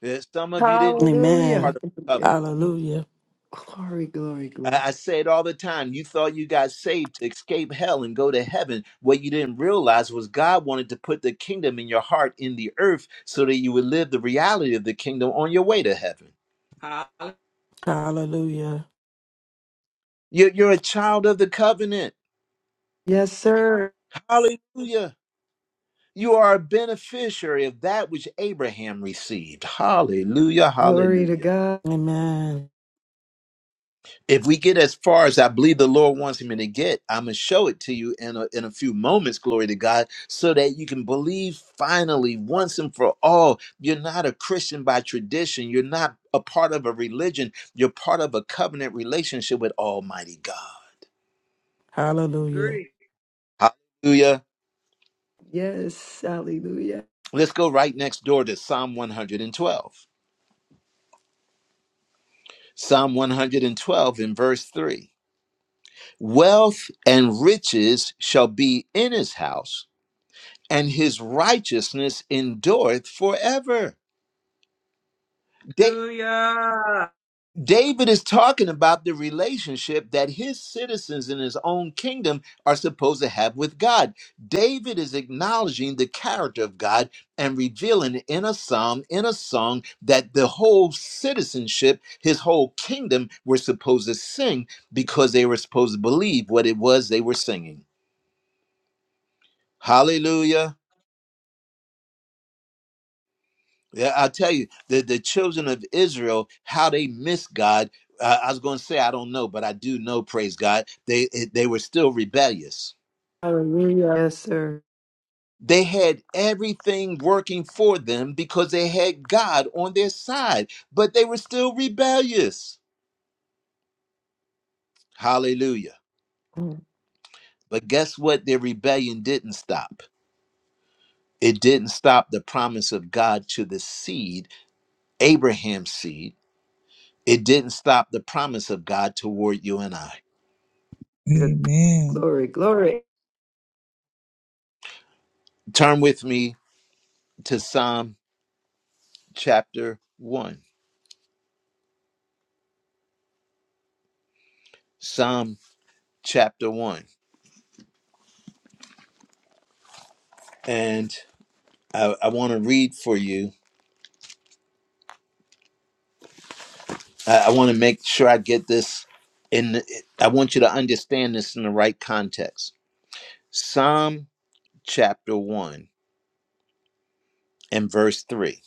Speaker 1: There's some of you didn't know
Speaker 3: Hallelujah.
Speaker 1: part
Speaker 4: Amen.
Speaker 1: of the
Speaker 3: Okay.
Speaker 1: covenant.
Speaker 4: Hallelujah.
Speaker 3: Glory, glory,
Speaker 1: I I
Speaker 3: glory.
Speaker 1: say it all the time. You thought you got saved to escape hell and go to heaven. What you didn't realize was God wanted to put the kingdom in your heart in the earth so that you would live the reality of the kingdom on your way to heaven.
Speaker 5: Hallelujah.
Speaker 4: Hallelujah.
Speaker 1: You're, you're a child of the covenant.
Speaker 3: Yes, sir.
Speaker 1: Hallelujah. You are a beneficiary of that which Abraham received. Hallelujah.
Speaker 3: Glory to
Speaker 1: Hallelujah.
Speaker 3: God.
Speaker 4: Amen.
Speaker 1: if we get as far as I believe the Lord wants me to get, I'm gonna show it to you in a, in a few moments. Glory to God, so that you can believe finally once and for all. You're not a Christian by tradition. You're not a part of a religion. You're part of a covenant relationship with Almighty God.
Speaker 4: Hallelujah.
Speaker 1: Hallelujah.
Speaker 3: Yes. Hallelujah.
Speaker 1: Let's go right next door to Psalm 112. Psalm 112 in verse three: Wealth and riches shall be in his house and his righteousness endureth forever. Da-
Speaker 5: Hallelujah.
Speaker 1: David is talking about the relationship that his citizens in his own kingdom are supposed to have with God. David is acknowledging the character of God and revealing in a psalm, in a song, that the whole citizenship, his whole kingdom, were supposed to sing because they were supposed to believe what it was they were singing. Hallelujah. Yeah, I'll tell you, the, the children of Israel, how they missed God. Uh, I was going to say, I don't know, but I do know, praise God, they, they were still rebellious.
Speaker 3: Hallelujah. Yes, sir.
Speaker 1: They had everything working for them because they had God on their side, but they were still rebellious. Hallelujah. But guess what? Their rebellion didn't stop. It didn't stop the promise of God to the seed, Abraham's seed. It didn't stop the promise of God toward you and I.
Speaker 10: Amen.
Speaker 3: Glory, glory.
Speaker 1: Turn with me to Psalm chapter 1. Psalm chapter 1. And I, I want to read for you. I, I want to make sure I get this in. the- I want you to understand this in the right context. Psalm chapter 1 and verse 3.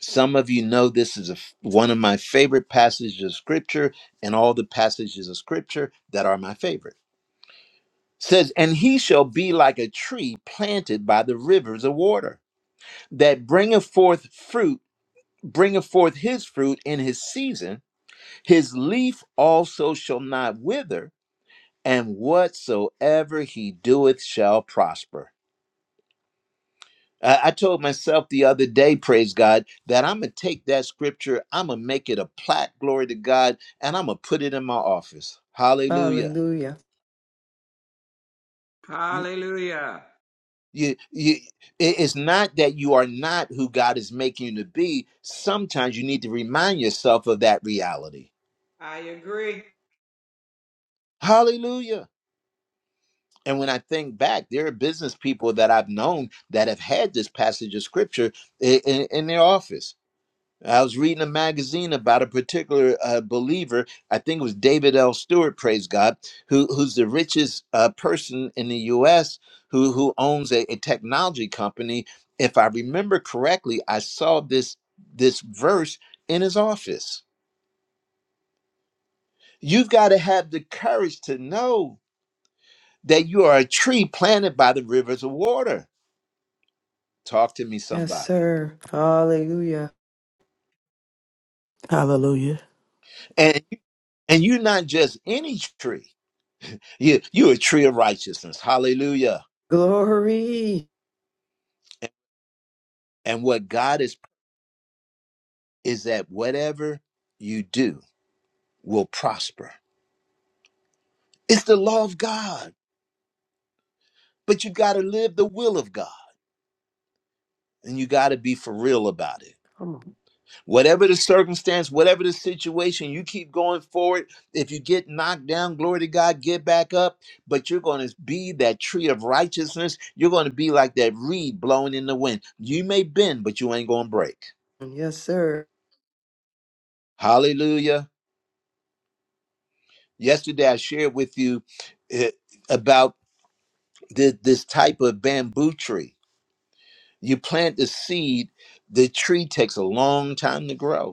Speaker 1: Some of you know this is a f one of my favorite passages of scripture, and all the passages of scripture that are my favorite. Says, and he shall be like a tree planted by the rivers of water that bringeth forth fruit, bringeth forth his fruit in his season. His leaf also shall not wither, and whatsoever he doeth shall prosper. I, I told myself the other day, praise God, that I'm going to take that scripture, I'm going to make it a plaque, glory to God, and I'm going to put it in my office. Hallelujah.
Speaker 3: Hallelujah.
Speaker 5: Hallelujah.
Speaker 1: You, you, it- it's not that you are not who God is making you to be. Sometimes you need to remind yourself of that reality.
Speaker 5: I agree.
Speaker 1: Hallelujah. And when I think back, there are business people that I've known that have had this passage of scripture in, in, in their office. I was reading a magazine about a particular uh, believer. I think it was David L. Stewart, praise God, who, who's the richest uh, person in the U.S. who who owns a, a technology company. If I remember correctly, I saw this this verse in his office. You've got to have the courage to know that you are a tree planted by the rivers of water Talk to me,
Speaker 3: Yes,
Speaker 1: somebody.
Speaker 3: sir. Hallelujah.
Speaker 4: Hallelujah.
Speaker 1: And and you're not just any tree. You you're a tree of righteousness. Hallelujah.
Speaker 3: Glory.
Speaker 1: And what God is is that whatever you do will prosper. It's the law of God. But you gotta live the will of God. And you gotta be for real about it.
Speaker 3: Come
Speaker 1: Whatever the circumstance, whatever the situation, you keep going forward. If you get knocked down, glory to God, get back up. But you're going to be that tree of righteousness. You're going to be like that reed blowing in the wind. You may bend, but you ain't going to break.
Speaker 3: on. Yes, sir.
Speaker 1: Hallelujah. Yesterday, I shared with you eh, about thi- this type of bamboo tree. You plant the seed, the tree takes a long time to grow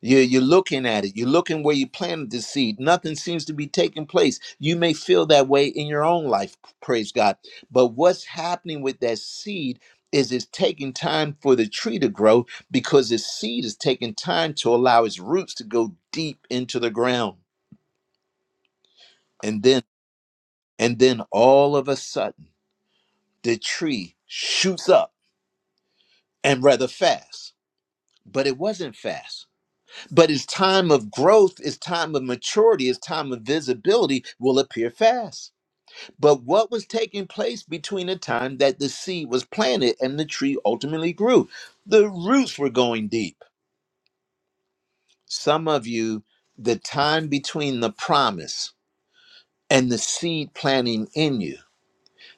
Speaker 1: You're, you're looking at it. You're looking where you planted the seed. Nothing seems to be taking place. You may feel that way in your own life, praise God. But what's happening with that seed is it's taking time for the tree to grow because the seed is taking time to allow its roots to go deep into the ground. And then, and then all of a sudden, the tree shoots up and rather fast. But it wasn't fast But his time of growth, his time of maturity, his time of visibility will appear fast. But what was taking place between the time that the seed was planted and the tree ultimately grew? The roots were going deep. Some of you, the time between the promise and the seed planting in you,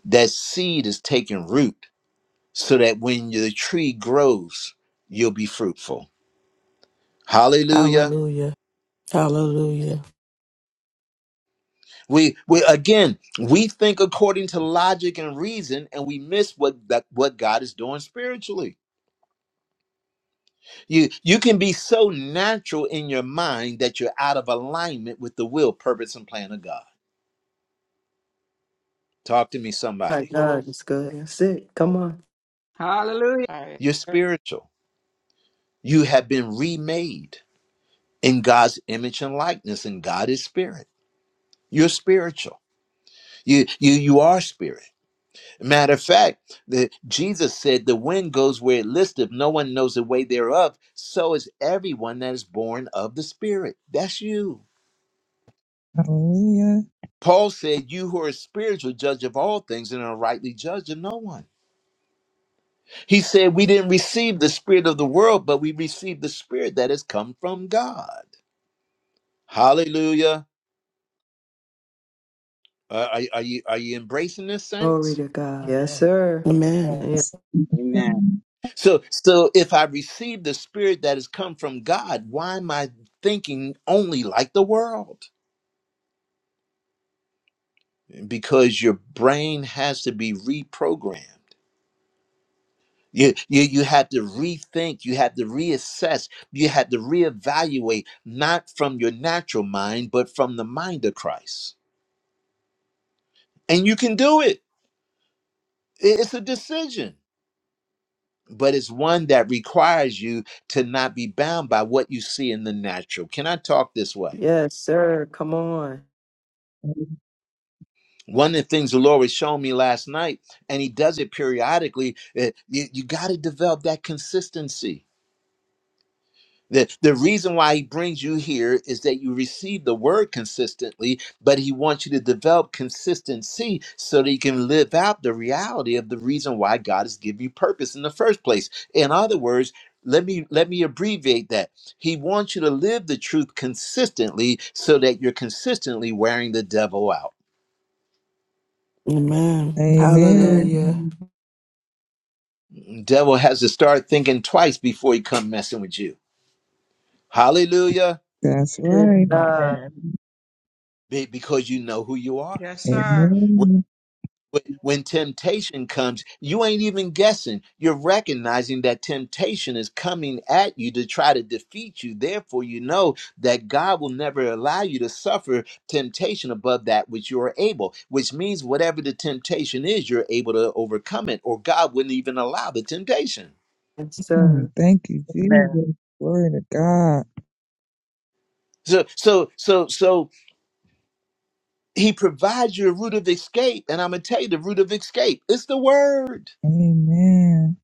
Speaker 1: that seed is taking root so that when the tree grows, you'll be fruitful. Hallelujah.
Speaker 4: Hallelujah. Hallelujah.
Speaker 1: We we again we think according to logic and reason, and we miss what that what God is doing spiritually. You you can be so natural in your mind that you're out of alignment with the will, purpose, and plan of God. Talk to me,
Speaker 3: My
Speaker 1: somebody.
Speaker 3: God, it's good. That's it. Come on.
Speaker 5: Hallelujah. I-
Speaker 1: You're spiritual. You have been remade in God's image and likeness, and God is spirit. You're spiritual. You you you are spirit. Matter of fact, the, Jesus said, The wind goes where it listeth, no one knows the way thereof. So is everyone that is born of the Spirit. That's you.
Speaker 10: Hallelujah.
Speaker 1: Paul said, You who are spiritual, judge of all things and are rightly judge of no one. He said, We didn't receive the Spirit of the world, but we received the Spirit that has come from God. Hallelujah. Uh, are, are you are you embracing this,
Speaker 3: Glory
Speaker 1: saints?
Speaker 3: to God. Yes,
Speaker 2: Amen.
Speaker 3: sir.
Speaker 4: Amen.
Speaker 2: Yes.
Speaker 10: Yes, sir.
Speaker 11: Amen.
Speaker 1: So so if I receive the spirit that has come from God, why am I thinking only like the world? because your brain has to be reprogrammed. You, you, you had to rethink, you had to reassess, you had to reevaluate, not from your natural mind, but from the mind of Christ. And you can do it. I- It's a decision, but it's one that requires you to not be bound by what you see in the natural. Can I talk this way?
Speaker 3: Yes, sir. Come on.
Speaker 1: One of the things the Lord was showing me last night, and He does it periodically, eh, you, you got to develop that consistency The, the reason why he brings you here is that you receive the word consistently, but he wants you to develop consistency so that you can live out the reality of the reason why God has given you purpose in the first place. In other words, let me let me abbreviate that. He wants you to live the truth consistently so that you're consistently wearing the devil out.
Speaker 4: Amen.
Speaker 10: Amen.
Speaker 3: Amen.
Speaker 4: Hallelujah.
Speaker 1: Devil has to start thinking twice before he come messing with you. Hallelujah.
Speaker 10: That's
Speaker 3: Good
Speaker 10: right.
Speaker 3: God.
Speaker 2: Amen.
Speaker 1: Be- Because you know who you are
Speaker 5: Yes, sir.
Speaker 10: Amen.
Speaker 1: when temptation comes, you ain't even guessing. You're recognizing that temptation is coming at you to try to defeat you. Therefore, you know that God will never allow you to suffer temptation above that which you are able, which means whatever the temptation is, you're able to overcome it, or God wouldn't even allow the temptation.
Speaker 3: Yes,
Speaker 10: Mm,
Speaker 3: sir.
Speaker 10: Thank you,
Speaker 2: Amen.
Speaker 10: Jesus. Glory to God.
Speaker 1: So, so, so, so he provides you a route of escape. And I'm going to tell you the route of escape it's the word.
Speaker 10: Amen.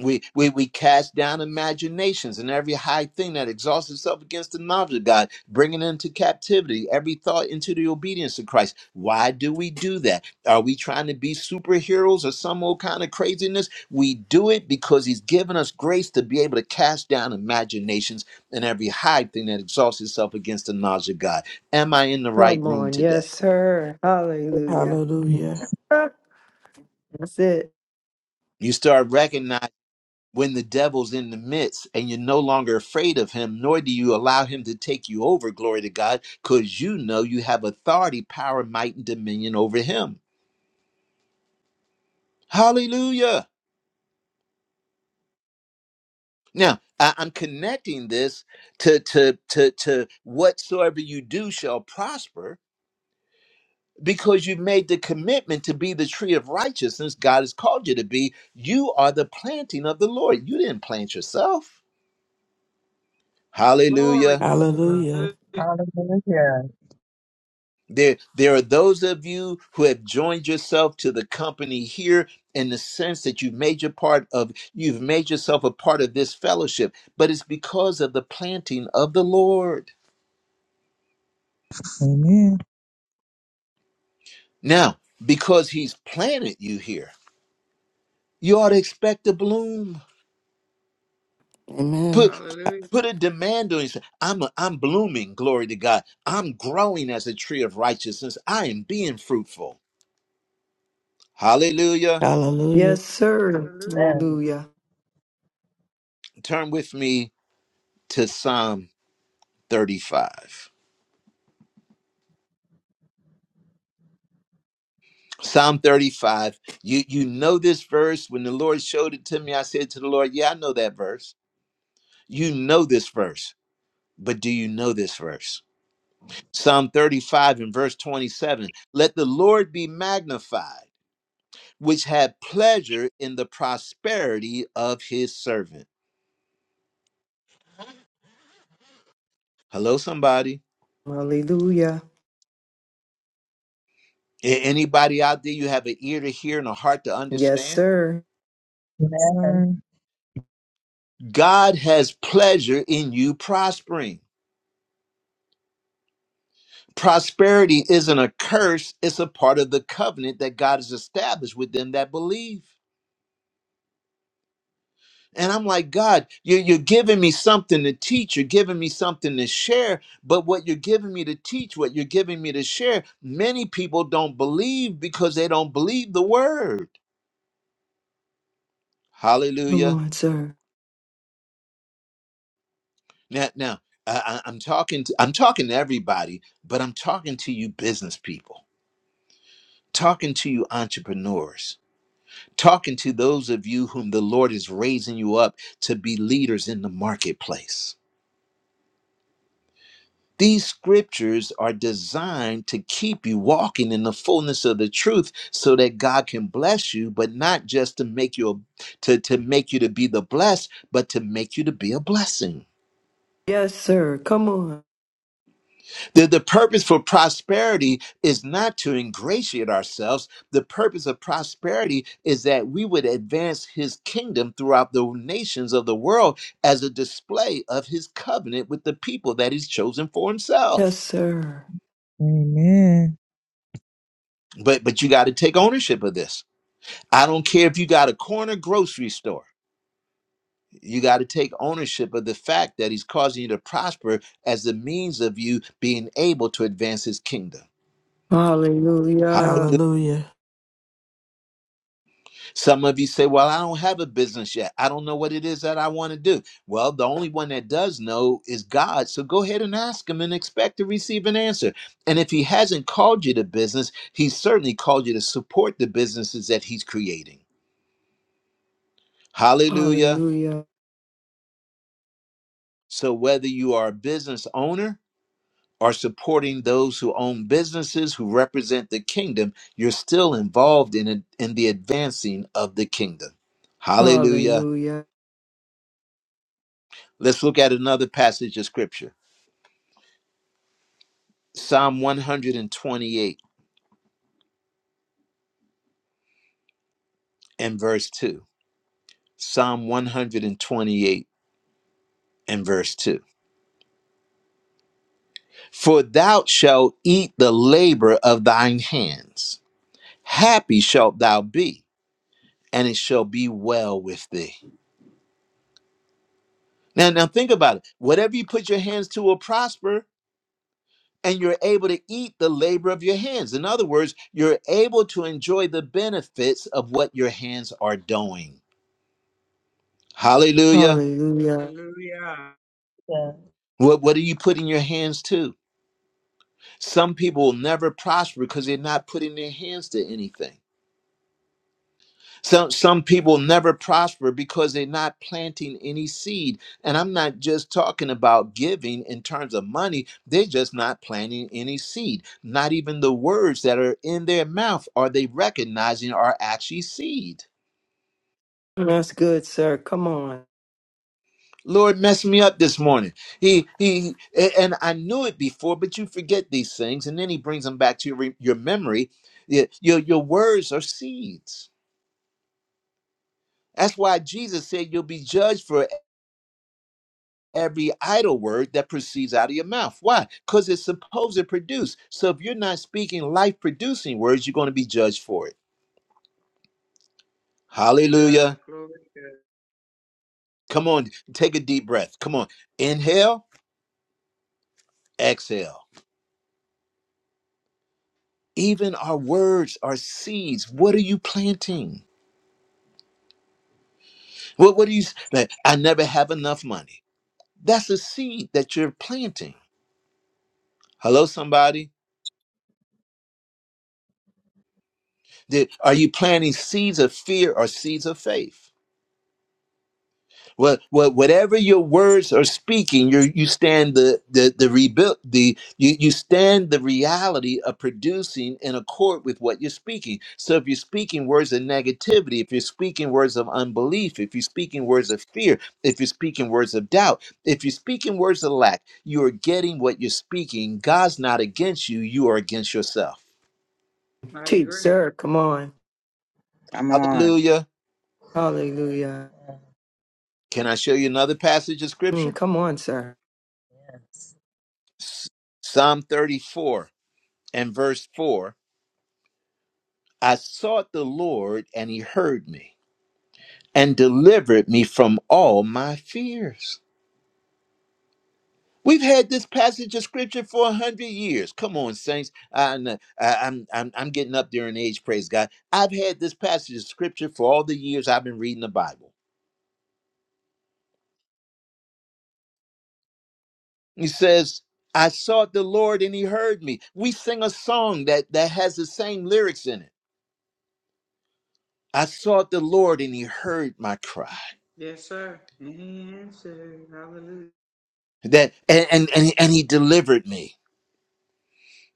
Speaker 1: We, we we cast down imaginations and every high thing that exalts itself against the knowledge of God, bringing into captivity every thought into the obedience of Christ. Why do we do that? Are we trying to be superheroes or some old kind of craziness? We do it because He's given us grace to be able to cast down imaginations and every high thing that exalts itself against the knowledge of God. Am I in the right
Speaker 3: Come
Speaker 1: room
Speaker 3: on. Yes,
Speaker 1: today?
Speaker 3: sir. Hallelujah.
Speaker 4: Hallelujah.
Speaker 3: Ah, That's it.
Speaker 1: You start recognizing when the devil's in the midst and you're no longer afraid of him, nor do you allow him to take you over, glory to God, because you know you have authority, power, might, and dominion over him. Hallelujah. Now, I- I'm connecting this to, to, to, to whatsoever you do shall prosper because you've made the commitment to be the tree of righteousness God has called you to be. You are the planting of the Lord. You didn't plant yourself. Hallelujah.
Speaker 5: Glory.
Speaker 2: Hallelujah.
Speaker 4: Hallelujah.
Speaker 5: Hallelujah.
Speaker 2: Hallelujah.
Speaker 1: There, there are those of you who have joined yourself to the company here in the sense that you've made your part of, you've made yourself a part of this fellowship, but it's because of the planting of the Lord.
Speaker 10: Amen.
Speaker 1: Now, because He's planted you here, you ought to expect to bloom.
Speaker 4: Amen.
Speaker 1: Put
Speaker 5: Hallelujah.
Speaker 1: put a demand on yourself. I'm a, I'm blooming. Glory to God. I'm growing as a tree of righteousness. I am being fruitful. Hallelujah.
Speaker 4: Hallelujah.
Speaker 3: Yes, sir.
Speaker 5: Hallelujah.
Speaker 2: Amen.
Speaker 3: Hallelujah.
Speaker 1: Turn with me to Psalm 35. Psalm 35. You you know this verse. When the Lord showed it to me, I said to the Lord, Yeah, I know that verse. You know this verse, but do you know this verse? Psalm 35 and verse 27. Let the Lord be magnified, which had pleasure in the prosperity of his servant. Hello, somebody.
Speaker 3: Hallelujah.
Speaker 1: A- Anybody out there, you have an ear to hear and a heart to
Speaker 3: Yes,
Speaker 1: understand?
Speaker 3: sir.
Speaker 10: Yes,
Speaker 2: Amen.
Speaker 10: sir.
Speaker 1: God has pleasure in you prospering. Prosperity isn't a curse, it's a part of the covenant that God has established with them that believe. And I'm like, God, you're, you're giving me something to teach, you're giving me something to share, but what you're giving me to teach, what you're giving me to share, many people don't believe because they don't believe the word.
Speaker 3: Come
Speaker 1: Hallelujah.
Speaker 3: on, sir.
Speaker 1: Now, now I, I- I'm talking to I'm talking to everybody, but I'm talking to you business people, talking to you entrepreneurs talking to those of you whom the Lord is raising you up to be leaders in the marketplace. These scriptures are designed to keep you walking in the fullness of the truth so that God can bless you, but not just to make you a, to, to make you to be the blessed, but to make you to be a blessing.
Speaker 3: Yes, sir. Come on.
Speaker 1: The, the purpose for prosperity is not to ingratiate ourselves. The purpose of prosperity is that we would advance his kingdom throughout the nations of the world as a display of his covenant with the people that he's chosen for
Speaker 3: Yes,
Speaker 1: himself.
Speaker 3: sir.
Speaker 10: Amen.
Speaker 1: But but you got to take ownership of this. I don't care if you got a corner grocery store. You got to take ownership of the fact that he's causing you to prosper as the means of you being able to advance his kingdom.
Speaker 3: Hallelujah.
Speaker 4: Hallelujah.
Speaker 1: Some of you say, Well, I don't have a business yet. I don't know what it is that I want to do. Well, the only one that does know is God. So go ahead and ask Him and expect to receive an answer. And if He hasn't called you to business, He certainly called you to support the businesses that He's creating. Hallelujah.
Speaker 3: Hallelujah.
Speaker 1: So whether you are a business owner or supporting those who own businesses who represent the kingdom, you're still involved in, in the advancing of the kingdom. Hallelujah.
Speaker 3: Hallelujah.
Speaker 1: Let's look at another passage of scripture. Psalm 128 and verse 2. Psalm 128 and verse 2. For thou shalt eat the labor of thine hands. Happy shalt thou be, and it shall be well with thee. Now, now think about it. Whatever you put your hands to will prosper, and you're able to eat the labor of your hands. In other words, you're able to enjoy the benefits of what your hands are doing. Hallelujah.
Speaker 3: Hallelujah.
Speaker 5: Hallelujah.
Speaker 2: Yeah.
Speaker 1: What, what are you putting your hands to? Some people will never prosper because they're not putting their hands to anything. Some some people never prosper because they're not planting any seed. And I'm not just talking about giving in terms of money. They're just not planting any seed. Not even the words that are in their mouth are they recognizing are actually seed.
Speaker 3: That's good, sir. Come on.
Speaker 1: Lord messed me up this morning. He he a- and I knew it before, but you forget these things, and then he brings them back to your re- your memory. Y- Your your words are seeds. That's why Jesus said you'll be judged for every idle word that proceeds out of your mouth. Why? Because it's supposed to produce. So if you're not speaking life producing words, you're going to be judged for it.
Speaker 5: to
Speaker 1: Hallelujah.
Speaker 5: Glory to
Speaker 1: Come on, take a deep breath. Come on. Inhale, exhale. Even our words are seeds. What are you planting? What, what are you, like, I never have enough money. That's a seed that you're planting. Hello, somebody? Did- Are you planting seeds of fear or seeds of faith? Well, what, whatever your words are speaking, you you stand the the the rebuild the you you stand the reality of producing in accord with what you're speaking. So if you're speaking words of negativity, if you're speaking words of unbelief, if you're speaking words of fear, if you're speaking words of doubt, if you're speaking words of lack, you are getting what you're speaking. God's not against you; you are against yourself.
Speaker 5: God. I
Speaker 3: Teach,
Speaker 5: agree.
Speaker 3: sir. Come on.
Speaker 11: Come on.
Speaker 1: Hallelujah!
Speaker 3: Hallelujah.
Speaker 2: Yeah.
Speaker 1: Can I show you another passage of scripture?
Speaker 3: Mm, come on, sir.
Speaker 2: Yes.
Speaker 1: Psalm 34 and verse 4 I sought the Lord and he heard me and delivered me from all my fears. We've had this passage of scripture for a hundred years. Come on, saints. I kn- I- I'm, I'm, I'm getting up there in age, praise God. I've had this passage of scripture for all the years I've been reading the Bible. He says, I sought the Lord and he heard me. We sing a song that, that has the same lyrics in it. I sought the Lord and he heard my cry.
Speaker 5: Yes, sir. Answer. Hallelujah.
Speaker 1: That and, and, and and he delivered me.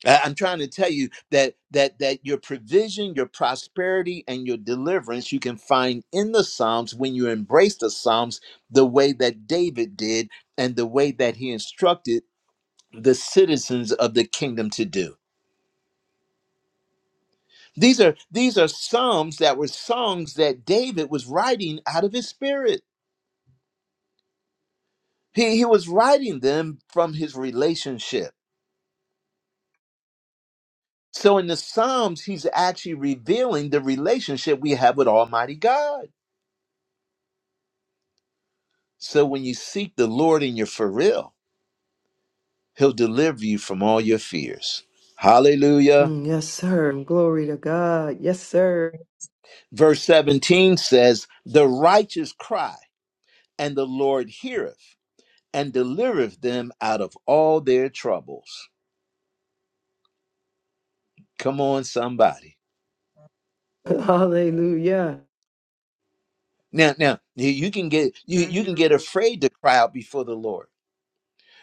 Speaker 1: I- I'm trying to tell you that that that your provision, your prosperity, and your deliverance you can find in the Psalms when you embrace the Psalms the way that David did and the way that he instructed the citizens of the kingdom to do. These are these are psalms that were songs that David was writing out of his spirit. He he was writing them from his relationship. So in the Psalms, he's actually revealing the relationship we have with Almighty God. So when you seek the Lord in your for real, he'll deliver you from all your fears. Hallelujah.
Speaker 3: Mm, Yes, sir. Glory to God. Yes, sir.
Speaker 1: Verse 17 says, The righteous cry, and the Lord heareth and delivereth them out of all their troubles. Come on, somebody.
Speaker 2: Yeah.
Speaker 3: Hallelujah.
Speaker 1: Now, now you you can get you,
Speaker 5: Thank
Speaker 1: you can
Speaker 5: you,
Speaker 1: get
Speaker 5: Lord.
Speaker 1: afraid to cry out before the Lord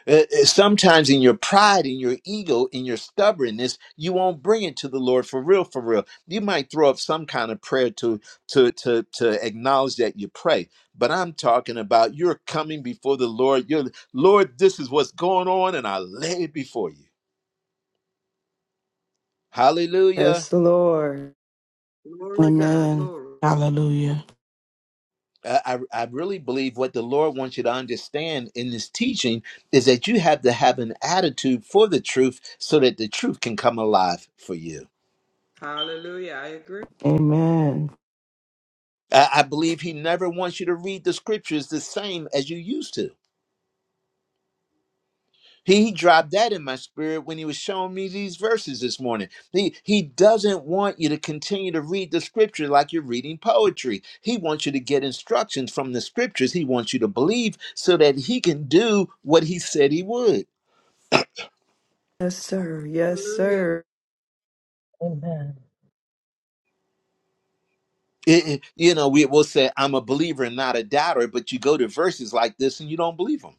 Speaker 1: Uh, uh, Sometimes in your pride, in your ego, in your stubbornness, you won't bring it to the Lord for real, for real. You might throw up some kind of prayer to to to to acknowledge that you pray. But I'm talking about you're coming before the Lord. You're Lord, this is what's going on, and I lay it before you. Hallelujah.
Speaker 3: Yes, Lord.
Speaker 5: Glory God.
Speaker 4: Amen.
Speaker 5: Glory.
Speaker 4: Hallelujah.
Speaker 1: I, I I really believe what the Lord wants you to understand in this teaching is that you have to have an attitude for the truth so that the truth can come alive for you.
Speaker 5: Hallelujah. I agree.
Speaker 4: Amen.
Speaker 1: I I believe he never wants you to read the scriptures the same as you used to. He dropped that in my spirit when he was showing me these verses this morning. He he doesn't want you to continue to read the scripture like you're reading poetry. He wants you to get instructions from the scriptures. He wants you to believe so that he can do what he said he would.
Speaker 3: Yes, sir. Yes,
Speaker 5: Hallelujah.
Speaker 3: sir.
Speaker 2: Amen.
Speaker 1: It- it- you know, we will say I'm a believer and not a doubter, but you go to verses like this and you don't believe them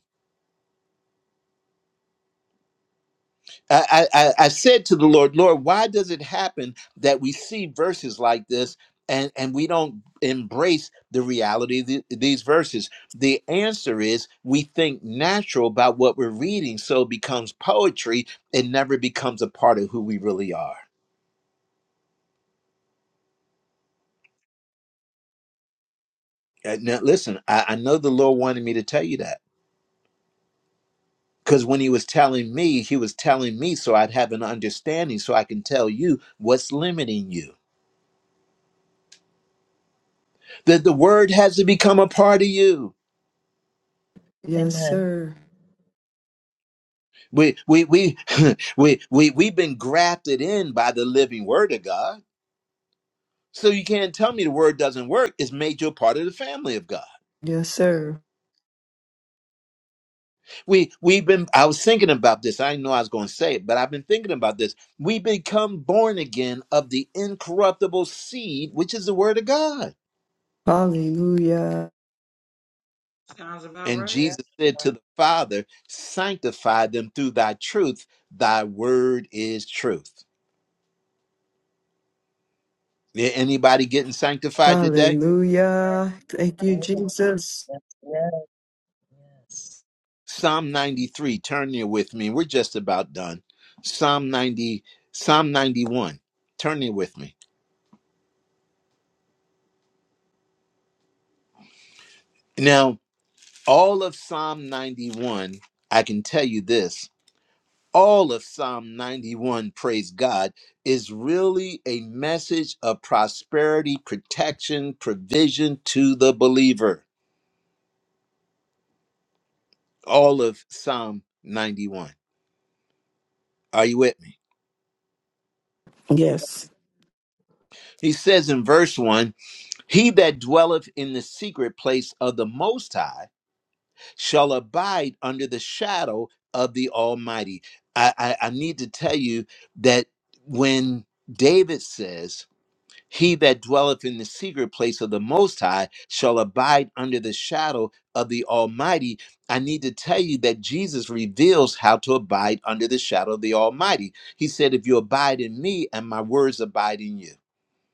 Speaker 1: I, I, I said to the Lord, Lord, why does it happen that we see verses like this and, and we don't embrace the reality of the- these verses? The answer is we think natural about what we're reading, so it becomes poetry. It never becomes a part of who we really are. And now, listen, I, I know the Lord wanted me to tell you that because when He was telling me, He was telling me so I'd have an understanding so I can tell you what's limiting you. That the word has to become a part of you
Speaker 3: Yes,
Speaker 2: Amen.
Speaker 3: sir.
Speaker 1: We we we we we we've been grafted in by the living word of God. So you can't tell me the word doesn't work. It's made you a part of the family of God.
Speaker 3: Yes, sir.
Speaker 1: We we've been I was thinking about this. I didn't know I was going to say it, but I've been thinking about this. We become born again of the incorruptible seed, which is the word of God.
Speaker 3: Hallelujah.
Speaker 5: Sounds about
Speaker 1: And
Speaker 5: right.
Speaker 1: Jesus said to the Father, sanctify them through thy truth. Thy word is truth. Anybody getting sanctified today?
Speaker 3: Hallelujah. Thank you,
Speaker 2: Amen.
Speaker 3: Jesus.
Speaker 2: Yes. Yes. Yes.
Speaker 1: Psalm 93. Turn there with me. We're just about done. Psalm 90, Psalm 91. Turn there with me. Now, all of Psalm 91, I can tell you this. All of Psalm 91, praise God, is really a message of prosperity, protection, provision to the believer. All of Psalm 91. Are you with me?
Speaker 4: Yes.
Speaker 1: He says in verse 1 He that dwelleth in the secret place of the Most High shall abide under the shadow of the Almighty. I, I, I need to tell you that when David says, He that dwelleth in the secret place of the Most High shall abide under the shadow of the Almighty, I need to tell you that Jesus reveals how to abide under the shadow of the Almighty. He said, If you abide in me and my words abide in you.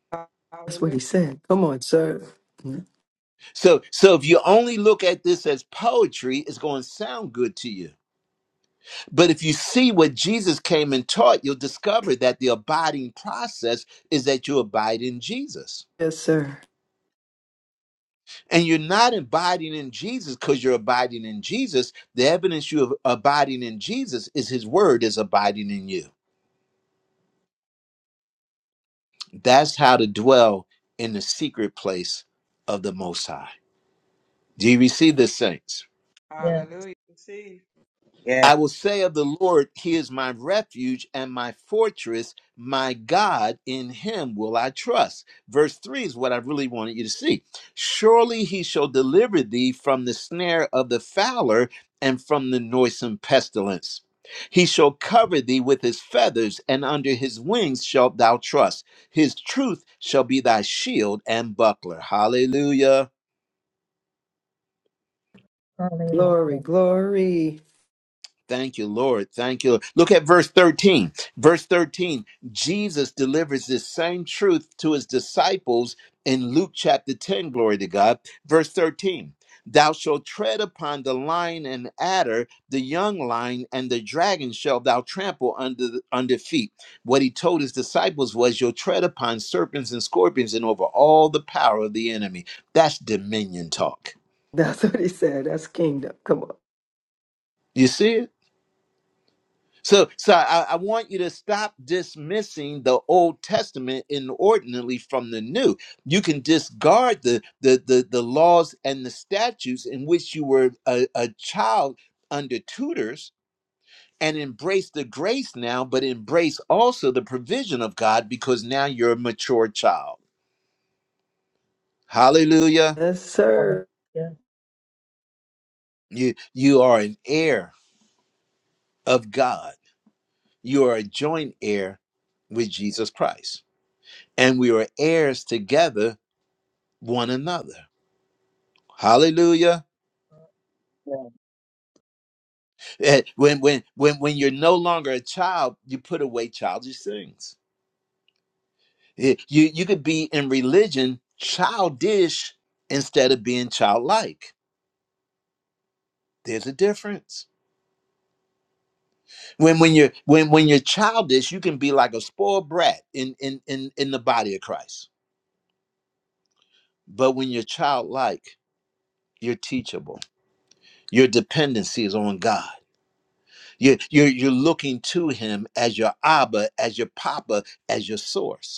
Speaker 5: Yeah.
Speaker 3: That's what
Speaker 5: Hallelujah.
Speaker 3: he said. Come on, sir. Mm.
Speaker 1: So, so if you only look at this as poetry, it's going to sound good to you But if you see what Jesus came and taught, you'll discover that the abiding process is that you abide in Jesus.
Speaker 3: Yes, sir.
Speaker 1: And you're not abiding in Jesus because you're abiding in Jesus. The evidence you of abiding in Jesus is his word is abiding in you. That's how to dwell in the secret place of the Most High. Do you receive this, saints?
Speaker 2: Yes.
Speaker 5: Hallelujah. See.
Speaker 11: Yeah.
Speaker 1: I will say of the Lord, He is my refuge and my fortress, my God, in Him will I trust. Verse 3 is what I really wanted you to see. Surely He shall deliver thee from the snare of the fowler and from the noisome pestilence. He shall cover thee with His feathers, and under His wings shalt thou trust. His truth shall be thy shield and buckler. Hallelujah.
Speaker 2: Hallelujah.
Speaker 3: Glory, glory.
Speaker 1: Thank you, Lord. Thank you. Lord. Look at verse 13. Verse 13, Jesus delivers this same truth to his disciples in Luke chapter 10. Glory to God. Verse 13, thou shalt tread upon the lion and adder, the young lion and the dragon shall thou trample under, the, under feet. What he told his disciples was, you'll tread upon serpents and scorpions and over all the power of the enemy. That's dominion talk.
Speaker 3: That's what he said. That's kingdom. Come on.
Speaker 1: You see it? So, so I, I want you to stop dismissing the Old Testament inordinately from the New. You can discard the the the, the laws and the statutes in which you were a, a child under tutors, and embrace the grace now, but embrace also the provision of God because now you're a mature child. Hallelujah!
Speaker 3: Yes, sir.
Speaker 2: Hallelujah.
Speaker 1: You you are an heir of God. You are a joint heir with Jesus Christ, and we are heirs together one another. Hallelujah.
Speaker 2: Hallelujah.
Speaker 1: Eh, When when when when you're no longer a child, you put away childish things. Eh, You you could be in religion childish instead of being childlike. There's a difference. When when you're when when you're childish, you can be like a spoiled brat in in in, in the body of Christ. But when you're childlike, you're teachable. Your dependency is on God. You're, you're, you're looking to him as your Abba, as your Papa, as your source.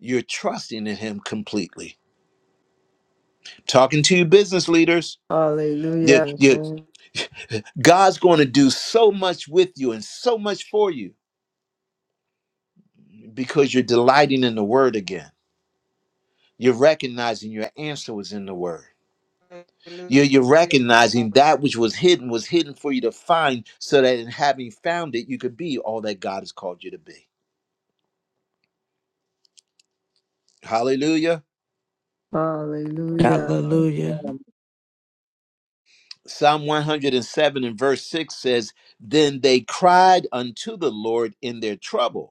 Speaker 1: You're trusting in Him completely. Talking to you, business leaders. You,
Speaker 3: Hallelujah.
Speaker 1: you, God's going to do so much with you and so much for you because you're delighting in the Word again. You're recognizing your answer was in the Word.
Speaker 5: Hallelujah.
Speaker 1: You're, you're
Speaker 5: I'm
Speaker 1: recognizing that which was hidden was hidden for you to find so that in having found it, you could be all that God has called you to be. Hallelujah.
Speaker 3: Hallelujah.
Speaker 4: Hallelujah.
Speaker 1: Psalm 107 and verse 6 says, Then they cried unto the Lord in their trouble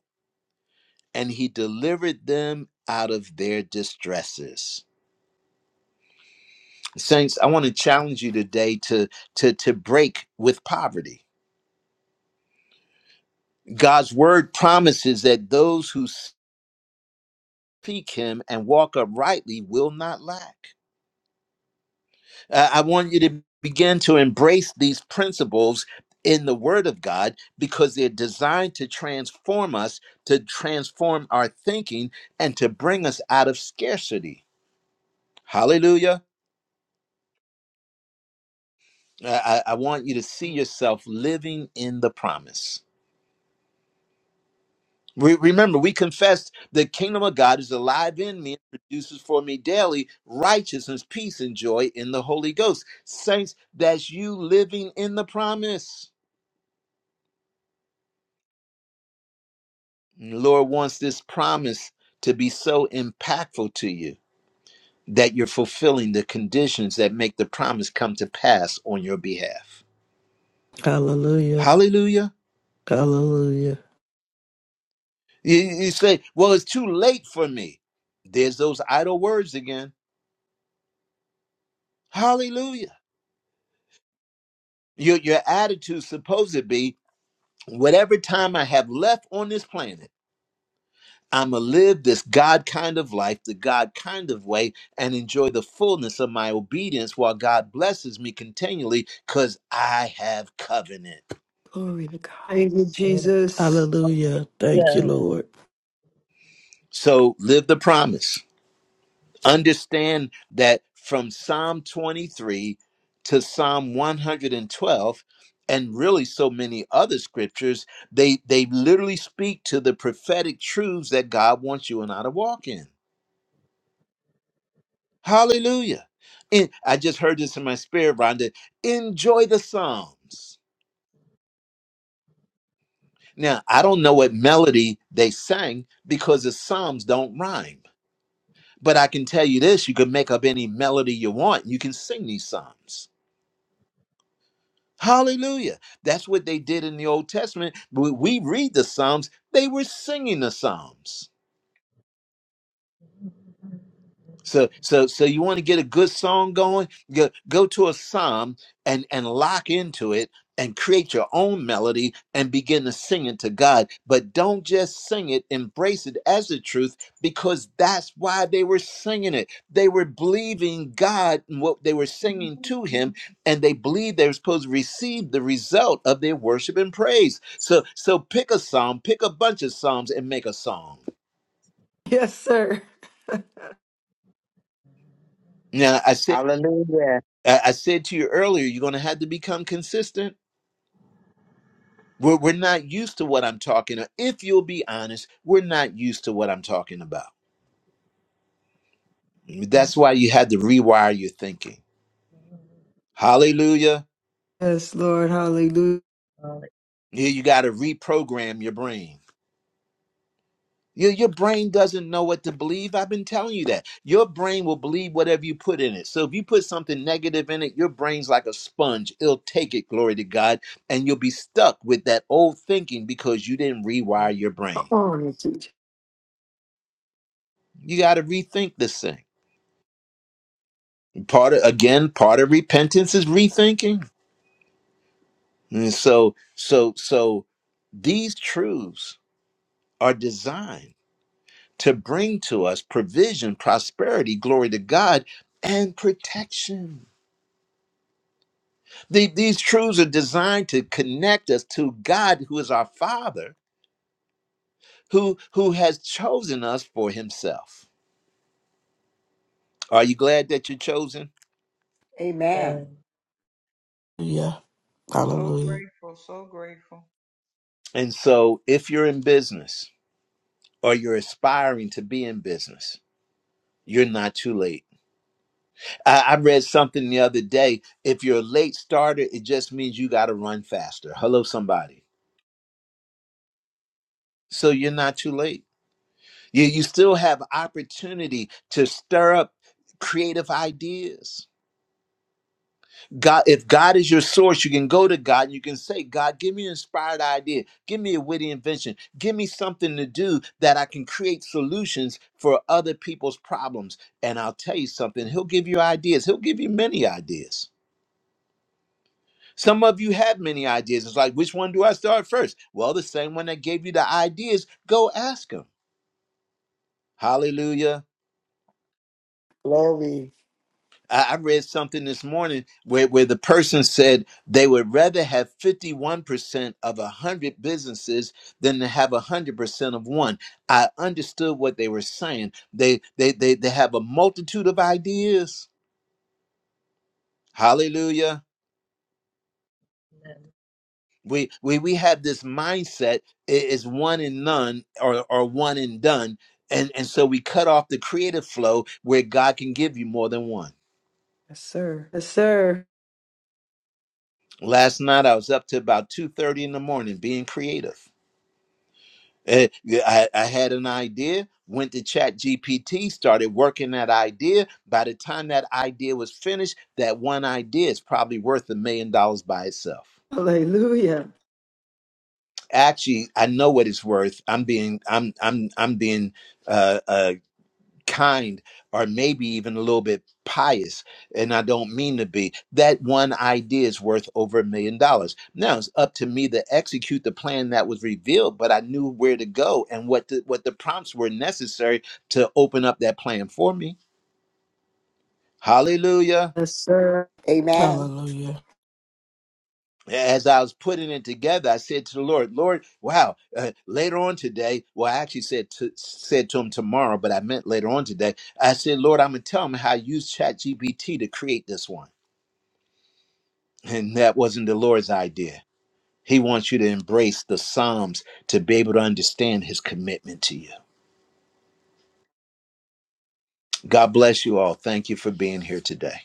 Speaker 1: and he delivered them out of their distresses. Saints, I want to challenge you today to, to, to break with poverty. God's word promises that those who seek him and walk uprightly will not lack. Uh, I want you to begin to embrace these principles in the word of God because they're designed to transform us, to transform our thinking, and to bring us out of scarcity. Hallelujah. I, I want you to see yourself living in the promise. We, remember, we confessed the kingdom of God is alive in me and produces for me daily righteousness, peace, and joy in the Holy Ghost. Saints, that's you living in the promise. And the Lord wants this promise to be so impactful to you that you're fulfilling the conditions that make the promise come to pass on your behalf.
Speaker 4: Hallelujah.
Speaker 1: Hallelujah.
Speaker 4: Hallelujah.
Speaker 1: You, you say, well, it's too late for me. There's those idle words again Hallelujah. Your your attitude supposed to be whatever time I have left on this planet, I'm gonna live this God kind of life, the God kind of way, and enjoy the fullness of my obedience while God blesses me continually because I have covenant.
Speaker 3: Glory to God. Thank you, Jesus.
Speaker 4: Hallelujah. Thank you, Lord.
Speaker 1: So live the promise. Understand that from Psalm 23 to Psalm 112 and twelve, and really so many other scriptures, they they literally speak to the prophetic truths that God wants you and I to walk in. Hallelujah. And I just heard this in my spirit, Rhonda. Enjoy the Psalms. Now, I don't know what melody they sang because the Psalms don't rhyme. But I can tell you this, you can make up any melody you want. You can sing these Psalms. Hallelujah. That's what they did in the Old Testament. But we read the Psalms, they were singing the Psalms. So so so you want to get a good song going? Go go to a psalm and and lock into it and create your own melody and begin to sing it to God. But don't just sing it, embrace it as the truth because that's why they were singing it. They were believing God and what they were singing to him and they believed they were supposed to receive the result of their worship and praise. So so pick a psalm, pick a bunch of psalms and make a song.
Speaker 3: Yes, sir.
Speaker 1: Now I said.
Speaker 11: Hallelujah.
Speaker 1: I, I said to you earlier, you're going to have to become consistent. We're, we're not used to what I'm talking about. If you'll be honest, we're not used to what I'm talking about. That's why you had to rewire your thinking. Hallelujah.
Speaker 3: Yes, Lord. Hallelujah.
Speaker 1: You, you got to reprogram your brain. Your, your brain doesn't know what to believe. I've been telling you that. Your brain will believe whatever you put in it. So if you put something negative in it, your brain's like a sponge. It'll take it, glory to God, and you'll be stuck with that old thinking because you didn't rewire your
Speaker 3: Come
Speaker 1: brain.
Speaker 3: on, teacher.
Speaker 1: You got to rethink this thing. Part of, again, part of repentance is rethinking. And so, so, so these truths are designed to bring to us provision, prosperity, glory to God, and protection. The- these truths are designed to connect us to God, who is our Father, who who has chosen us for Himself. Are you glad that you're chosen?
Speaker 7: Amen.
Speaker 4: Yeah.
Speaker 5: so
Speaker 4: Hallelujah.
Speaker 5: grateful. So grateful.
Speaker 1: And so, if you're in business or you're aspiring to be in business, You're not too late. I, I read something the other day. If you're a late starter, it just means you got to run faster. Hello, somebody. So you're not too late. You, you still have opportunity to stir up creative ideas. God, if God is your source, you can go to God and you can say, God, give me an inspired idea. Give me a witty invention. Give me something to do that I can create solutions for other people's problems. And I'll tell you something, He'll give you ideas. He'll give you many ideas Some of you have many ideas. It's like, which one do I start first? Well, the same one that gave you the ideas, go ask them. Hallelujah.
Speaker 7: Glory.
Speaker 1: I I read something this morning where, where the person said they would rather have 51% of 100 businesses than to have 100% of one. I understood what they were saying. They, they, they, they have a multitude of ideas. Hallelujah we we we have this mindset it is one and none or or one and done and and so we cut off the creative flow where god can give you more than one
Speaker 3: Yes, sir. Yes, sir.
Speaker 1: last night i was up to about 2.30 in the morning being creative Eh, yeah, I, I had an idea went to chat gpt started working that idea by the time that idea was finished that one idea is probably worth a million dollars by itself
Speaker 3: Hallelujah.
Speaker 1: actually i know what it's worth i'm being i'm i'm i'm being uh uh. kind or maybe even a little bit pious and i don't mean to be that one idea is worth over a million dollars now it's up to me to execute the plan that was revealed but i knew where to go and what the what the prompts were necessary to open up that plan for me hallelujah
Speaker 3: Yes, sir.
Speaker 7: Amen.
Speaker 4: Hallelujah.
Speaker 1: as I was putting it together, I said to the Lord, "Lord, wow! Uh, later on today, well, I actually said to, said to him tomorrow, but I meant later on today. I said, Lord, I'm gonna tell him how I used ChatGPT to create this one." And that wasn't the Lord's idea. He wants you to embrace the Psalms to be able to understand his commitment to you. God bless you all. Thank you for being here today.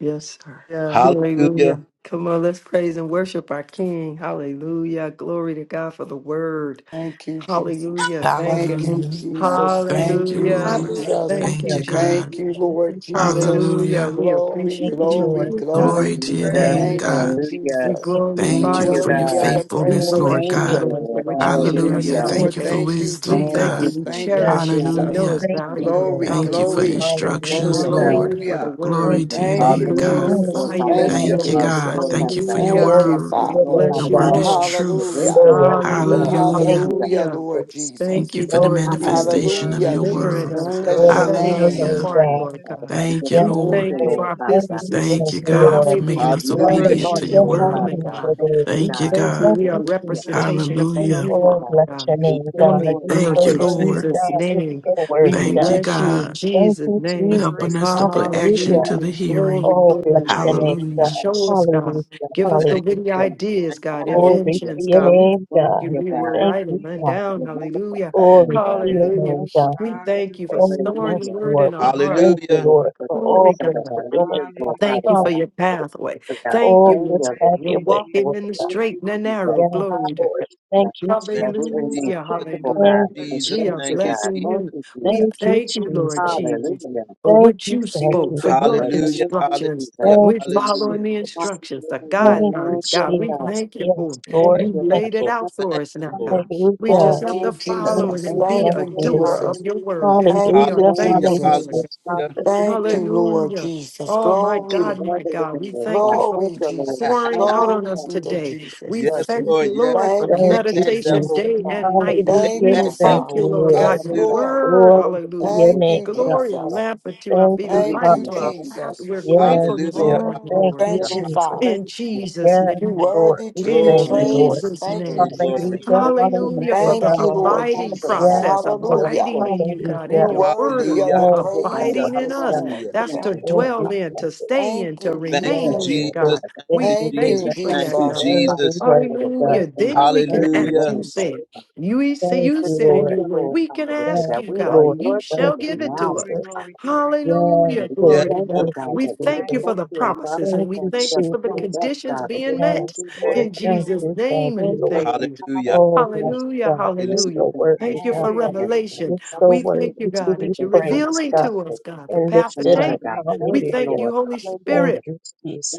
Speaker 3: Yes, sir. Yeah. Hallelujah.
Speaker 1: Hallelujah.
Speaker 3: Come on, let's praise and worship our King. Hallelujah. Glory to God for the word.
Speaker 7: Thank you, Jesus.
Speaker 3: Hallelujah. Thank
Speaker 7: Thank
Speaker 3: you.
Speaker 7: you,
Speaker 4: Hallelujah.
Speaker 7: Jesus.
Speaker 4: Thank
Speaker 7: Thank
Speaker 4: you,
Speaker 7: you,
Speaker 3: Hallelujah.
Speaker 4: Lord.
Speaker 7: Jesus.
Speaker 3: Thank
Speaker 4: Thank
Speaker 3: you,
Speaker 4: you,
Speaker 3: Jesus.
Speaker 4: God.
Speaker 7: Thank you,
Speaker 2: Thank
Speaker 7: Lord
Speaker 2: you, Jesus.
Speaker 7: Jesus.
Speaker 3: Hallelujah.
Speaker 4: Hallelujah.
Speaker 3: We
Speaker 7: Glory,
Speaker 2: Thank you,
Speaker 3: appreciate you,
Speaker 7: glory,
Speaker 2: Lord.
Speaker 3: Lord
Speaker 11: Thank
Speaker 3: God.
Speaker 2: Hallelujah,
Speaker 11: you,
Speaker 4: Glory
Speaker 7: glory.
Speaker 4: to
Speaker 3: We
Speaker 4: your
Speaker 3: thank
Speaker 11: Jesus.
Speaker 2: God.
Speaker 4: name,
Speaker 3: you,
Speaker 7: Thank
Speaker 3: God.
Speaker 7: you,
Speaker 4: God.
Speaker 11: Hallelujah.
Speaker 3: We
Speaker 7: Jesus.
Speaker 2: Thank you,
Speaker 7: You
Speaker 4: Thank
Speaker 11: Thank
Speaker 3: glorify
Speaker 4: you
Speaker 3: you,
Speaker 2: Jesus.
Speaker 11: you,
Speaker 4: for your
Speaker 3: Lord.
Speaker 7: worthy of
Speaker 11: God.
Speaker 7: the
Speaker 3: We
Speaker 4: faithfulness,
Speaker 2: Glory
Speaker 7: praises.
Speaker 4: Lord
Speaker 3: bless
Speaker 2: to
Speaker 11: Thank
Speaker 3: you,
Speaker 2: your
Speaker 4: God.
Speaker 11: you,
Speaker 3: Lord,
Speaker 2: name,
Speaker 3: for
Speaker 11: Lord.
Speaker 3: what
Speaker 2: God.
Speaker 3: you've given us,
Speaker 7: Yes,
Speaker 4: Hallelujah.
Speaker 11: Hallelujah.
Speaker 3: God,
Speaker 2: Thank
Speaker 4: Thank
Speaker 7: Lord.
Speaker 4: you
Speaker 2: you,
Speaker 4: for
Speaker 3: today.
Speaker 7: Thank you,
Speaker 2: Jesus.
Speaker 3: We
Speaker 4: wisdom,
Speaker 11: Thank
Speaker 3: thank you.
Speaker 11: you,
Speaker 4: God.
Speaker 7: Jesus.
Speaker 3: We
Speaker 7: Thank
Speaker 11: Jesus.
Speaker 7: you,
Speaker 2: Yes,
Speaker 3: cherish it. We
Speaker 2: Lord.
Speaker 7: Jesus.
Speaker 3: know
Speaker 4: Hallelujah.
Speaker 3: it's
Speaker 2: Thank you,
Speaker 11: Hallelujah.
Speaker 3: valuable.
Speaker 7: Glory,
Speaker 2: Lord.
Speaker 4: Thank you for
Speaker 3: Hallelujah.
Speaker 7: glory.
Speaker 11: Thank
Speaker 3: So
Speaker 2: Hallelujah,
Speaker 3: we
Speaker 4: instructions,
Speaker 11: you, Lord.
Speaker 2: God.
Speaker 3: thank
Speaker 4: Lord.
Speaker 3: you for the
Speaker 11: Hallelujah.
Speaker 7: Hallelujah.
Speaker 2: Thank
Speaker 3: word.
Speaker 11: We
Speaker 4: Glory
Speaker 11: just
Speaker 4: to
Speaker 2: you,
Speaker 4: your
Speaker 3: We
Speaker 7: Thank
Speaker 2: Jesus.
Speaker 4: name,
Speaker 7: you,
Speaker 11: welcome
Speaker 1: Hallelujah.
Speaker 11: the word of
Speaker 4: God.
Speaker 11: the Lord,
Speaker 3: glorify
Speaker 7: Jesus.
Speaker 3: you
Speaker 11: Father
Speaker 2: Hallelujah,
Speaker 3: this
Speaker 7: Thank
Speaker 11: God.
Speaker 7: you,
Speaker 4: Thank you,
Speaker 11: Word of
Speaker 2: hallelujah.
Speaker 3: morning.
Speaker 11: the
Speaker 4: God.
Speaker 11: Lord,
Speaker 7: Jesus.
Speaker 1: Hallelujah.
Speaker 4: Thank
Speaker 11: Father
Speaker 4: you for
Speaker 11: God.
Speaker 4: your
Speaker 11: The
Speaker 3: Hallelujah.
Speaker 7: Thank
Speaker 2: Glory
Speaker 7: you,
Speaker 4: word.
Speaker 2: to
Speaker 11: instruction
Speaker 3: We
Speaker 11: of the
Speaker 2: your
Speaker 7: Father.
Speaker 11: Lord,
Speaker 2: name,
Speaker 4: The
Speaker 3: bless
Speaker 11: Father
Speaker 3: you,
Speaker 4: word
Speaker 2: God.
Speaker 11: God.
Speaker 4: is
Speaker 3: Lord.
Speaker 11: Your
Speaker 3: We
Speaker 4: truth.
Speaker 7: Hallelujah.
Speaker 2: So
Speaker 11: wisdom, God.
Speaker 2: worthy,
Speaker 11: We just
Speaker 2: God.
Speaker 3: hallelujah.
Speaker 11: thank
Speaker 2: Thank
Speaker 4: Hallelujah.
Speaker 11: you,
Speaker 2: you,
Speaker 11: God.
Speaker 7: Hallelujah,
Speaker 3: Hallelujah.
Speaker 7: Lord
Speaker 2: Jesus.
Speaker 3: Thank
Speaker 4: Thank
Speaker 7: Jesus.
Speaker 4: you
Speaker 3: you,
Speaker 4: for the
Speaker 2: Thank
Speaker 3: Lord
Speaker 2: you,
Speaker 3: Jesus,
Speaker 2: Jesus.
Speaker 11: Hallelujah.
Speaker 4: manifestation of
Speaker 7: Hallelujah,
Speaker 4: your
Speaker 5: Hallelujah.
Speaker 3: delivering
Speaker 5: Thank
Speaker 4: word.
Speaker 7: Jesus.
Speaker 5: you,
Speaker 3: us,
Speaker 11: Thank you,
Speaker 3: God,
Speaker 7: Bless
Speaker 2: Glory to
Speaker 7: your
Speaker 11: Lord.
Speaker 5: Jesus.
Speaker 3: setting
Speaker 2: your
Speaker 3: us
Speaker 5: Thank
Speaker 11: Thank
Speaker 7: name.
Speaker 5: you,
Speaker 2: name,
Speaker 4: Hallelujah.
Speaker 11: you,
Speaker 3: apart,
Speaker 2: God.
Speaker 11: Lord,
Speaker 3: Lord
Speaker 5: Jesus.
Speaker 11: Father
Speaker 3: God.
Speaker 11: God. We
Speaker 4: Thank
Speaker 11: just
Speaker 4: you,
Speaker 2: Yes,
Speaker 3: We
Speaker 11: thank
Speaker 4: Lord.
Speaker 11: you,
Speaker 3: thank you
Speaker 2: Lord.
Speaker 3: for
Speaker 5: Thank
Speaker 11: Lord,
Speaker 3: our
Speaker 5: you,
Speaker 11: Father
Speaker 2: Thank
Speaker 11: God.
Speaker 2: you,
Speaker 3: businesses
Speaker 5: Jesus.
Speaker 4: Thank
Speaker 2: thank
Speaker 4: you,
Speaker 2: you,
Speaker 4: God,
Speaker 2: Lord.
Speaker 4: for
Speaker 11: for
Speaker 3: thriving
Speaker 4: making
Speaker 3: and
Speaker 4: us
Speaker 11: renewing our
Speaker 1: Hallelujah.
Speaker 4: obedient
Speaker 11: thoughts,
Speaker 4: to
Speaker 3: flourishing
Speaker 4: your
Speaker 3: and
Speaker 5: Glory,
Speaker 2: Hallelujah,
Speaker 11: Lord
Speaker 4: word.
Speaker 5: glory,
Speaker 11: Father
Speaker 3: booming,
Speaker 2: hallelujah,
Speaker 11: God.
Speaker 3: God.
Speaker 5: glory.
Speaker 11: Thank
Speaker 2: Lord.
Speaker 11: you,
Speaker 3: We
Speaker 4: Thank you,
Speaker 11: God.
Speaker 3: thank you.
Speaker 4: God.
Speaker 2: Thank
Speaker 3: We are
Speaker 2: you,
Speaker 3: a
Speaker 11: Hallelujah.
Speaker 5: Bless
Speaker 2: Jesus.
Speaker 5: your
Speaker 3: representation of
Speaker 5: name.
Speaker 3: who
Speaker 4: Hallelujah.
Speaker 11: Thank
Speaker 3: you
Speaker 11: you,
Speaker 2: Oh,
Speaker 3: are,
Speaker 11: God.
Speaker 2: bless your
Speaker 3: God.
Speaker 1: Thank you,
Speaker 2: name,
Speaker 11: Thank you,
Speaker 3: On
Speaker 2: God.
Speaker 3: the
Speaker 11: Lord.
Speaker 2: You're
Speaker 5: Bless
Speaker 4: Thank
Speaker 2: so
Speaker 3: earth,
Speaker 4: you,
Speaker 1: Lord.
Speaker 3: in
Speaker 5: your
Speaker 2: worthy,
Speaker 1: Thank
Speaker 4: Lord.
Speaker 5: name,
Speaker 11: Hallelujah.
Speaker 3: Jesus'
Speaker 2: God.
Speaker 5: Jesus.
Speaker 2: You're
Speaker 5: We
Speaker 3: name,
Speaker 5: give
Speaker 2: so
Speaker 5: you
Speaker 3: we
Speaker 11: Thank
Speaker 2: worthy,
Speaker 5: glory.
Speaker 11: you,
Speaker 5: We
Speaker 4: Thank
Speaker 2: God.
Speaker 5: give
Speaker 4: you,
Speaker 5: you
Speaker 3: bless you in
Speaker 4: God,
Speaker 2: Thank
Speaker 3: Jesus'
Speaker 11: Jesus.
Speaker 2: you,
Speaker 5: We
Speaker 4: for
Speaker 3: name.
Speaker 2: Jesus.
Speaker 4: helping
Speaker 5: praise
Speaker 4: us
Speaker 5: you,
Speaker 4: to
Speaker 5: Lord.
Speaker 4: put
Speaker 11: Thank you,
Speaker 4: action
Speaker 2: Hallelujah.
Speaker 11: God.
Speaker 4: to
Speaker 3: Hallelujah.
Speaker 4: the hearing.
Speaker 3: Glory,
Speaker 2: Oh,
Speaker 11: Thank
Speaker 5: We
Speaker 2: bless
Speaker 11: you,
Speaker 3: glory,
Speaker 11: Lord.
Speaker 2: your
Speaker 11: for
Speaker 5: praise
Speaker 3: glory.
Speaker 2: name,
Speaker 5: you,
Speaker 2: God.
Speaker 5: Lord.
Speaker 11: preparing
Speaker 4: Hallelujah.
Speaker 11: us.
Speaker 3: Show us, God.
Speaker 2: Hallelujah,
Speaker 11: We
Speaker 3: Give
Speaker 11: just
Speaker 1: you.
Speaker 3: us the
Speaker 1: Thank you.
Speaker 11: Thank you,
Speaker 3: witty
Speaker 2: hallelujah.
Speaker 11: Jesus.
Speaker 5: Glory,
Speaker 3: ideas,
Speaker 1: Thank
Speaker 5: glory,
Speaker 1: you,
Speaker 3: God,
Speaker 5: glory.
Speaker 1: Lord. Thank
Speaker 2: Glory to
Speaker 11: Hallelujah.
Speaker 3: inventions,
Speaker 1: you,
Speaker 2: your
Speaker 3: God.
Speaker 1: Lord.
Speaker 3: We
Speaker 2: name,
Speaker 11: Thank
Speaker 3: you.
Speaker 2: God.
Speaker 11: you,
Speaker 3: We
Speaker 5: Thank
Speaker 3: will
Speaker 5: you,
Speaker 11: God.
Speaker 2: Thank
Speaker 3: write
Speaker 2: you,
Speaker 3: it man
Speaker 5: Jesus.
Speaker 2: Father.
Speaker 11: For
Speaker 3: down.
Speaker 11: your wonderful
Speaker 3: Hallelujah.
Speaker 2: Glory
Speaker 11: covering, God.
Speaker 2: to
Speaker 11: We
Speaker 2: your
Speaker 11: just
Speaker 3: Hallelujah.
Speaker 2: name,
Speaker 11: thank you,
Speaker 2: God.
Speaker 3: We
Speaker 11: Jesus.
Speaker 3: thank you for
Speaker 5: Hallelujah,
Speaker 2: Oh,
Speaker 5: Jesus.
Speaker 3: storing
Speaker 2: yes,
Speaker 3: the
Speaker 11: Hallelujah.
Speaker 3: word
Speaker 2: Lord.
Speaker 3: in
Speaker 2: We
Speaker 3: our heart.
Speaker 11: Thank
Speaker 2: thank
Speaker 11: you,
Speaker 2: you,
Speaker 1: Hallelujah.
Speaker 11: Lord,
Speaker 2: Lord,
Speaker 11: for
Speaker 2: for
Speaker 11: the
Speaker 3: Glory
Speaker 2: all
Speaker 11: wisdom
Speaker 2: that
Speaker 11: of
Speaker 3: God.
Speaker 11: our
Speaker 2: you're
Speaker 11: leaders,
Speaker 2: doing,
Speaker 11: Lord
Speaker 3: Thank
Speaker 11: Father
Speaker 3: you
Speaker 5: Hallelujah.
Speaker 2: God.
Speaker 3: for
Speaker 11: God.
Speaker 3: your
Speaker 11: The
Speaker 3: pathway.
Speaker 11: speakers, God.
Speaker 3: Thank
Speaker 2: Oh,
Speaker 3: you,
Speaker 11: Thank you,
Speaker 3: Lord.
Speaker 2: just
Speaker 11: Lord.
Speaker 2: have
Speaker 3: God.
Speaker 5: Thank
Speaker 3: We're
Speaker 2: your
Speaker 5: you,
Speaker 2: way,
Speaker 3: walking
Speaker 2: Lord
Speaker 5: Jesus.
Speaker 3: in the
Speaker 2: God.
Speaker 11: Thank
Speaker 5: Thank
Speaker 3: straight
Speaker 11: you,
Speaker 3: and
Speaker 5: you,
Speaker 3: the
Speaker 11: Jesus.
Speaker 3: narrow.
Speaker 2: Yes,
Speaker 5: Jesus.
Speaker 3: Glory to
Speaker 2: Lord.
Speaker 11: Hallelujah.
Speaker 2: Thank you,
Speaker 1: Thank
Speaker 11: That we
Speaker 1: you,
Speaker 2: Jesus.
Speaker 11: remain
Speaker 5: Bless
Speaker 3: Hallelujah,
Speaker 5: your
Speaker 1: Jesus.
Speaker 5: name,
Speaker 11: teachable,
Speaker 5: Lord.
Speaker 3: hallelujah.
Speaker 11: God.
Speaker 2: Thank
Speaker 11: We
Speaker 2: you,
Speaker 5: Bless
Speaker 11: just
Speaker 5: your
Speaker 1: Jesus.
Speaker 3: We
Speaker 11: thank
Speaker 3: are
Speaker 5: name,
Speaker 11: you,
Speaker 1: Thank
Speaker 5: Lord.
Speaker 1: you,
Speaker 2: Jesus.
Speaker 11: God.
Speaker 5: Bless
Speaker 1: Jesus.
Speaker 3: blessing
Speaker 5: you.
Speaker 11: Thank
Speaker 3: you.
Speaker 11: you,
Speaker 3: We
Speaker 11: Jesus.
Speaker 2: Thank you,
Speaker 3: thank you,
Speaker 2: Jesus.
Speaker 3: Lord Jesus,
Speaker 11: Hallelujah.
Speaker 3: for
Speaker 2: Thank
Speaker 3: what
Speaker 2: you,
Speaker 3: you
Speaker 2: thank
Speaker 11: Thank
Speaker 3: spoke,
Speaker 2: you,
Speaker 3: for
Speaker 11: you,
Speaker 3: your
Speaker 11: Lord.
Speaker 2: Jesus.
Speaker 11: Thank
Speaker 1: Hallelujah.
Speaker 11: you,
Speaker 3: instructions.
Speaker 1: Hallelujah.
Speaker 11: Jesus.
Speaker 2: Thank
Speaker 3: We're
Speaker 2: you,
Speaker 3: following
Speaker 1: Hallelujah.
Speaker 3: the
Speaker 2: Jesus.
Speaker 3: instructions, the
Speaker 11: Hallelujah.
Speaker 2: Thank you,
Speaker 11: Thank
Speaker 3: guidelines,
Speaker 11: you,
Speaker 3: God. We
Speaker 11: God.
Speaker 2: Jesus.
Speaker 3: thank you
Speaker 2: Yes,
Speaker 3: for it.
Speaker 11: Thank
Speaker 2: Lord.
Speaker 3: You
Speaker 11: you,
Speaker 2: Thank
Speaker 11: God.
Speaker 3: laid
Speaker 2: you.
Speaker 3: it
Speaker 1: Lord.
Speaker 3: out for
Speaker 1: Thank
Speaker 3: us
Speaker 1: you,
Speaker 3: now,
Speaker 11: Hallelujah.
Speaker 1: Lord.
Speaker 3: God. We just
Speaker 2: Hallelujah.
Speaker 7: Thank
Speaker 3: have to
Speaker 11: Thank
Speaker 7: you,
Speaker 11: you,
Speaker 2: Thank
Speaker 3: follow
Speaker 11: God.
Speaker 3: it
Speaker 7: Jesus.
Speaker 2: you,
Speaker 3: and
Speaker 11: Thank
Speaker 3: be
Speaker 11: you,
Speaker 7: Thank
Speaker 2: thank
Speaker 3: a
Speaker 7: you,
Speaker 2: you,
Speaker 11: Lord.
Speaker 3: doer
Speaker 2: Lord.
Speaker 3: of
Speaker 7: Jesus.
Speaker 3: your
Speaker 11: Hallelujah.
Speaker 3: word.
Speaker 7: Thank
Speaker 3: We are
Speaker 7: you,
Speaker 2: Hallelujah,
Speaker 11: Thank you,
Speaker 3: thankful
Speaker 2: hallelujah,
Speaker 1: Hallelujah.
Speaker 3: for it.
Speaker 7: Jesus.
Speaker 11: Jesus.
Speaker 2: Jesus.
Speaker 1: Hallelujah.
Speaker 2: Thank
Speaker 5: Thank
Speaker 7: Thank
Speaker 11: Hallelujah.
Speaker 7: you,
Speaker 5: you, Lord.
Speaker 7: Lord
Speaker 3: Hallelujah.
Speaker 7: Jesus.
Speaker 3: Oh, my
Speaker 11: That you
Speaker 7: Glory,
Speaker 3: God,
Speaker 11: are
Speaker 3: my
Speaker 11: the
Speaker 3: God.
Speaker 11: living
Speaker 3: We
Speaker 11: word,
Speaker 3: thank you
Speaker 11: God.
Speaker 3: for
Speaker 11: Thank
Speaker 7: glory,
Speaker 11: you, Lord.
Speaker 7: Jesus.
Speaker 3: pouring
Speaker 11: Hallelujah.
Speaker 3: out on
Speaker 7: Glory
Speaker 3: us
Speaker 11: Thank
Speaker 7: be
Speaker 11: you,
Speaker 7: to
Speaker 3: today. We
Speaker 7: Jesus.
Speaker 11: Lord.
Speaker 1: Yes,
Speaker 3: thank
Speaker 1: Lord.
Speaker 3: you,
Speaker 1: Yes,
Speaker 3: Lord, for
Speaker 1: Lord.
Speaker 3: the
Speaker 7: Thank
Speaker 11: Thank
Speaker 2: you,
Speaker 7: you,
Speaker 1: Take that
Speaker 11: you,
Speaker 3: meditation
Speaker 11: Thank
Speaker 7: Jesus.
Speaker 1: devil.
Speaker 11: you,
Speaker 2: Jesus.
Speaker 3: day
Speaker 11: God.
Speaker 3: and night.
Speaker 1: Take
Speaker 7: Thank
Speaker 2: Hallelujah,
Speaker 3: We
Speaker 7: you,
Speaker 1: that
Speaker 11: God, the
Speaker 2: thank
Speaker 3: thank
Speaker 2: you,
Speaker 11: King
Speaker 7: Father.
Speaker 3: you,
Speaker 1: devil.
Speaker 11: of
Speaker 3: Lord
Speaker 2: Lord.
Speaker 3: God,
Speaker 7: Yes,
Speaker 3: your
Speaker 11: heaven, God.
Speaker 1: Hallelujah.
Speaker 7: Lord.
Speaker 11: You're
Speaker 3: word.
Speaker 2: Glory
Speaker 11: worthy,
Speaker 2: to
Speaker 11: God.
Speaker 3: Hallelujah.
Speaker 2: your
Speaker 11: You're
Speaker 7: Thank
Speaker 2: name,
Speaker 7: you,
Speaker 2: God.
Speaker 3: Glory, a
Speaker 11: magnificent, God.
Speaker 7: Jesus.
Speaker 3: lamp unto our
Speaker 2: Thank
Speaker 3: feet,
Speaker 11: Thank
Speaker 3: a
Speaker 2: you,
Speaker 11: you,
Speaker 7: Thank
Speaker 3: light
Speaker 7: you,
Speaker 3: unto
Speaker 11: Jesus.
Speaker 3: our
Speaker 2: Father.
Speaker 3: path.
Speaker 7: Jesus.
Speaker 3: We're
Speaker 11: Hallelujah.
Speaker 2: Yes,
Speaker 3: grateful this
Speaker 1: Hallelujah.
Speaker 2: Lord.
Speaker 3: morning,
Speaker 7: Mm,
Speaker 11: Thank
Speaker 2: Thank
Speaker 3: Lord.
Speaker 2: you,
Speaker 11: you,
Speaker 1: Hallelujah.
Speaker 7: thank
Speaker 3: God.
Speaker 7: you,
Speaker 11: Lord.
Speaker 2: Jesus.
Speaker 7: Father.
Speaker 1: hallelujah.
Speaker 3: In
Speaker 11: Hallelujah.
Speaker 3: Jesus'
Speaker 2: Yes,
Speaker 7: You
Speaker 3: name.
Speaker 2: Lord.
Speaker 7: worthy
Speaker 2: We
Speaker 11: Thank
Speaker 7: to
Speaker 11: you,
Speaker 3: In
Speaker 7: be
Speaker 2: thank
Speaker 11: Jesus.
Speaker 1: Glory,
Speaker 2: you,
Speaker 1: glory,
Speaker 2: Lord.
Speaker 7: praised.
Speaker 3: Jesus'
Speaker 7: Thank you,
Speaker 1: glory,
Speaker 11: The
Speaker 3: name.
Speaker 5: Thank
Speaker 1: glory,
Speaker 5: you,
Speaker 7: Jesus.
Speaker 2: Hallelujah.
Speaker 1: glory.
Speaker 5: Jesus.
Speaker 11: thanksgiving.
Speaker 3: Hallelujah
Speaker 5: Thank
Speaker 2: Hallelujah,
Speaker 3: for
Speaker 5: you,
Speaker 3: the
Speaker 7: Thank
Speaker 11: You
Speaker 7: you,
Speaker 11: are
Speaker 2: God.
Speaker 5: Jesus.
Speaker 7: Lord
Speaker 11: inside of
Speaker 3: abiding
Speaker 11: us,
Speaker 7: Jesus.
Speaker 11: God.
Speaker 2: Yes,
Speaker 3: process,
Speaker 11: Thank you,
Speaker 2: Lord.
Speaker 7: Hallelujah.
Speaker 3: abiding
Speaker 11: Lord.
Speaker 3: in you, God,
Speaker 7: You
Speaker 2: Hallelujah.
Speaker 3: in
Speaker 11: Yes,
Speaker 3: your word,
Speaker 7: worthy of the
Speaker 1: Hallelujah.
Speaker 11: thank
Speaker 2: Oh,
Speaker 11: you,
Speaker 2: God,
Speaker 11: God, for
Speaker 2: what
Speaker 7: praises
Speaker 3: abiding
Speaker 1: Hallelujah.
Speaker 3: in
Speaker 7: this
Speaker 2: you got.
Speaker 11: doing
Speaker 3: us.
Speaker 1: Hallelujah.
Speaker 7: morning.
Speaker 11: nothing
Speaker 3: That's
Speaker 11: in
Speaker 3: to
Speaker 11: the
Speaker 7: Thank
Speaker 5: Thank you,
Speaker 2: Thank
Speaker 11: other,
Speaker 7: you.
Speaker 3: dwell
Speaker 2: you,
Speaker 11: Father
Speaker 5: Jesus.
Speaker 3: in,
Speaker 11: God.
Speaker 3: to
Speaker 2: Jesus.
Speaker 3: stay
Speaker 7: Thank
Speaker 3: in, to
Speaker 11: You
Speaker 7: you,
Speaker 11: one
Speaker 1: Thank you,
Speaker 11: touch,
Speaker 2: Yes,
Speaker 3: remain
Speaker 5: Glory, to
Speaker 7: Jesus.
Speaker 3: in,
Speaker 11: Lord,
Speaker 5: God.
Speaker 3: God.
Speaker 2: Lord.
Speaker 1: Jesus.
Speaker 11: Father God.
Speaker 1: Thank
Speaker 2: Thank
Speaker 1: you,
Speaker 3: We
Speaker 2: you,
Speaker 7: Thank
Speaker 2: Lord.
Speaker 3: thank
Speaker 7: you,
Speaker 1: Jesus.
Speaker 3: you
Speaker 11: Just
Speaker 3: for
Speaker 11: thank
Speaker 3: your
Speaker 1: Thank you,
Speaker 11: you,
Speaker 7: Jesus.
Speaker 11: Lord,
Speaker 3: God.
Speaker 11: Father
Speaker 2: Worthy,
Speaker 1: Jesus.
Speaker 11: God, for the
Speaker 2: worthy, God.
Speaker 3: Hallelujah.
Speaker 11: wisdom of
Speaker 3: Then we can
Speaker 2: Thank
Speaker 11: kingdom
Speaker 2: you,
Speaker 3: act.
Speaker 1: Hallelujah.
Speaker 3: You
Speaker 11: living, Lord.
Speaker 3: said,
Speaker 2: Jesus.
Speaker 3: you say,
Speaker 2: Thank you,
Speaker 3: you
Speaker 11: Just
Speaker 3: said in
Speaker 11: thank
Speaker 2: Lord.
Speaker 3: your
Speaker 11: you,
Speaker 3: word,
Speaker 11: Lord,
Speaker 3: we can
Speaker 11: hallelujah,
Speaker 3: ask
Speaker 2: Yes,
Speaker 11: that
Speaker 3: you,
Speaker 11: we
Speaker 3: God,
Speaker 11: are
Speaker 2: Lord.
Speaker 3: and you
Speaker 11: your
Speaker 2: Thank
Speaker 3: shall
Speaker 11: children
Speaker 2: you,
Speaker 3: give it
Speaker 11: now,
Speaker 3: to
Speaker 2: Jesus.
Speaker 3: us.
Speaker 5: glory,
Speaker 11: Lord. Father.
Speaker 5: glory, glory.
Speaker 2: Yes,
Speaker 3: Hallelujah.
Speaker 11: Lord, We just
Speaker 2: Lord.
Speaker 1: Yes,
Speaker 3: Glory to
Speaker 11: thank you,
Speaker 1: Lord.
Speaker 3: God.
Speaker 2: Thank
Speaker 11: God,
Speaker 2: you,
Speaker 3: We
Speaker 11: that we
Speaker 2: Jesus.
Speaker 3: thank you
Speaker 5: Thank
Speaker 3: for
Speaker 11: accept
Speaker 3: the
Speaker 5: you,
Speaker 11: you as our
Speaker 5: Jesus.
Speaker 3: promises and
Speaker 2: Thank
Speaker 3: we
Speaker 11: Father
Speaker 2: you,
Speaker 11: and
Speaker 3: thank
Speaker 11: we are
Speaker 3: you for the
Speaker 2: Jesus.
Speaker 11: cleaned up,
Speaker 3: conditions
Speaker 11: God. We
Speaker 3: being
Speaker 11: just thank
Speaker 3: met
Speaker 2: Yes,
Speaker 11: you,
Speaker 2: Lord.
Speaker 5: Thank
Speaker 3: in
Speaker 11: Jesus.
Speaker 5: you,
Speaker 2: Thank
Speaker 3: Jesus'
Speaker 2: you.
Speaker 5: Lord.
Speaker 2: Thank
Speaker 3: name.
Speaker 2: you,
Speaker 11: Thank
Speaker 3: And
Speaker 2: Lord.
Speaker 11: you,
Speaker 3: thank
Speaker 11: Lord.
Speaker 3: you.
Speaker 1: Hallelujah.
Speaker 2: Oh,
Speaker 11: Hallelujah.
Speaker 2: yes,
Speaker 3: Hallelujah.
Speaker 2: God. You're
Speaker 11: Thank
Speaker 1: Hallelujah.
Speaker 3: Hallelujah.
Speaker 11: you,
Speaker 2: so
Speaker 11: God, that
Speaker 2: worthy,
Speaker 3: Thank you
Speaker 2: God.
Speaker 3: for
Speaker 11: you love us,
Speaker 5: Hallelujah.
Speaker 11: God.
Speaker 2: You're
Speaker 3: revelation.
Speaker 2: so
Speaker 3: We
Speaker 2: worthy
Speaker 3: thank
Speaker 11: Hallelujah.
Speaker 3: you,
Speaker 11: You
Speaker 2: to
Speaker 3: God,
Speaker 11: teach
Speaker 2: be
Speaker 3: that you're
Speaker 11: us not
Speaker 2: praised,
Speaker 11: to
Speaker 3: revealing
Speaker 2: God,
Speaker 11: love
Speaker 3: to us,
Speaker 11: us,
Speaker 3: God, the
Speaker 2: and
Speaker 3: path to
Speaker 2: lifted
Speaker 11: another,
Speaker 2: up.
Speaker 3: take.
Speaker 11: God.
Speaker 5: Thank you,
Speaker 3: We
Speaker 11: Thank you,
Speaker 3: thank
Speaker 2: Hallelujah.
Speaker 5: Jesus.
Speaker 3: you,
Speaker 11: Lord.
Speaker 3: Holy
Speaker 2: Thank
Speaker 11: Hallelujah.
Speaker 3: Spirit.
Speaker 2: you,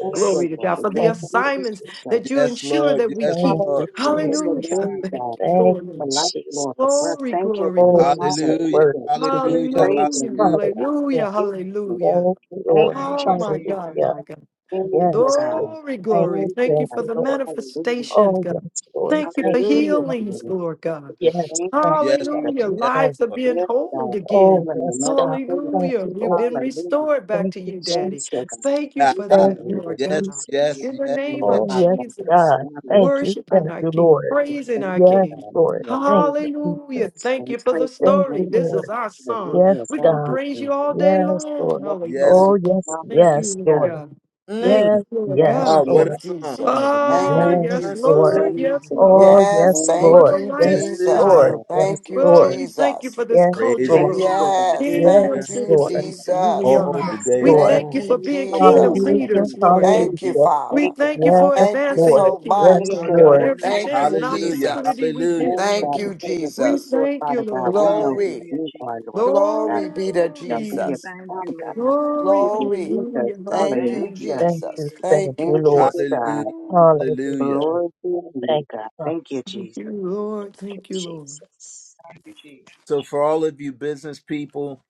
Speaker 11: Thank
Speaker 5: Thank
Speaker 11: you,
Speaker 3: Glory
Speaker 5: you,
Speaker 3: to
Speaker 11: Lord.
Speaker 3: God
Speaker 11: We
Speaker 3: for
Speaker 5: Jesus.
Speaker 11: just
Speaker 3: the
Speaker 2: Thank
Speaker 11: thank
Speaker 2: you,
Speaker 11: you,
Speaker 3: assignments
Speaker 2: Jesus.
Speaker 11: Jesus.
Speaker 3: that you
Speaker 1: Yes,
Speaker 3: ensure
Speaker 1: Lord.
Speaker 3: that we
Speaker 1: Yes,
Speaker 3: keep.
Speaker 2: Thank you,
Speaker 1: Lord.
Speaker 11: Hallelujah. For
Speaker 5: Glory
Speaker 11: your
Speaker 5: to
Speaker 2: Jesus.
Speaker 3: Hallelujah.
Speaker 11: name,
Speaker 5: God.
Speaker 3: Thank
Speaker 11: God.
Speaker 3: you,
Speaker 2: Thank you,
Speaker 3: Lord.
Speaker 11: For life, Lord, for
Speaker 2: Jesus.
Speaker 11: breath.
Speaker 3: Glory,
Speaker 11: Thank you,
Speaker 3: glory,
Speaker 11: God.
Speaker 2: Oh, you're
Speaker 3: glory.
Speaker 2: so
Speaker 1: Hallelujah.
Speaker 2: worthy
Speaker 11: Hallelujah.
Speaker 2: to be
Speaker 1: Hallelujah.
Speaker 11: Praise
Speaker 2: praised.
Speaker 11: your
Speaker 3: Hallelujah,
Speaker 11: name,
Speaker 1: Hallelujah.
Speaker 11: God.
Speaker 2: Hallelujah.
Speaker 3: hallelujah,
Speaker 11: Praise your name.
Speaker 3: hallelujah.
Speaker 2: Thank you,
Speaker 11: Thank
Speaker 2: Lord.
Speaker 11: you,
Speaker 5: Thank
Speaker 3: Oh,
Speaker 5: you,
Speaker 11: Jesus.
Speaker 3: my God,
Speaker 5: Jesus.
Speaker 2: Hallelujah.
Speaker 3: my God.
Speaker 11: Thank you,
Speaker 2: Yes, Lord.
Speaker 11: God.
Speaker 3: Glory,
Speaker 2: Thank
Speaker 3: glory.
Speaker 2: you,
Speaker 11: Thank
Speaker 3: Thank
Speaker 11: you,
Speaker 3: you
Speaker 2: thank
Speaker 11: God.
Speaker 3: for
Speaker 2: you,
Speaker 3: the
Speaker 2: Lord.
Speaker 11: Hallelujah.
Speaker 3: manifestations,
Speaker 2: Oh, yes,
Speaker 3: God.
Speaker 2: Lord.
Speaker 3: Thank you
Speaker 2: Thank
Speaker 3: for
Speaker 2: you,
Speaker 11: Hallelujah
Speaker 2: thank
Speaker 11: to
Speaker 2: you.
Speaker 11: your
Speaker 3: healings,
Speaker 11: name.
Speaker 3: Lord God.
Speaker 11: Jesus.
Speaker 2: Yes,
Speaker 11: Thank
Speaker 2: God.
Speaker 11: you,
Speaker 5: Thank you,
Speaker 1: Yes,
Speaker 2: Thank
Speaker 11: Jesus.
Speaker 1: Lord.
Speaker 3: Hallelujah.
Speaker 5: Jesus.
Speaker 2: you,
Speaker 1: Yes,
Speaker 2: thank you.
Speaker 3: Lives are
Speaker 1: Lord.
Speaker 3: being
Speaker 11: Yes,
Speaker 3: whole
Speaker 11: God. Healing
Speaker 2: Oh,
Speaker 3: again.
Speaker 11: in
Speaker 2: yes,
Speaker 11: every
Speaker 2: God. Thank
Speaker 11: place.
Speaker 3: Hallelujah.
Speaker 2: you,
Speaker 3: We've
Speaker 2: Lord.
Speaker 3: been
Speaker 11: Hallelujah.
Speaker 3: restored back
Speaker 2: Thank
Speaker 3: to
Speaker 2: you,
Speaker 3: you,
Speaker 11: Thank
Speaker 3: Daddy.
Speaker 11: you, God.
Speaker 2: Jesus.
Speaker 3: Thank you
Speaker 1: Ha,
Speaker 11: You
Speaker 3: for
Speaker 1: ha.
Speaker 11: can
Speaker 2: Thank
Speaker 3: that,
Speaker 11: make
Speaker 2: you,
Speaker 3: Lord
Speaker 11: us
Speaker 1: Yes,
Speaker 3: God.
Speaker 2: Jesus.
Speaker 11: you
Speaker 1: yes,
Speaker 3: In the
Speaker 11: even
Speaker 1: yes.
Speaker 3: name
Speaker 11: more,
Speaker 3: of
Speaker 2: Oh,
Speaker 11: Father
Speaker 2: yes,
Speaker 11: God.
Speaker 3: Jesus,
Speaker 2: God.
Speaker 11: Family,
Speaker 2: Thank you,
Speaker 3: worshiping
Speaker 2: thank
Speaker 11: Father.
Speaker 3: our
Speaker 2: you,
Speaker 3: King,
Speaker 2: Lord.
Speaker 11: Just
Speaker 3: praising
Speaker 11: Thank
Speaker 3: our
Speaker 11: you,
Speaker 2: Yes,
Speaker 3: King.
Speaker 11: God.
Speaker 2: Lord. Thank you,
Speaker 11: Hallelujah.
Speaker 3: Hallelujah.
Speaker 2: Jesus.
Speaker 11: And
Speaker 3: Thank
Speaker 11: we
Speaker 3: you for the
Speaker 11: praise your
Speaker 2: Thank you,
Speaker 3: story.
Speaker 11: name,
Speaker 3: This
Speaker 2: Lord.
Speaker 3: is
Speaker 11: God.
Speaker 3: our song.
Speaker 2: Yes,
Speaker 11: Hallelujah.
Speaker 3: We're going
Speaker 11: Thank
Speaker 3: to
Speaker 2: God.
Speaker 11: you,
Speaker 3: praise you
Speaker 11: Jesus.
Speaker 3: all day
Speaker 2: Yes, Lord.
Speaker 3: long.
Speaker 11: Yes,
Speaker 3: Hallelujah.
Speaker 1: Yes.
Speaker 11: God.
Speaker 2: Oh, yes,
Speaker 3: Thank you,
Speaker 2: yes,
Speaker 3: Lord
Speaker 11: Hallelujah.
Speaker 2: Lord.
Speaker 3: God. Thank
Speaker 1: Mm.
Speaker 2: Yes,
Speaker 3: you, Lord
Speaker 2: yes,
Speaker 11: Yes,
Speaker 1: Ah,
Speaker 3: God.
Speaker 7: Thank
Speaker 1: what a
Speaker 7: you,
Speaker 2: Lord.
Speaker 11: Jesus.
Speaker 1: song.
Speaker 7: Jesus.
Speaker 1: This
Speaker 11: Hallelujah.
Speaker 7: Thank
Speaker 5: Thank
Speaker 3: Ah,
Speaker 1: is
Speaker 5: you,
Speaker 7: you,
Speaker 2: Yes,
Speaker 3: yes,
Speaker 1: my
Speaker 5: Jesus.
Speaker 7: Jesus.
Speaker 2: Lord.
Speaker 11: Thank
Speaker 3: Lord.
Speaker 1: story.
Speaker 3: Yes,
Speaker 11: you,
Speaker 3: Lord.
Speaker 11: Lord.
Speaker 2: Oh,
Speaker 11: Thank
Speaker 7: Yes,
Speaker 2: yes,
Speaker 3: What
Speaker 7: thank
Speaker 2: Lord.
Speaker 3: a
Speaker 11: you.
Speaker 7: you,
Speaker 1: This
Speaker 2: Yes,
Speaker 11: Thank
Speaker 1: is
Speaker 11: you,
Speaker 1: my
Speaker 7: Jesus.
Speaker 2: Lord.
Speaker 3: lifestyle.
Speaker 11: Lord.
Speaker 1: song.
Speaker 2: Yes,
Speaker 7: Thank you,
Speaker 11: Thank you,
Speaker 3: Well,
Speaker 2: Lord.
Speaker 3: we
Speaker 11: Jesus.
Speaker 3: thank you
Speaker 7: Jesus.
Speaker 3: for this
Speaker 2: Yes,
Speaker 3: culture,
Speaker 5: Thank
Speaker 2: Lord.
Speaker 1: Praising
Speaker 5: you,
Speaker 11: Thank
Speaker 3: Lord.
Speaker 11: you,
Speaker 5: Jesus.
Speaker 11: God.
Speaker 7: Yes,
Speaker 11: Thank
Speaker 3: Kingdom
Speaker 7: thank
Speaker 1: Savior
Speaker 2: Yes,
Speaker 7: you,
Speaker 2: Lord.
Speaker 11: you,
Speaker 3: citizens, who we
Speaker 7: Jesus.
Speaker 1: all
Speaker 3: are.
Speaker 1: the
Speaker 2: Yes,
Speaker 1: day
Speaker 3: We
Speaker 11: God.
Speaker 2: Lord.
Speaker 3: thank
Speaker 7: Thank
Speaker 3: you
Speaker 1: long.
Speaker 7: you,
Speaker 3: for
Speaker 11: Thank
Speaker 3: being
Speaker 11: you, God,
Speaker 3: kingdom
Speaker 7: Jesus.
Speaker 11: for the
Speaker 2: Hallelujah.
Speaker 3: leaders, Lord
Speaker 7: Thank
Speaker 3: God.
Speaker 7: you,
Speaker 11: manifestation.
Speaker 2: Hallelujah.
Speaker 3: We
Speaker 7: Father.
Speaker 11: Thank you,
Speaker 3: thank you
Speaker 11: God.
Speaker 3: for
Speaker 2: Yes,
Speaker 7: Thank you
Speaker 3: advancing
Speaker 2: Lord.
Speaker 3: the
Speaker 7: so
Speaker 3: kingdom,
Speaker 2: Yes,
Speaker 11: Thank
Speaker 7: much.
Speaker 3: Lord
Speaker 11: you,
Speaker 3: God.
Speaker 2: Lord.
Speaker 11: Lord.
Speaker 3: Every
Speaker 5: Hallelujah,
Speaker 7: Thank
Speaker 3: chance
Speaker 7: you,
Speaker 3: and
Speaker 5: Jesus.
Speaker 11: Hallelujah.
Speaker 1: Hallelujah.
Speaker 7: Jesus.
Speaker 3: opportunity we get,
Speaker 1: Hallelujah.
Speaker 11: Yes,
Speaker 3: Lord
Speaker 7: Thank
Speaker 11: God,
Speaker 7: you,
Speaker 3: God.
Speaker 11: because of
Speaker 3: We
Speaker 11: you,
Speaker 7: Jesus.
Speaker 11: Lord
Speaker 3: thank you,
Speaker 11: Father God,
Speaker 3: Lord
Speaker 11: we
Speaker 3: God.
Speaker 11: know who
Speaker 7: Glory.
Speaker 5: Hallelujah,
Speaker 11: we are,
Speaker 5: Jesus.
Speaker 11: Lord Father God.
Speaker 7: Glory be to
Speaker 11: Everything shall be and
Speaker 3: Glory,
Speaker 7: Jesus.
Speaker 5: Thank
Speaker 11: become,
Speaker 5: you,
Speaker 11: God.
Speaker 5: Lord.
Speaker 3: glory,
Speaker 11: Thank you,
Speaker 7: Glory.
Speaker 11: Jesus.
Speaker 3: hallelujah,
Speaker 7: Thank you,
Speaker 5: Thank
Speaker 3: hallelujah.
Speaker 5: you,
Speaker 11: Hallelujah.
Speaker 2: Thank
Speaker 7: Jesus.
Speaker 2: you.
Speaker 5: Jesus.
Speaker 2: Thank
Speaker 7: Thank
Speaker 2: you,
Speaker 7: you,
Speaker 11: Thank
Speaker 2: Lord.
Speaker 7: Jesus.
Speaker 11: you,
Speaker 1: Hallelujah.
Speaker 11: God.
Speaker 3: Ooh,
Speaker 2: Hallelujah.
Speaker 1: Hallelujah.
Speaker 11: Glory to you,
Speaker 2: Thank you.
Speaker 11: God.
Speaker 2: Thank
Speaker 11: Thank you,
Speaker 3: Thank
Speaker 11: Jesus.
Speaker 3: you, Lord.
Speaker 2: you,
Speaker 3: Thank you, Lord.
Speaker 2: Jesus.
Speaker 5: Thank you, Jesus.
Speaker 1: So, for all of you business people,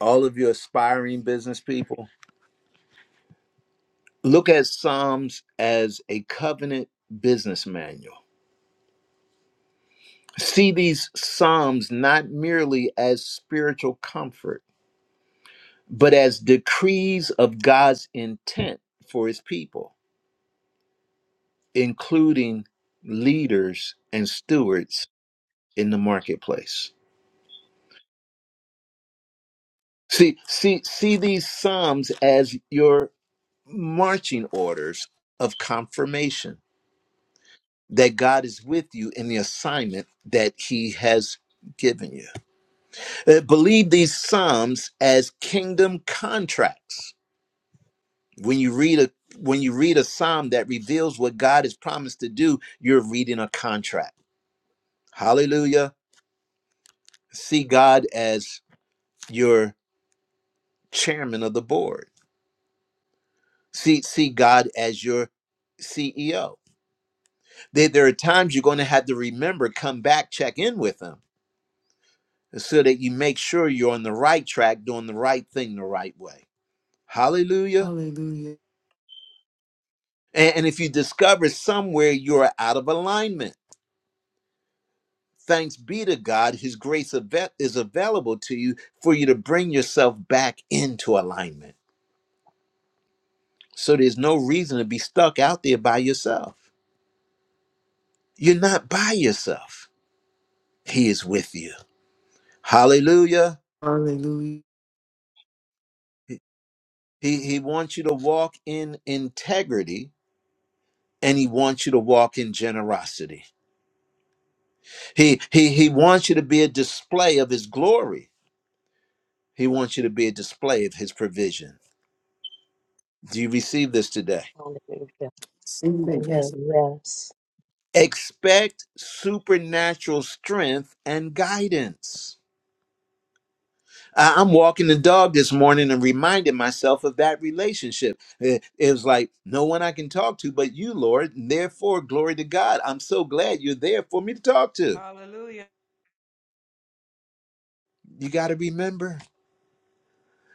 Speaker 1: all of you aspiring business people, look at Psalms as a covenant business manual. See these Psalms not merely as spiritual comfort but as decrees of God's intent for his people, including leaders and stewards in the marketplace. See, see, see these Psalms as your marching orders of confirmation that God is with you in the assignment that he has given you. Uh, believe these Psalms as kingdom contracts when you read a when you read a psalm that reveals what god has promised to do you're reading a contract hallelujah see god as your chairman of the board see see god as your ceo there, there are times you're going to have to remember come back check in with him so that you make sure you're on the right track doing the right thing the right way hallelujah
Speaker 3: Hallelujah,
Speaker 1: and, and if you discover somewhere you're out of alignment Thanks be to God, His grace ava- is available to you for you to bring yourself back into alignment. So there's no reason to be stuck out there by yourself. You're not by yourself, He is with you. Hallelujah.
Speaker 3: hallelujah.
Speaker 1: He, he wants you to walk in integrity and He wants you to walk in generosity. He, he, he wants you to be a display of His glory, He wants you to be a display of His provision. Do you receive this today?
Speaker 2: Hallelujah.
Speaker 3: Sing it, yes.
Speaker 2: Amen. Yes.
Speaker 1: expect supernatural strength and guidance. I- I'm walking the dog this morning and reminded myself of that relationship. It it was like, no one I can talk to but you, Lord. and Therefore, glory to God. I'm so glad you're there for me to talk to.
Speaker 5: Hallelujah.
Speaker 1: You got to remember.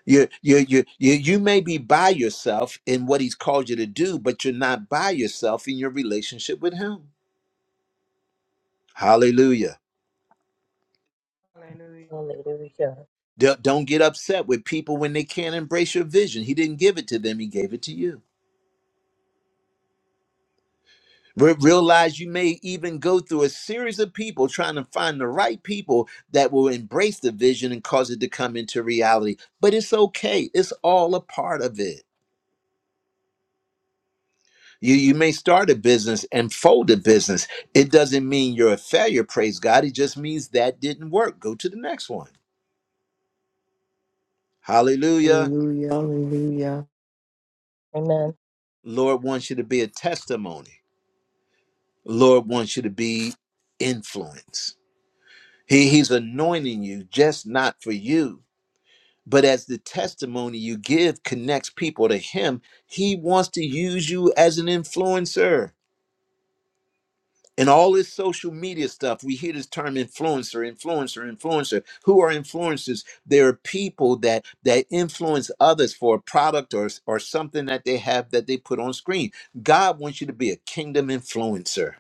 Speaker 1: You, you, you, you, you may be by yourself in what he's called you to do, but you're not by yourself in your relationship with him. Hallelujah.
Speaker 5: Hallelujah.
Speaker 2: Hallelujah.
Speaker 1: Don't don't get upset with people when they can't embrace your vision. He didn't give it to them, he gave it to you. Re- Realize you may even go through a series of people trying to find the right people that will embrace the vision and cause it to come into reality. But it's okay, it's all a part of it. You, you may start a business and fold a business. It doesn't mean you're a failure, praise God. It just means that didn't work. Go to the next one. Hallelujah.
Speaker 3: Hallelujah. Hallelujah.
Speaker 2: Amen.
Speaker 1: Lord wants you to be a testimony Lord wants you to be influence. He, he's anointing you just not for you, but as the testimony you give connects people to Him, He wants to use you as an influencer. And all this social media stuff, we hear this term influencer, influencer, influencer. Who are influencers? There are people that that influence others for a product or, or something that they have that they put on screen. God wants you to be a kingdom influencer.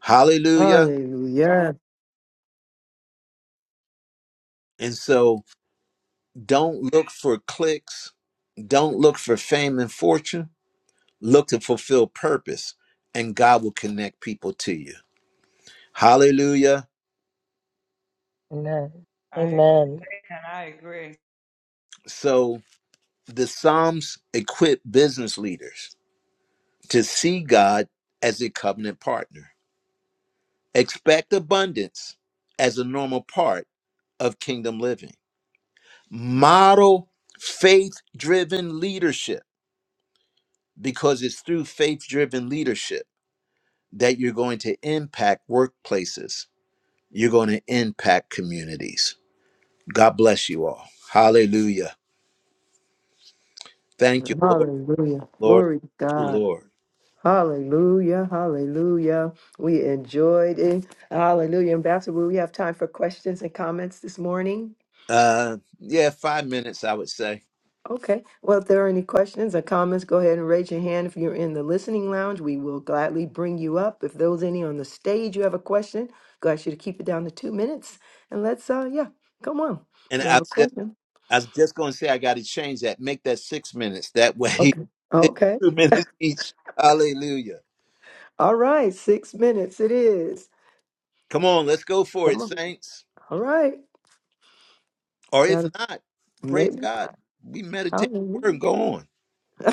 Speaker 1: Hallelujah.
Speaker 3: Hallelujah.
Speaker 1: And so Don't look for clicks. Don't look for fame and fortune. Look to fulfill purpose, and God will connect people to you. Hallelujah.
Speaker 2: Amen.
Speaker 5: I agree,
Speaker 2: Amen.
Speaker 5: and I agree.
Speaker 1: So the Psalms equip business leaders to see God as a covenant partner. Expect abundance as a normal part of kingdom living. Model faith driven leadership because it's through faith driven leadership that you're going to impact workplaces You're going to impact communities. God bless you all. Hallelujah. Thank you, Lord.
Speaker 3: Hallelujah.
Speaker 1: Lord.
Speaker 3: Glory to
Speaker 1: Thank you,
Speaker 3: God.
Speaker 1: Lord.
Speaker 3: Hallelujah. Hallelujah. We enjoyed it. Hallelujah. Ambassador, will we have time for questions and comments this morning?
Speaker 1: Uh, yeah, five minutes, I would say.
Speaker 3: Okay. Well, if there are any questions or comments, go ahead and raise your hand. If you're in the listening lounge, we will gladly bring you up. If those any on the stage, you have a question, go ask you to keep it down to two minutes. And let's uh yeah, come on.
Speaker 1: And
Speaker 3: You
Speaker 1: I
Speaker 3: have a
Speaker 1: just,
Speaker 3: question.
Speaker 1: I was just going to say, I got to change that. Make that six minutes. That way,
Speaker 3: Okay.
Speaker 1: it's
Speaker 3: Okay.
Speaker 1: two minutes each. Hallelujah.
Speaker 3: All right, six minutes it is.
Speaker 1: Come on, let's go for it,
Speaker 3: Come on.
Speaker 1: saints.
Speaker 3: All right.
Speaker 1: Or
Speaker 3: You
Speaker 1: if
Speaker 3: gotta
Speaker 1: not, praise
Speaker 3: maybe
Speaker 1: God. We meditate the word
Speaker 3: hallelujah.
Speaker 1: and go on.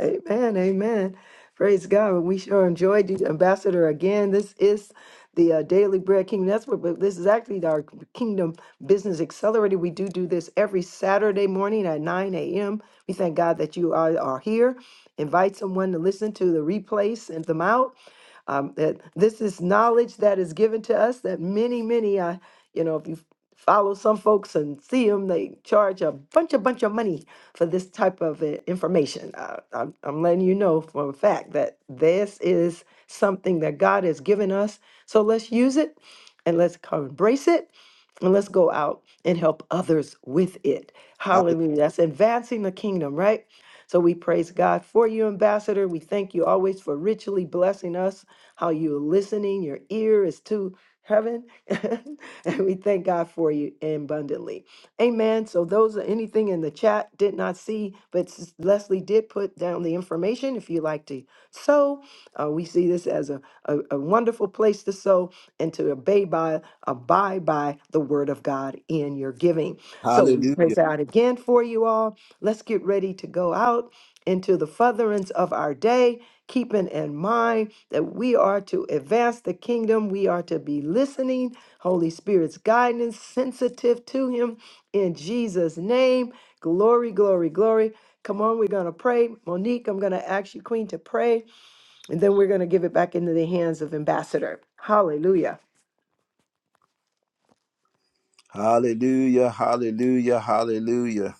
Speaker 3: amen. Amen. Praise God. And we sure enjoyed you, Ambassador again. This is the uh, Daily Bread Kingdom. That's what but this is actually our Kingdom Business Accelerator. We do do this every Saturday morning at 9 a.m. We thank God that you are, are here. Invite someone to listen to the replays, send them out. Um, that this is knowledge that is given to us that many, many, uh, you know, if you follow some folks and see them, they charge a bunch, a bunch of money for this type of uh, information. Uh, I'm, I'm letting you know for a fact that this is something that God has given us. So let's use it and let's come embrace it and let's go out and help others with it.
Speaker 1: Hall-
Speaker 3: Hallelujah. That's advancing the kingdom, right? So we praise God for you, Ambassador. We thank you always for richly blessing us how you're listening. Your ear is to heaven. and we thank God for you abundantly. Amen. So, those are anything in the chat did not see, but Sis- Leslie did put down the information if you like to sow. Uh, we see this as a, a, a wonderful place to sow and to obey by, abide by the word of God in your giving. So, we praise
Speaker 1: Hallelujah.
Speaker 3: God again for you all. Let's get ready to go out into the furtherance of our day, keeping in mind that we are to advance the kingdom. We are to be listening, Holy Spirit's guidance, sensitive to Him in Jesus' name. Glory, glory, glory. Come on, we're going to pray. Monique, I'm going to ask you, Queen, to pray, and then we're going to give it back into the hands of Ambassador. Hallelujah.
Speaker 1: Hallelujah. Hallelujah. Hallelujah.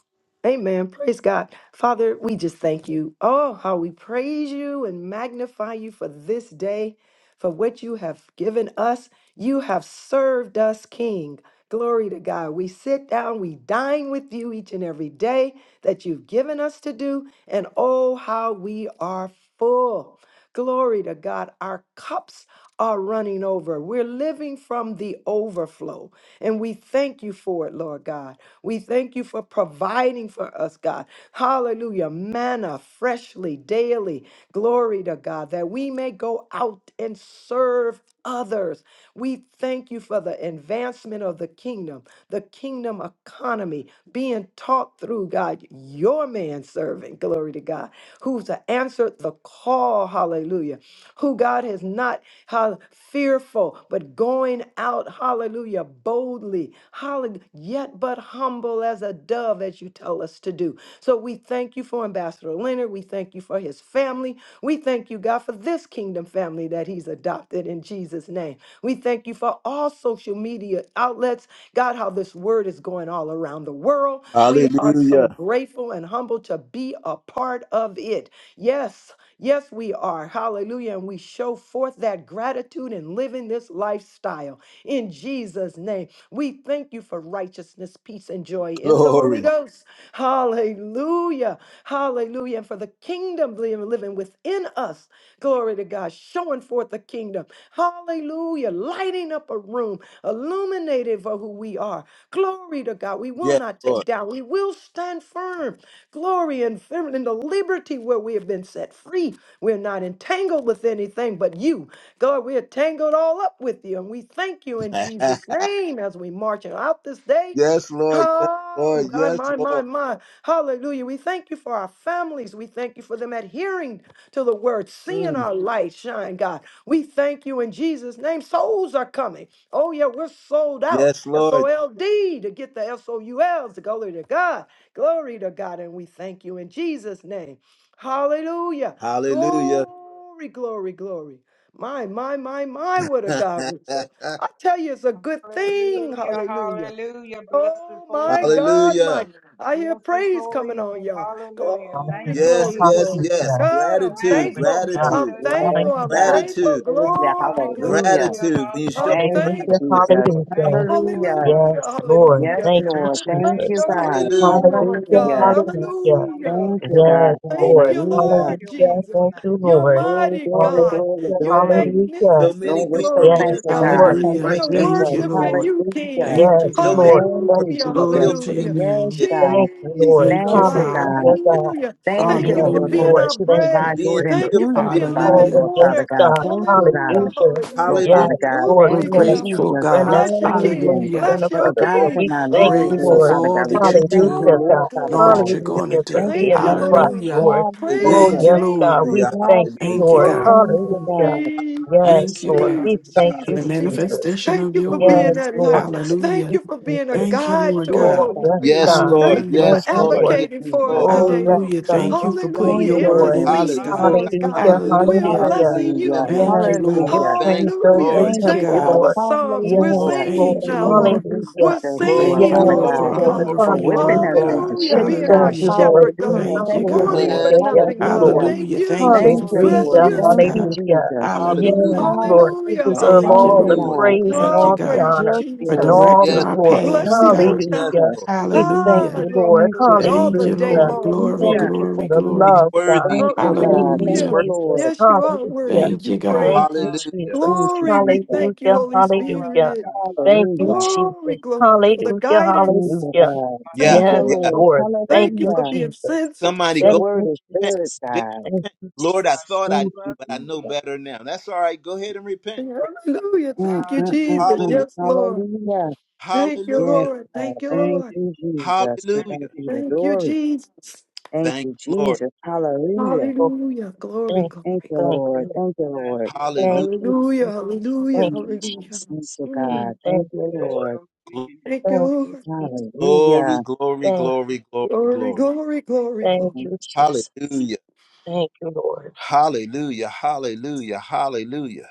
Speaker 3: Amen. Praise God. Father, we just thank you. Oh, how we praise you and magnify you for this day, for what you have given us. You have served us, King. Glory to God. We sit down, we dine with you each and every day that you've given us to do. And oh, how we are full. Glory to God. Our cups are running over. We're living from the overflow. And we thank you for it, Lord God. We thank you for providing for us, God. Hallelujah. Manna freshly, daily. Glory to God that we may go out and serve others. We thank you for the advancement of the kingdom, the kingdom economy being taught through God, your man servant, glory to God, who's answered the call, hallelujah, who God has not how fearful, but going out, hallelujah, boldly, hallelujah, yet but humble as a dove, as you tell us to do. So we thank you for Ambassador Leonard. We thank you for his family. We thank you, God, for this kingdom family that he's adopted in Jesus' name. We thank you for all social media outlets. God, how this word is going all around the world. We are so
Speaker 1: Hallelujah.
Speaker 3: grateful and humbled to be a part of it. Yes, Yes, we are. Hallelujah. And we show forth that gratitude in living this lifestyle. In Jesus' name, we thank you for righteousness, peace, and joy in the Holy
Speaker 1: Glory.
Speaker 3: Ghost. Hallelujah. Hallelujah. And for the kingdom li- living within us. Glory to God. Showing forth the kingdom. Hallelujah. Lighting up a room, illuminated for who we are. Glory to God. We will
Speaker 1: Yes,
Speaker 3: not
Speaker 1: Lord.
Speaker 3: take down. We will stand firm glory and feminine, the liberty where we have been set free. We're not entangled with anything but you. God, we're tangled all up with you. And we thank you in Jesus' name as we march out this day.
Speaker 1: yes, Lord. Yes,
Speaker 3: Oh,
Speaker 1: Lord.
Speaker 3: my,
Speaker 1: Yes,
Speaker 3: my, my,
Speaker 1: Lord.
Speaker 3: my. Hallelujah. We thank you for our families. We thank you for them adhering to the word, seeing
Speaker 1: Mm.
Speaker 3: our light shine, God. We thank you in Jesus' name. Souls are coming. Oh, yeah, we're sold out.
Speaker 1: Yes,
Speaker 3: S O
Speaker 1: Lord.
Speaker 3: L D to get the S O U Ls to go to God. Glory to God, and we thank you in Jesus' name. Hallelujah.
Speaker 1: Hallelujah.
Speaker 3: Glory, glory, glory. My, my, my, my, what a God we serve. I tell you, it's a good thing.
Speaker 5: Hallelujah.
Speaker 3: Hallelujah.
Speaker 5: Hallelujah. Bless his
Speaker 3: Oh
Speaker 5: holy
Speaker 3: my
Speaker 5: name.
Speaker 3: God, my
Speaker 1: Hallelujah.
Speaker 3: God. I hear
Speaker 5: Bless his
Speaker 3: praise
Speaker 5: holy
Speaker 3: coming on,
Speaker 5: name.
Speaker 3: y'all.
Speaker 5: Hallelujah. Thank
Speaker 3: Glory,
Speaker 5: you,
Speaker 2: Hallelujah.
Speaker 1: Yes,
Speaker 3: glory,
Speaker 5: Jesus.
Speaker 1: yes,
Speaker 3: glory to
Speaker 1: yes.
Speaker 2: Hallelujah.
Speaker 3: God. I'm
Speaker 1: Gratitude,
Speaker 5: Thank
Speaker 2: Glory
Speaker 5: you,
Speaker 3: thankful.
Speaker 2: to God.
Speaker 3: I'm
Speaker 1: gratitude,
Speaker 5: Jesus. Thank
Speaker 11: Yes,
Speaker 2: Hallelujah.
Speaker 3: thankful.
Speaker 5: you,
Speaker 3: I'm
Speaker 5: Jesus.
Speaker 11: God.
Speaker 3: grateful.
Speaker 1: gratitude,
Speaker 2: Thank
Speaker 11: Hallelujah.
Speaker 3: Glory, glory,
Speaker 11: Hallelujah.
Speaker 5: Hallelujah.
Speaker 3: glory.
Speaker 1: gratitude. When you
Speaker 2: you.
Speaker 1: show
Speaker 3: I'm
Speaker 5: Hallelujah.
Speaker 11: Thank you,
Speaker 3: thankful
Speaker 2: Hallelujah.
Speaker 3: this
Speaker 1: gratitude,
Speaker 11: Jesus.
Speaker 3: morning.
Speaker 1: show
Speaker 5: Thank
Speaker 2: Hallelujah.
Speaker 5: you, Lord
Speaker 11: Hallelujah.
Speaker 5: God.
Speaker 3: Hallelujah,
Speaker 2: Yes, Lord.
Speaker 11: Yes,
Speaker 3: hallelujah.
Speaker 2: Thank you,
Speaker 3: I
Speaker 11: Lord. Thank
Speaker 3: bless
Speaker 5: Thank
Speaker 11: you,
Speaker 2: Jesus.
Speaker 5: you,
Speaker 3: your
Speaker 5: Lord
Speaker 11: God.
Speaker 5: God.
Speaker 1: Hallelujah.
Speaker 3: name, Lord
Speaker 2: Hallelujah.
Speaker 3: God.
Speaker 11: Hallelujah.
Speaker 5: Bless your
Speaker 2: Hallelujah.
Speaker 5: wonderful
Speaker 3: Hallelujah.
Speaker 11: Thank you,
Speaker 5: name.
Speaker 2: Yes,
Speaker 11: God.
Speaker 3: Thank
Speaker 2: Lord.
Speaker 3: you,
Speaker 5: Bless
Speaker 11: Hallelujah.
Speaker 3: Lord
Speaker 5: your
Speaker 2: Hallelujah.
Speaker 3: Jesus.
Speaker 5: wonderful
Speaker 2: Thank you,
Speaker 5: name.
Speaker 3: You're
Speaker 2: Lord.
Speaker 11: Glory,
Speaker 3: mighty
Speaker 11: glory,
Speaker 3: God.
Speaker 11: glory,
Speaker 2: Hallelujah.
Speaker 3: You're
Speaker 5: Thank
Speaker 11: glory.
Speaker 5: you,
Speaker 2: Hallelujah.
Speaker 1: So
Speaker 5: Jesus.
Speaker 1: many
Speaker 3: magnificent.
Speaker 11: Lord, we're
Speaker 1: people are
Speaker 11: so
Speaker 3: Glory
Speaker 1: getting
Speaker 3: to
Speaker 2: Yes,
Speaker 11: thankful,
Speaker 3: God.
Speaker 11: God.
Speaker 2: Lord.
Speaker 1: deliverance
Speaker 11: Thank
Speaker 4: Hallelujah.
Speaker 3: We
Speaker 11: you,
Speaker 2: Thank
Speaker 1: right
Speaker 3: are
Speaker 1: now.
Speaker 2: you,
Speaker 4: Thank you,
Speaker 11: Jesus.
Speaker 2: Jesus.
Speaker 3: worshiping
Speaker 4: Lord.
Speaker 3: you,
Speaker 11: Hallelujah.
Speaker 3: King.
Speaker 5: Thank
Speaker 4: Thank
Speaker 2: Yes,
Speaker 4: you,
Speaker 5: you,
Speaker 1: So many
Speaker 4: God.
Speaker 2: Lord.
Speaker 5: Jesus.
Speaker 11: Thank
Speaker 1: people are
Speaker 2: Thank
Speaker 11: you,
Speaker 3: Hallelujah.
Speaker 1: being
Speaker 2: you,
Speaker 1: healed
Speaker 4: Glory
Speaker 11: Jesus.
Speaker 4: to
Speaker 2: Jesus.
Speaker 1: right
Speaker 4: your
Speaker 3: Hallelujah.
Speaker 11: Yes,
Speaker 4: name.
Speaker 1: now.
Speaker 11: God.
Speaker 2: Thank you,
Speaker 1: In,
Speaker 3: Jesus,
Speaker 2: Lord.
Speaker 4: Thank
Speaker 3: the
Speaker 4: you,
Speaker 11: Thank
Speaker 5: Glory
Speaker 11: you,
Speaker 3: light.
Speaker 5: to God.
Speaker 4: Father.
Speaker 2: Hallelujah,
Speaker 11: God.
Speaker 5: Glory to
Speaker 2: God.
Speaker 5: God.
Speaker 3: Hallelujah.
Speaker 1: in,
Speaker 5: Glory to
Speaker 3: Thank
Speaker 11: Thank
Speaker 1: in,
Speaker 11: you,
Speaker 5: God.
Speaker 3: you
Speaker 2: Yes,
Speaker 1: in,
Speaker 3: for
Speaker 11: Lord, for
Speaker 3: being
Speaker 4: Hallelujah.
Speaker 11: what
Speaker 2: Lord.
Speaker 3: our
Speaker 11: you
Speaker 2: Thank you,
Speaker 1: they're
Speaker 3: bread.
Speaker 11: provide,
Speaker 1: being
Speaker 11: Lord, and
Speaker 2: Jesus.
Speaker 3: Thank you
Speaker 11: who
Speaker 1: healed.
Speaker 3: for
Speaker 11: you
Speaker 1: They're getting
Speaker 3: being
Speaker 11: provide,
Speaker 3: living
Speaker 2: Oh,
Speaker 11: Lord,
Speaker 4: Hallelujah.
Speaker 1: deliverance
Speaker 2: yes,
Speaker 11: Father
Speaker 3: water.
Speaker 11: God.
Speaker 2: God.
Speaker 11: Thank you, God.
Speaker 3: Hallelujah.
Speaker 2: Hallelujah.
Speaker 11: Lord
Speaker 3: Hallelujah.
Speaker 5: Thank
Speaker 1: Hallelujah.
Speaker 11: Father
Speaker 2: Yes,
Speaker 5: you,
Speaker 11: God.
Speaker 2: Lord,
Speaker 4: We're
Speaker 3: Glory
Speaker 11: Thank
Speaker 2: You
Speaker 3: to
Speaker 2: being
Speaker 5: Jesus.
Speaker 11: you,
Speaker 2: a
Speaker 3: God.
Speaker 2: true
Speaker 4: grateful,
Speaker 11: Jesus.
Speaker 2: friend
Speaker 4: God.
Speaker 2: that's
Speaker 3: Bless your King.
Speaker 11: Hallelujah.
Speaker 2: closer
Speaker 4: Hallelujah.
Speaker 2: than a
Speaker 3: Bless
Speaker 11: For
Speaker 3: your
Speaker 11: the
Speaker 2: brother,
Speaker 11: God
Speaker 2: Lord.
Speaker 3: King.
Speaker 5: Thank
Speaker 11: and
Speaker 2: We
Speaker 5: you,
Speaker 11: our
Speaker 2: thank
Speaker 11: leaders,
Speaker 2: you,
Speaker 5: Jesus.
Speaker 11: Lord
Speaker 4: Grateful for
Speaker 2: Lord.
Speaker 11: Father
Speaker 4: all
Speaker 3: Hallelujah.
Speaker 11: God. We
Speaker 4: that you
Speaker 11: just thank
Speaker 4: do
Speaker 11: you,
Speaker 2: Hallelujah,
Speaker 3: Glory,
Speaker 2: God.
Speaker 11: Lord
Speaker 4: and
Speaker 11: Father
Speaker 3: glory,
Speaker 4: all
Speaker 11: God.
Speaker 4: that you're
Speaker 1: Yeah,
Speaker 3: glory.
Speaker 4: going to
Speaker 2: Hallelujah for
Speaker 11: Thank
Speaker 4: do.
Speaker 11: you,
Speaker 3: Thank
Speaker 2: being
Speaker 3: you,
Speaker 2: that
Speaker 11: Jesus.
Speaker 2: rock,
Speaker 3: Lord.
Speaker 4: Hallelujah.
Speaker 2: Lord.
Speaker 1: Hallelujah.
Speaker 3: Praise
Speaker 2: Oh,
Speaker 3: your
Speaker 11: Hallelujah.
Speaker 4: Thank you,
Speaker 2: yes,
Speaker 3: name,
Speaker 4: Lord.
Speaker 2: God.
Speaker 5: Hallelujah.
Speaker 2: We
Speaker 1: Hallelujah.
Speaker 3: Lord.
Speaker 2: thank you,
Speaker 4: Thank you,
Speaker 2: Lord.
Speaker 11: Hallelujah.
Speaker 4: God.
Speaker 11: Thank you,
Speaker 2: Hallelujah.
Speaker 11: God.
Speaker 3: Glory.
Speaker 1: Hallelujah.
Speaker 2: Yes,
Speaker 4: Thank you,
Speaker 5: Hallelujah.
Speaker 2: Lord.
Speaker 1: Hallelujah.
Speaker 4: God,
Speaker 2: We
Speaker 5: Hallelujah.
Speaker 3: Jesus,
Speaker 2: thank
Speaker 4: for
Speaker 2: you,
Speaker 4: the
Speaker 3: Jesus,
Speaker 1: Hallelujah.
Speaker 3: Jesus.
Speaker 2: Jesus.
Speaker 4: manifestation
Speaker 3: Thank
Speaker 4: of
Speaker 3: you
Speaker 4: your
Speaker 3: for being
Speaker 2: Yes,
Speaker 4: word.
Speaker 3: that
Speaker 2: Lord.
Speaker 3: light. Thank
Speaker 4: Hallelujah.
Speaker 2: Thank
Speaker 3: you for
Speaker 2: you,
Speaker 3: being a
Speaker 2: Jesus.
Speaker 4: Thank you,
Speaker 3: guide
Speaker 4: Lord
Speaker 3: to us,
Speaker 11: Yes,
Speaker 2: Oh,
Speaker 4: God.
Speaker 5: Thank
Speaker 3: Holy
Speaker 5: you,
Speaker 2: yes,
Speaker 11: Father.
Speaker 3: Spirit.
Speaker 1: Yes,
Speaker 2: God.
Speaker 5: Jesus.
Speaker 2: We
Speaker 1: Lord.
Speaker 3: Thank you
Speaker 4: Hallelujah.
Speaker 3: for
Speaker 2: thank
Speaker 1: Yes,
Speaker 2: you,
Speaker 11: Thank
Speaker 1: Lord.
Speaker 2: Lord.
Speaker 1: Yes,
Speaker 11: you,
Speaker 3: advocating for
Speaker 11: Jesus.
Speaker 3: us
Speaker 1: Lord.
Speaker 2: Oh,
Speaker 3: today,
Speaker 2: yes,
Speaker 3: Lord.
Speaker 4: Hallelujah.
Speaker 2: God.
Speaker 4: Thank
Speaker 5: Hallelujah.
Speaker 2: We
Speaker 4: you for
Speaker 2: thank
Speaker 4: putting
Speaker 11: Thank
Speaker 3: Hallelujah.
Speaker 4: your
Speaker 2: you,
Speaker 11: you,
Speaker 4: word
Speaker 2: Lord.
Speaker 4: in
Speaker 11: Lord.
Speaker 4: us,
Speaker 3: Interceding for
Speaker 4: God.
Speaker 1: Hallelujah.
Speaker 3: us, God.
Speaker 2: Hallelujah.
Speaker 5: Hallelujah.
Speaker 1: Hallelujah.
Speaker 3: We are
Speaker 4: Hallelujah.
Speaker 2: Hallelujah.
Speaker 3: blessing
Speaker 1: Hallelujah.
Speaker 3: you,
Speaker 11: Hallelujah.
Speaker 3: God.
Speaker 4: Thank
Speaker 2: Yes,
Speaker 4: you,
Speaker 2: for your
Speaker 4: Lord.
Speaker 11: Hallelujah.
Speaker 2: train
Speaker 1: Thank
Speaker 5: Hallelujah.
Speaker 1: the
Speaker 2: fills
Speaker 3: Hallelujah.
Speaker 2: the
Speaker 1: Lord.
Speaker 4: Thank
Speaker 11: Thank
Speaker 1: Thank
Speaker 4: you,
Speaker 11: you,
Speaker 3: Thank
Speaker 2: temple,
Speaker 3: you
Speaker 1: the
Speaker 3: for
Speaker 11: God.
Speaker 4: God.
Speaker 3: the
Speaker 1: Lord.
Speaker 2: Lord.
Speaker 3: Psalms.
Speaker 1: The
Speaker 3: We're
Speaker 2: Yes,
Speaker 1: Lord.
Speaker 11: Hallelujah.
Speaker 3: singing
Speaker 4: Thank
Speaker 2: Lord.
Speaker 4: you,
Speaker 3: now,
Speaker 11: Thank
Speaker 4: Lord.
Speaker 3: Lord.
Speaker 11: you,
Speaker 2: Hallelujah.
Speaker 3: We're
Speaker 11: Jesus,
Speaker 4: We
Speaker 11: Lord
Speaker 4: thank you,
Speaker 3: singing,
Speaker 1: Glory,
Speaker 11: Father
Speaker 2: Yes,
Speaker 4: Lord,
Speaker 3: glory
Speaker 4: for
Speaker 3: to
Speaker 11: God,
Speaker 4: a
Speaker 1: glory,
Speaker 2: Lord.
Speaker 3: God.
Speaker 1: glory,
Speaker 4: hunger for
Speaker 11: for
Speaker 4: your
Speaker 1: glory,
Speaker 2: Hallelujah.
Speaker 11: whipping
Speaker 4: word,
Speaker 11: us
Speaker 1: glory.
Speaker 11: into
Speaker 4: God.
Speaker 3: Hallelujah.
Speaker 2: We
Speaker 5: Glory,
Speaker 11: shape,
Speaker 3: Being
Speaker 2: thank
Speaker 3: our
Speaker 11: God.
Speaker 5: glory,
Speaker 2: you,
Speaker 4: Hallelujah.
Speaker 2: Lord.
Speaker 5: glory.
Speaker 3: shepherd, God.
Speaker 11: Hallelujah.
Speaker 4: Thank you,
Speaker 11: Thank you,
Speaker 4: God.
Speaker 3: Wanting
Speaker 2: Hallelujah.
Speaker 11: Lord.
Speaker 3: for
Speaker 1: Bless the
Speaker 2: Yes,
Speaker 3: nothing, God.
Speaker 2: Lord.
Speaker 11: Hallelujah.
Speaker 1: wonderful
Speaker 3: Thank
Speaker 4: Hallelujah. Thank
Speaker 3: you.
Speaker 4: you
Speaker 1: Jesus.
Speaker 11: Thank
Speaker 4: for
Speaker 5: Glory,
Speaker 11: you,
Speaker 3: Bless
Speaker 11: Lord.
Speaker 2: Hallelujah.
Speaker 4: feeding
Speaker 5: glory,
Speaker 4: us,
Speaker 3: you,
Speaker 11: Thank
Speaker 5: glory.
Speaker 11: you,
Speaker 3: God.
Speaker 4: God.
Speaker 2: Hallelujah.
Speaker 11: Jesus.
Speaker 1: Hallelujah.
Speaker 2: Yes,
Speaker 4: Hallelujah.
Speaker 2: Lord. You
Speaker 3: Hallelujah,
Speaker 11: Hallelujah.
Speaker 1: Hallelujah.
Speaker 2: deserve
Speaker 4: Thank
Speaker 11: Thank
Speaker 4: you,
Speaker 2: all
Speaker 11: you,
Speaker 2: the
Speaker 3: hallelujah.
Speaker 1: Hallelujah.
Speaker 4: Lord.
Speaker 11: God.
Speaker 2: praise and
Speaker 4: Thank
Speaker 5: Thank
Speaker 4: you,
Speaker 3: Oh,
Speaker 2: all
Speaker 5: you,
Speaker 2: the
Speaker 4: God,
Speaker 3: praise you,
Speaker 5: Jesus.
Speaker 2: honor
Speaker 11: Yes,
Speaker 4: for
Speaker 2: and
Speaker 11: Lord.
Speaker 3: Jesus.
Speaker 2: all
Speaker 4: directing
Speaker 2: the
Speaker 1: Yes,
Speaker 4: our
Speaker 3: We
Speaker 1: Lord.
Speaker 2: glory.
Speaker 3: bless
Speaker 4: paths,
Speaker 11: Thank you,
Speaker 1: Lord.
Speaker 3: you,
Speaker 4: God.
Speaker 1: Yes,
Speaker 3: God.
Speaker 2: Hallelujah.
Speaker 11: Jesus.
Speaker 1: Lord.
Speaker 2: We thank
Speaker 3: Ah,
Speaker 4: Hallelujah.
Speaker 2: you,
Speaker 5: Thank
Speaker 3: glory,
Speaker 2: Lord.
Speaker 5: you,
Speaker 11: Thank you,
Speaker 3: glory, all
Speaker 5: Jesus.
Speaker 3: the
Speaker 4: Thank
Speaker 11: Jesus.
Speaker 4: you,
Speaker 5: Thank
Speaker 3: day
Speaker 5: you,
Speaker 2: Hallelujah.
Speaker 4: Lord.
Speaker 3: long.
Speaker 5: Jesus.
Speaker 4: Glory,
Speaker 3: Glory
Speaker 11: Hallelujah.
Speaker 2: Thank
Speaker 3: to
Speaker 2: you for
Speaker 4: glory,
Speaker 2: the
Speaker 1: He's
Speaker 4: glory.
Speaker 2: love, God.
Speaker 1: worthy.
Speaker 11: Thank
Speaker 1: He's
Speaker 11: you,
Speaker 1: worthy.
Speaker 2: Thank
Speaker 11: God.
Speaker 2: you,
Speaker 1: He's
Speaker 11: Thank you,
Speaker 3: Hallelujah.
Speaker 4: Hallelujah.
Speaker 1: worthy.
Speaker 2: Jesus.
Speaker 11: Lord.
Speaker 3: Yes, you are
Speaker 2: Hallelujah.
Speaker 3: worthy to
Speaker 4: Thank
Speaker 3: be
Speaker 4: you, God.
Speaker 2: Thank
Speaker 3: praised.
Speaker 2: you,
Speaker 5: Hallelujah.
Speaker 1: Hallelujah.
Speaker 11: Thank
Speaker 2: Jesus.
Speaker 11: you,
Speaker 3: Glory, we
Speaker 11: Jesus.
Speaker 3: thank you,
Speaker 2: Hallelujah.
Speaker 5: My
Speaker 3: Holy
Speaker 5: soul loves you,
Speaker 2: Hallelujah.
Speaker 3: Spirit.
Speaker 5: God.
Speaker 2: Thank you,
Speaker 11: Hallelujah.
Speaker 5: Hallelujah.
Speaker 3: Glory,
Speaker 2: Jesus.
Speaker 3: glory, for the
Speaker 2: Hallelujah.
Speaker 11: Thank
Speaker 3: guidance.
Speaker 11: you,
Speaker 2: Hallelujah.
Speaker 11: God.
Speaker 5: My
Speaker 1: Yeah,
Speaker 11: Thank
Speaker 3: Thank
Speaker 11: you,
Speaker 2: Yes,
Speaker 5: soul loves
Speaker 1: yeah.
Speaker 5: you,
Speaker 11: Lord.
Speaker 3: you.
Speaker 2: Lord.
Speaker 5: Jesus.
Speaker 2: Thank
Speaker 3: Thank you
Speaker 2: you,
Speaker 3: for
Speaker 11: Hallelujah.
Speaker 3: being
Speaker 2: Jesus.
Speaker 3: sensitive.
Speaker 1: Somebody
Speaker 11: Your
Speaker 1: go
Speaker 2: Thank
Speaker 11: word
Speaker 2: you,
Speaker 11: is
Speaker 1: repent.
Speaker 11: good,
Speaker 2: Jesus.
Speaker 1: Just
Speaker 11: God.
Speaker 2: Thank
Speaker 1: repent.
Speaker 2: you,
Speaker 1: Lord, I
Speaker 5: My
Speaker 2: Jesus.
Speaker 1: thought I
Speaker 5: soul
Speaker 1: knew,
Speaker 11: Thank you,
Speaker 5: loves
Speaker 1: but
Speaker 5: you,
Speaker 1: I know
Speaker 11: Jesus.
Speaker 5: Jesus.
Speaker 1: better now. That's all right. Go ahead and repent. Praise-
Speaker 3: Hallelujah.
Speaker 11: Mm,
Speaker 3: Thank you,
Speaker 11: mm, mm,
Speaker 3: Jesus.
Speaker 5: Hallelujah.
Speaker 11: mm.
Speaker 3: Yes,
Speaker 1: Hallelujah.
Speaker 3: Lord.
Speaker 11: Hallelujah.
Speaker 3: Thank you,
Speaker 11: Yes,
Speaker 1: Hallelujah.
Speaker 3: Lord.
Speaker 11: God.
Speaker 3: Thank you,
Speaker 5: Thank
Speaker 11: Thank
Speaker 3: Lord.
Speaker 5: you,
Speaker 11: you,
Speaker 5: Jesus.
Speaker 11: Jesus. To
Speaker 5: Thank
Speaker 11: God
Speaker 1: Hallelujah.
Speaker 5: you,
Speaker 11: be the
Speaker 3: Thank you,
Speaker 11: glory.
Speaker 5: Jesus.
Speaker 3: Jesus.
Speaker 11: Thank
Speaker 1: Thank
Speaker 11: you,
Speaker 1: you, Lord.
Speaker 5: Bless
Speaker 11: Jesus.
Speaker 5: your holy
Speaker 11: Hallelujah.
Speaker 5: name.
Speaker 2: Oh,
Speaker 3: Hallelujah. Glory,
Speaker 2: thank you.
Speaker 11: Thank
Speaker 3: glory, glory.
Speaker 11: you,
Speaker 2: Thank you.
Speaker 11: Lord.
Speaker 2: Lord.
Speaker 11: Thank you,
Speaker 5: Bless
Speaker 11: Lord.
Speaker 5: your
Speaker 2: Thank
Speaker 5: holy
Speaker 1: Hallelujah.
Speaker 2: you,
Speaker 5: name.
Speaker 3: Hallelujah.
Speaker 2: Jesus.
Speaker 3: Hallelujah.
Speaker 2: Thank you,
Speaker 11: Mm.
Speaker 3: Hallelujah.
Speaker 11: Thank
Speaker 2: Jesus.
Speaker 11: you, God.
Speaker 3: Mm.
Speaker 2: Thank
Speaker 11: Thank you,
Speaker 2: you, Lord.
Speaker 5: Bless
Speaker 11: Lord.
Speaker 5: your holy
Speaker 1: Mm.
Speaker 5: name.
Speaker 3: Thank you,
Speaker 2: Thank you,
Speaker 3: Lord.
Speaker 2: Jesus.
Speaker 1: Glory,
Speaker 11: Hallelujah.
Speaker 1: glory,
Speaker 2: Thank you.
Speaker 1: glory, glory,
Speaker 3: Glory,
Speaker 1: glory.
Speaker 3: glory, glory,
Speaker 2: Thank
Speaker 3: glory.
Speaker 2: you,
Speaker 11: It's
Speaker 2: Jesus.
Speaker 1: Hallelujah.
Speaker 2: Thank you, Lord.
Speaker 1: Hallelujah. Hallelujah. Hallelujah.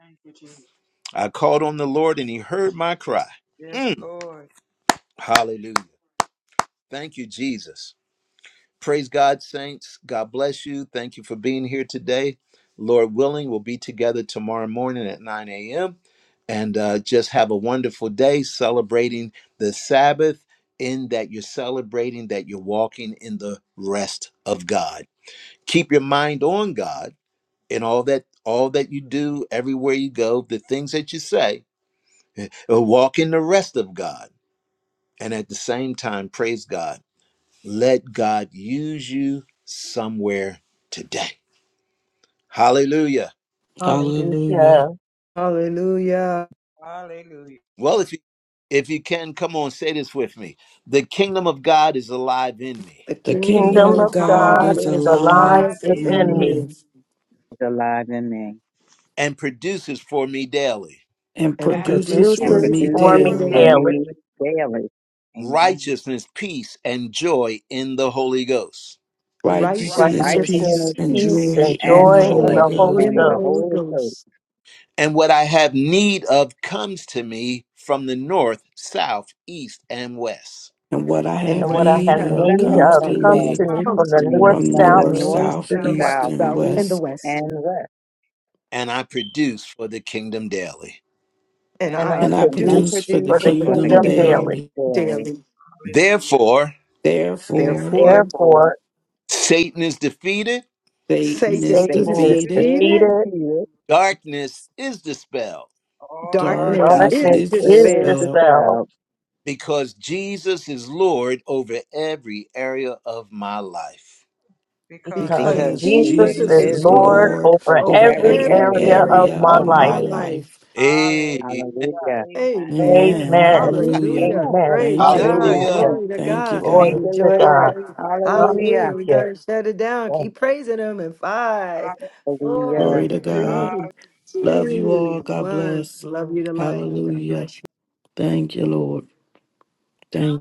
Speaker 5: Thank you, Jesus.
Speaker 1: I called on the Lord and he heard my cry.
Speaker 5: Yes,
Speaker 1: Mm.
Speaker 5: Lord.
Speaker 1: Hallelujah. Thank you, Jesus. Praise God, saints. God bless you. Thank you for being here today. Lord willing, we'll be together tomorrow morning at 9 a.m. And uh, just have a wonderful day celebrating the Sabbath, in that you're celebrating that you're walking in the rest of God. Keep your mind on God in all that all that you do, everywhere you go, the things that you say. Uh, Walk in the rest of God, and at the same time, praise God let God use you somewhere today. Hallelujah.
Speaker 4: Hallelujah.
Speaker 2: Hallelujah.
Speaker 3: Hallelujah.
Speaker 5: Hallelujah.
Speaker 1: Well, if you if you can come on say this with me. The kingdom of God is alive in me
Speaker 3: The
Speaker 4: The
Speaker 5: The
Speaker 3: kingdom
Speaker 4: kingdom
Speaker 5: kingdom
Speaker 2: Kingdom
Speaker 3: of
Speaker 4: of
Speaker 2: of
Speaker 5: of
Speaker 4: God
Speaker 5: God
Speaker 2: God
Speaker 4: is
Speaker 3: God
Speaker 5: is
Speaker 2: is
Speaker 3: is
Speaker 2: alive
Speaker 4: alive
Speaker 3: alive
Speaker 5: alive in
Speaker 3: within
Speaker 4: in
Speaker 2: within me.
Speaker 5: me
Speaker 4: me
Speaker 3: me
Speaker 11: alive in me
Speaker 1: and produces for me daily
Speaker 4: and
Speaker 3: and
Speaker 2: and
Speaker 5: and
Speaker 4: produces
Speaker 11: and
Speaker 4: for
Speaker 3: produces
Speaker 2: produces
Speaker 5: produces
Speaker 4: me
Speaker 3: for
Speaker 2: for
Speaker 3: me
Speaker 11: produces
Speaker 5: for
Speaker 2: me
Speaker 11: for
Speaker 5: me
Speaker 4: daily
Speaker 3: daily
Speaker 2: daily
Speaker 11: me
Speaker 5: daily
Speaker 11: daily. Amen.
Speaker 1: righteousness, peace and joy in the Holy Ghost.
Speaker 4: righteousness,
Speaker 5: righteousness,
Speaker 3: righteousness,
Speaker 2: righteousness,
Speaker 4: peace,
Speaker 11: Righteousness,
Speaker 5: peace,
Speaker 4: and
Speaker 5: and
Speaker 2: peace,
Speaker 11: peace,
Speaker 3: peace,
Speaker 2: and
Speaker 4: joy in
Speaker 11: and
Speaker 3: and
Speaker 4: the
Speaker 5: joy
Speaker 2: joy in
Speaker 5: in
Speaker 4: Holy
Speaker 11: joy
Speaker 2: the
Speaker 5: the
Speaker 3: joy
Speaker 2: Holy
Speaker 4: Ghost.
Speaker 3: in
Speaker 5: Holy
Speaker 11: in
Speaker 3: the
Speaker 11: the
Speaker 2: Ghost.
Speaker 3: Holy
Speaker 11: Holy Ghost.
Speaker 3: Ghost.
Speaker 1: And what
Speaker 5: Ghost.
Speaker 1: I have need of comes to me from the north, south, east and west,
Speaker 4: And what I
Speaker 5: And
Speaker 3: And
Speaker 5: what
Speaker 4: have
Speaker 2: And
Speaker 3: what
Speaker 5: I
Speaker 2: what I
Speaker 5: have
Speaker 3: I
Speaker 4: need
Speaker 2: have
Speaker 11: And
Speaker 3: have
Speaker 11: what I
Speaker 4: of
Speaker 5: need
Speaker 2: need
Speaker 5: of.
Speaker 11: have
Speaker 3: need
Speaker 4: comes
Speaker 2: of
Speaker 4: to
Speaker 11: need
Speaker 3: of
Speaker 2: comes
Speaker 11: of
Speaker 2: to
Speaker 4: me
Speaker 2: me
Speaker 5: comes
Speaker 11: comes
Speaker 2: from
Speaker 3: comes
Speaker 5: to
Speaker 11: to
Speaker 3: to
Speaker 2: the
Speaker 5: me
Speaker 11: me
Speaker 3: me
Speaker 2: north,
Speaker 4: from
Speaker 3: from
Speaker 11: from
Speaker 3: the
Speaker 11: the
Speaker 5: from
Speaker 2: south,
Speaker 5: the
Speaker 4: north,
Speaker 11: north,
Speaker 3: north,
Speaker 5: north,
Speaker 2: east,
Speaker 4: south,
Speaker 3: the
Speaker 2: and the
Speaker 5: south,
Speaker 3: east,
Speaker 2: west,
Speaker 5: the
Speaker 4: east,
Speaker 3: the
Speaker 11: south,
Speaker 4: and
Speaker 5: east,
Speaker 3: south,
Speaker 5: and
Speaker 3: and
Speaker 11: east,
Speaker 4: west.
Speaker 3: the
Speaker 5: the west,
Speaker 3: west.
Speaker 11: and west.
Speaker 1: and I produce for the kingdom daily.
Speaker 3: and
Speaker 5: and
Speaker 2: and
Speaker 5: I
Speaker 3: I
Speaker 2: I
Speaker 4: and I
Speaker 11: And
Speaker 5: produce
Speaker 11: I
Speaker 2: produce
Speaker 4: produce
Speaker 3: produce
Speaker 5: for
Speaker 4: for
Speaker 5: the
Speaker 4: the
Speaker 11: produce
Speaker 2: for
Speaker 3: for
Speaker 2: the
Speaker 3: the
Speaker 11: for
Speaker 5: kingdom
Speaker 11: the
Speaker 4: kingdom
Speaker 2: kingdom
Speaker 3: kingdom
Speaker 5: there.
Speaker 11: kingdom
Speaker 2: daily.
Speaker 4: daily.
Speaker 11: daily.
Speaker 3: daily.
Speaker 5: Hallelujah.
Speaker 1: Therefore,
Speaker 4: Therefore,
Speaker 5: Therefore,
Speaker 3: Therefore,
Speaker 11: Therefore,
Speaker 2: Therefore,
Speaker 1: Satan is defeated
Speaker 4: Satan
Speaker 3: Satan
Speaker 4: is
Speaker 5: Satan
Speaker 3: is
Speaker 2: Satan
Speaker 5: is
Speaker 11: Satan
Speaker 2: is
Speaker 4: defeated,
Speaker 11: is
Speaker 5: defeated.
Speaker 3: defeated,
Speaker 2: defeated,
Speaker 11: defeated.
Speaker 1: Darkness is dispelled
Speaker 5: All darkness
Speaker 3: darkness
Speaker 5: is
Speaker 4: darkness
Speaker 2: darkness
Speaker 3: is
Speaker 11: Darkness
Speaker 4: is
Speaker 2: is
Speaker 5: dispelled
Speaker 11: is
Speaker 3: dispelled,
Speaker 4: dispelled,
Speaker 11: dispelled
Speaker 2: dispelled,
Speaker 1: because Jesus is Lord over every area of my life.
Speaker 5: because
Speaker 2: because
Speaker 3: because
Speaker 11: because
Speaker 4: because
Speaker 5: Jesus
Speaker 2: Jesus
Speaker 11: Jesus
Speaker 3: Jesus
Speaker 4: Jesus
Speaker 5: is
Speaker 2: is
Speaker 3: is
Speaker 11: is
Speaker 4: is
Speaker 5: Lord
Speaker 2: Lord
Speaker 11: Lord
Speaker 3: Lord
Speaker 4: Lord
Speaker 2: over
Speaker 11: over
Speaker 3: over
Speaker 4: over
Speaker 5: over
Speaker 11: every
Speaker 2: every
Speaker 4: every
Speaker 3: every
Speaker 5: every
Speaker 11: area
Speaker 2: area
Speaker 5: area
Speaker 2: of
Speaker 5: of
Speaker 3: area
Speaker 4: area
Speaker 5: my
Speaker 2: my
Speaker 4: of
Speaker 11: of
Speaker 3: of
Speaker 5: life.
Speaker 2: life.
Speaker 3: my
Speaker 11: my
Speaker 4: my
Speaker 11: life.
Speaker 3: life.
Speaker 4: life.
Speaker 1: Hey,
Speaker 5: Hallelujah.
Speaker 11: Hallelujah.
Speaker 5: Amen.
Speaker 3: Amen.
Speaker 4: Amen.
Speaker 2: Amen.
Speaker 4: Hallelujah.
Speaker 3: Hallelujah.
Speaker 11: Hallelujah.
Speaker 2: Amen.
Speaker 3: Praise
Speaker 4: Thank
Speaker 5: Blessings
Speaker 4: you,
Speaker 5: to
Speaker 2: Hallelujah.
Speaker 5: you
Speaker 3: God.
Speaker 4: Lord.
Speaker 1: hallelujah.
Speaker 11: Amen.
Speaker 5: all.
Speaker 3: Glory to
Speaker 4: Thank you,
Speaker 3: God.
Speaker 2: Glory
Speaker 11: Thank
Speaker 4: God.
Speaker 11: you,
Speaker 2: to
Speaker 3: Enjoy your
Speaker 2: God.
Speaker 11: Lord.
Speaker 3: day.
Speaker 5: Hallelujah.
Speaker 11: Hallelujah.
Speaker 3: Hallelujah. We
Speaker 2: Hallelujah.
Speaker 3: got to shut it down.
Speaker 2: Thank
Speaker 3: Keep praising Him in five,
Speaker 11: Hallelujah.
Speaker 3: four,
Speaker 4: Glory to
Speaker 3: three,
Speaker 4: God.
Speaker 5: Hallelujah.
Speaker 4: Love you
Speaker 3: two,
Speaker 4: all. God
Speaker 3: one.
Speaker 4: bless.
Speaker 3: Love you to life. God
Speaker 4: Hallelujah.
Speaker 3: bless you.
Speaker 4: Thank you, Lord. Thank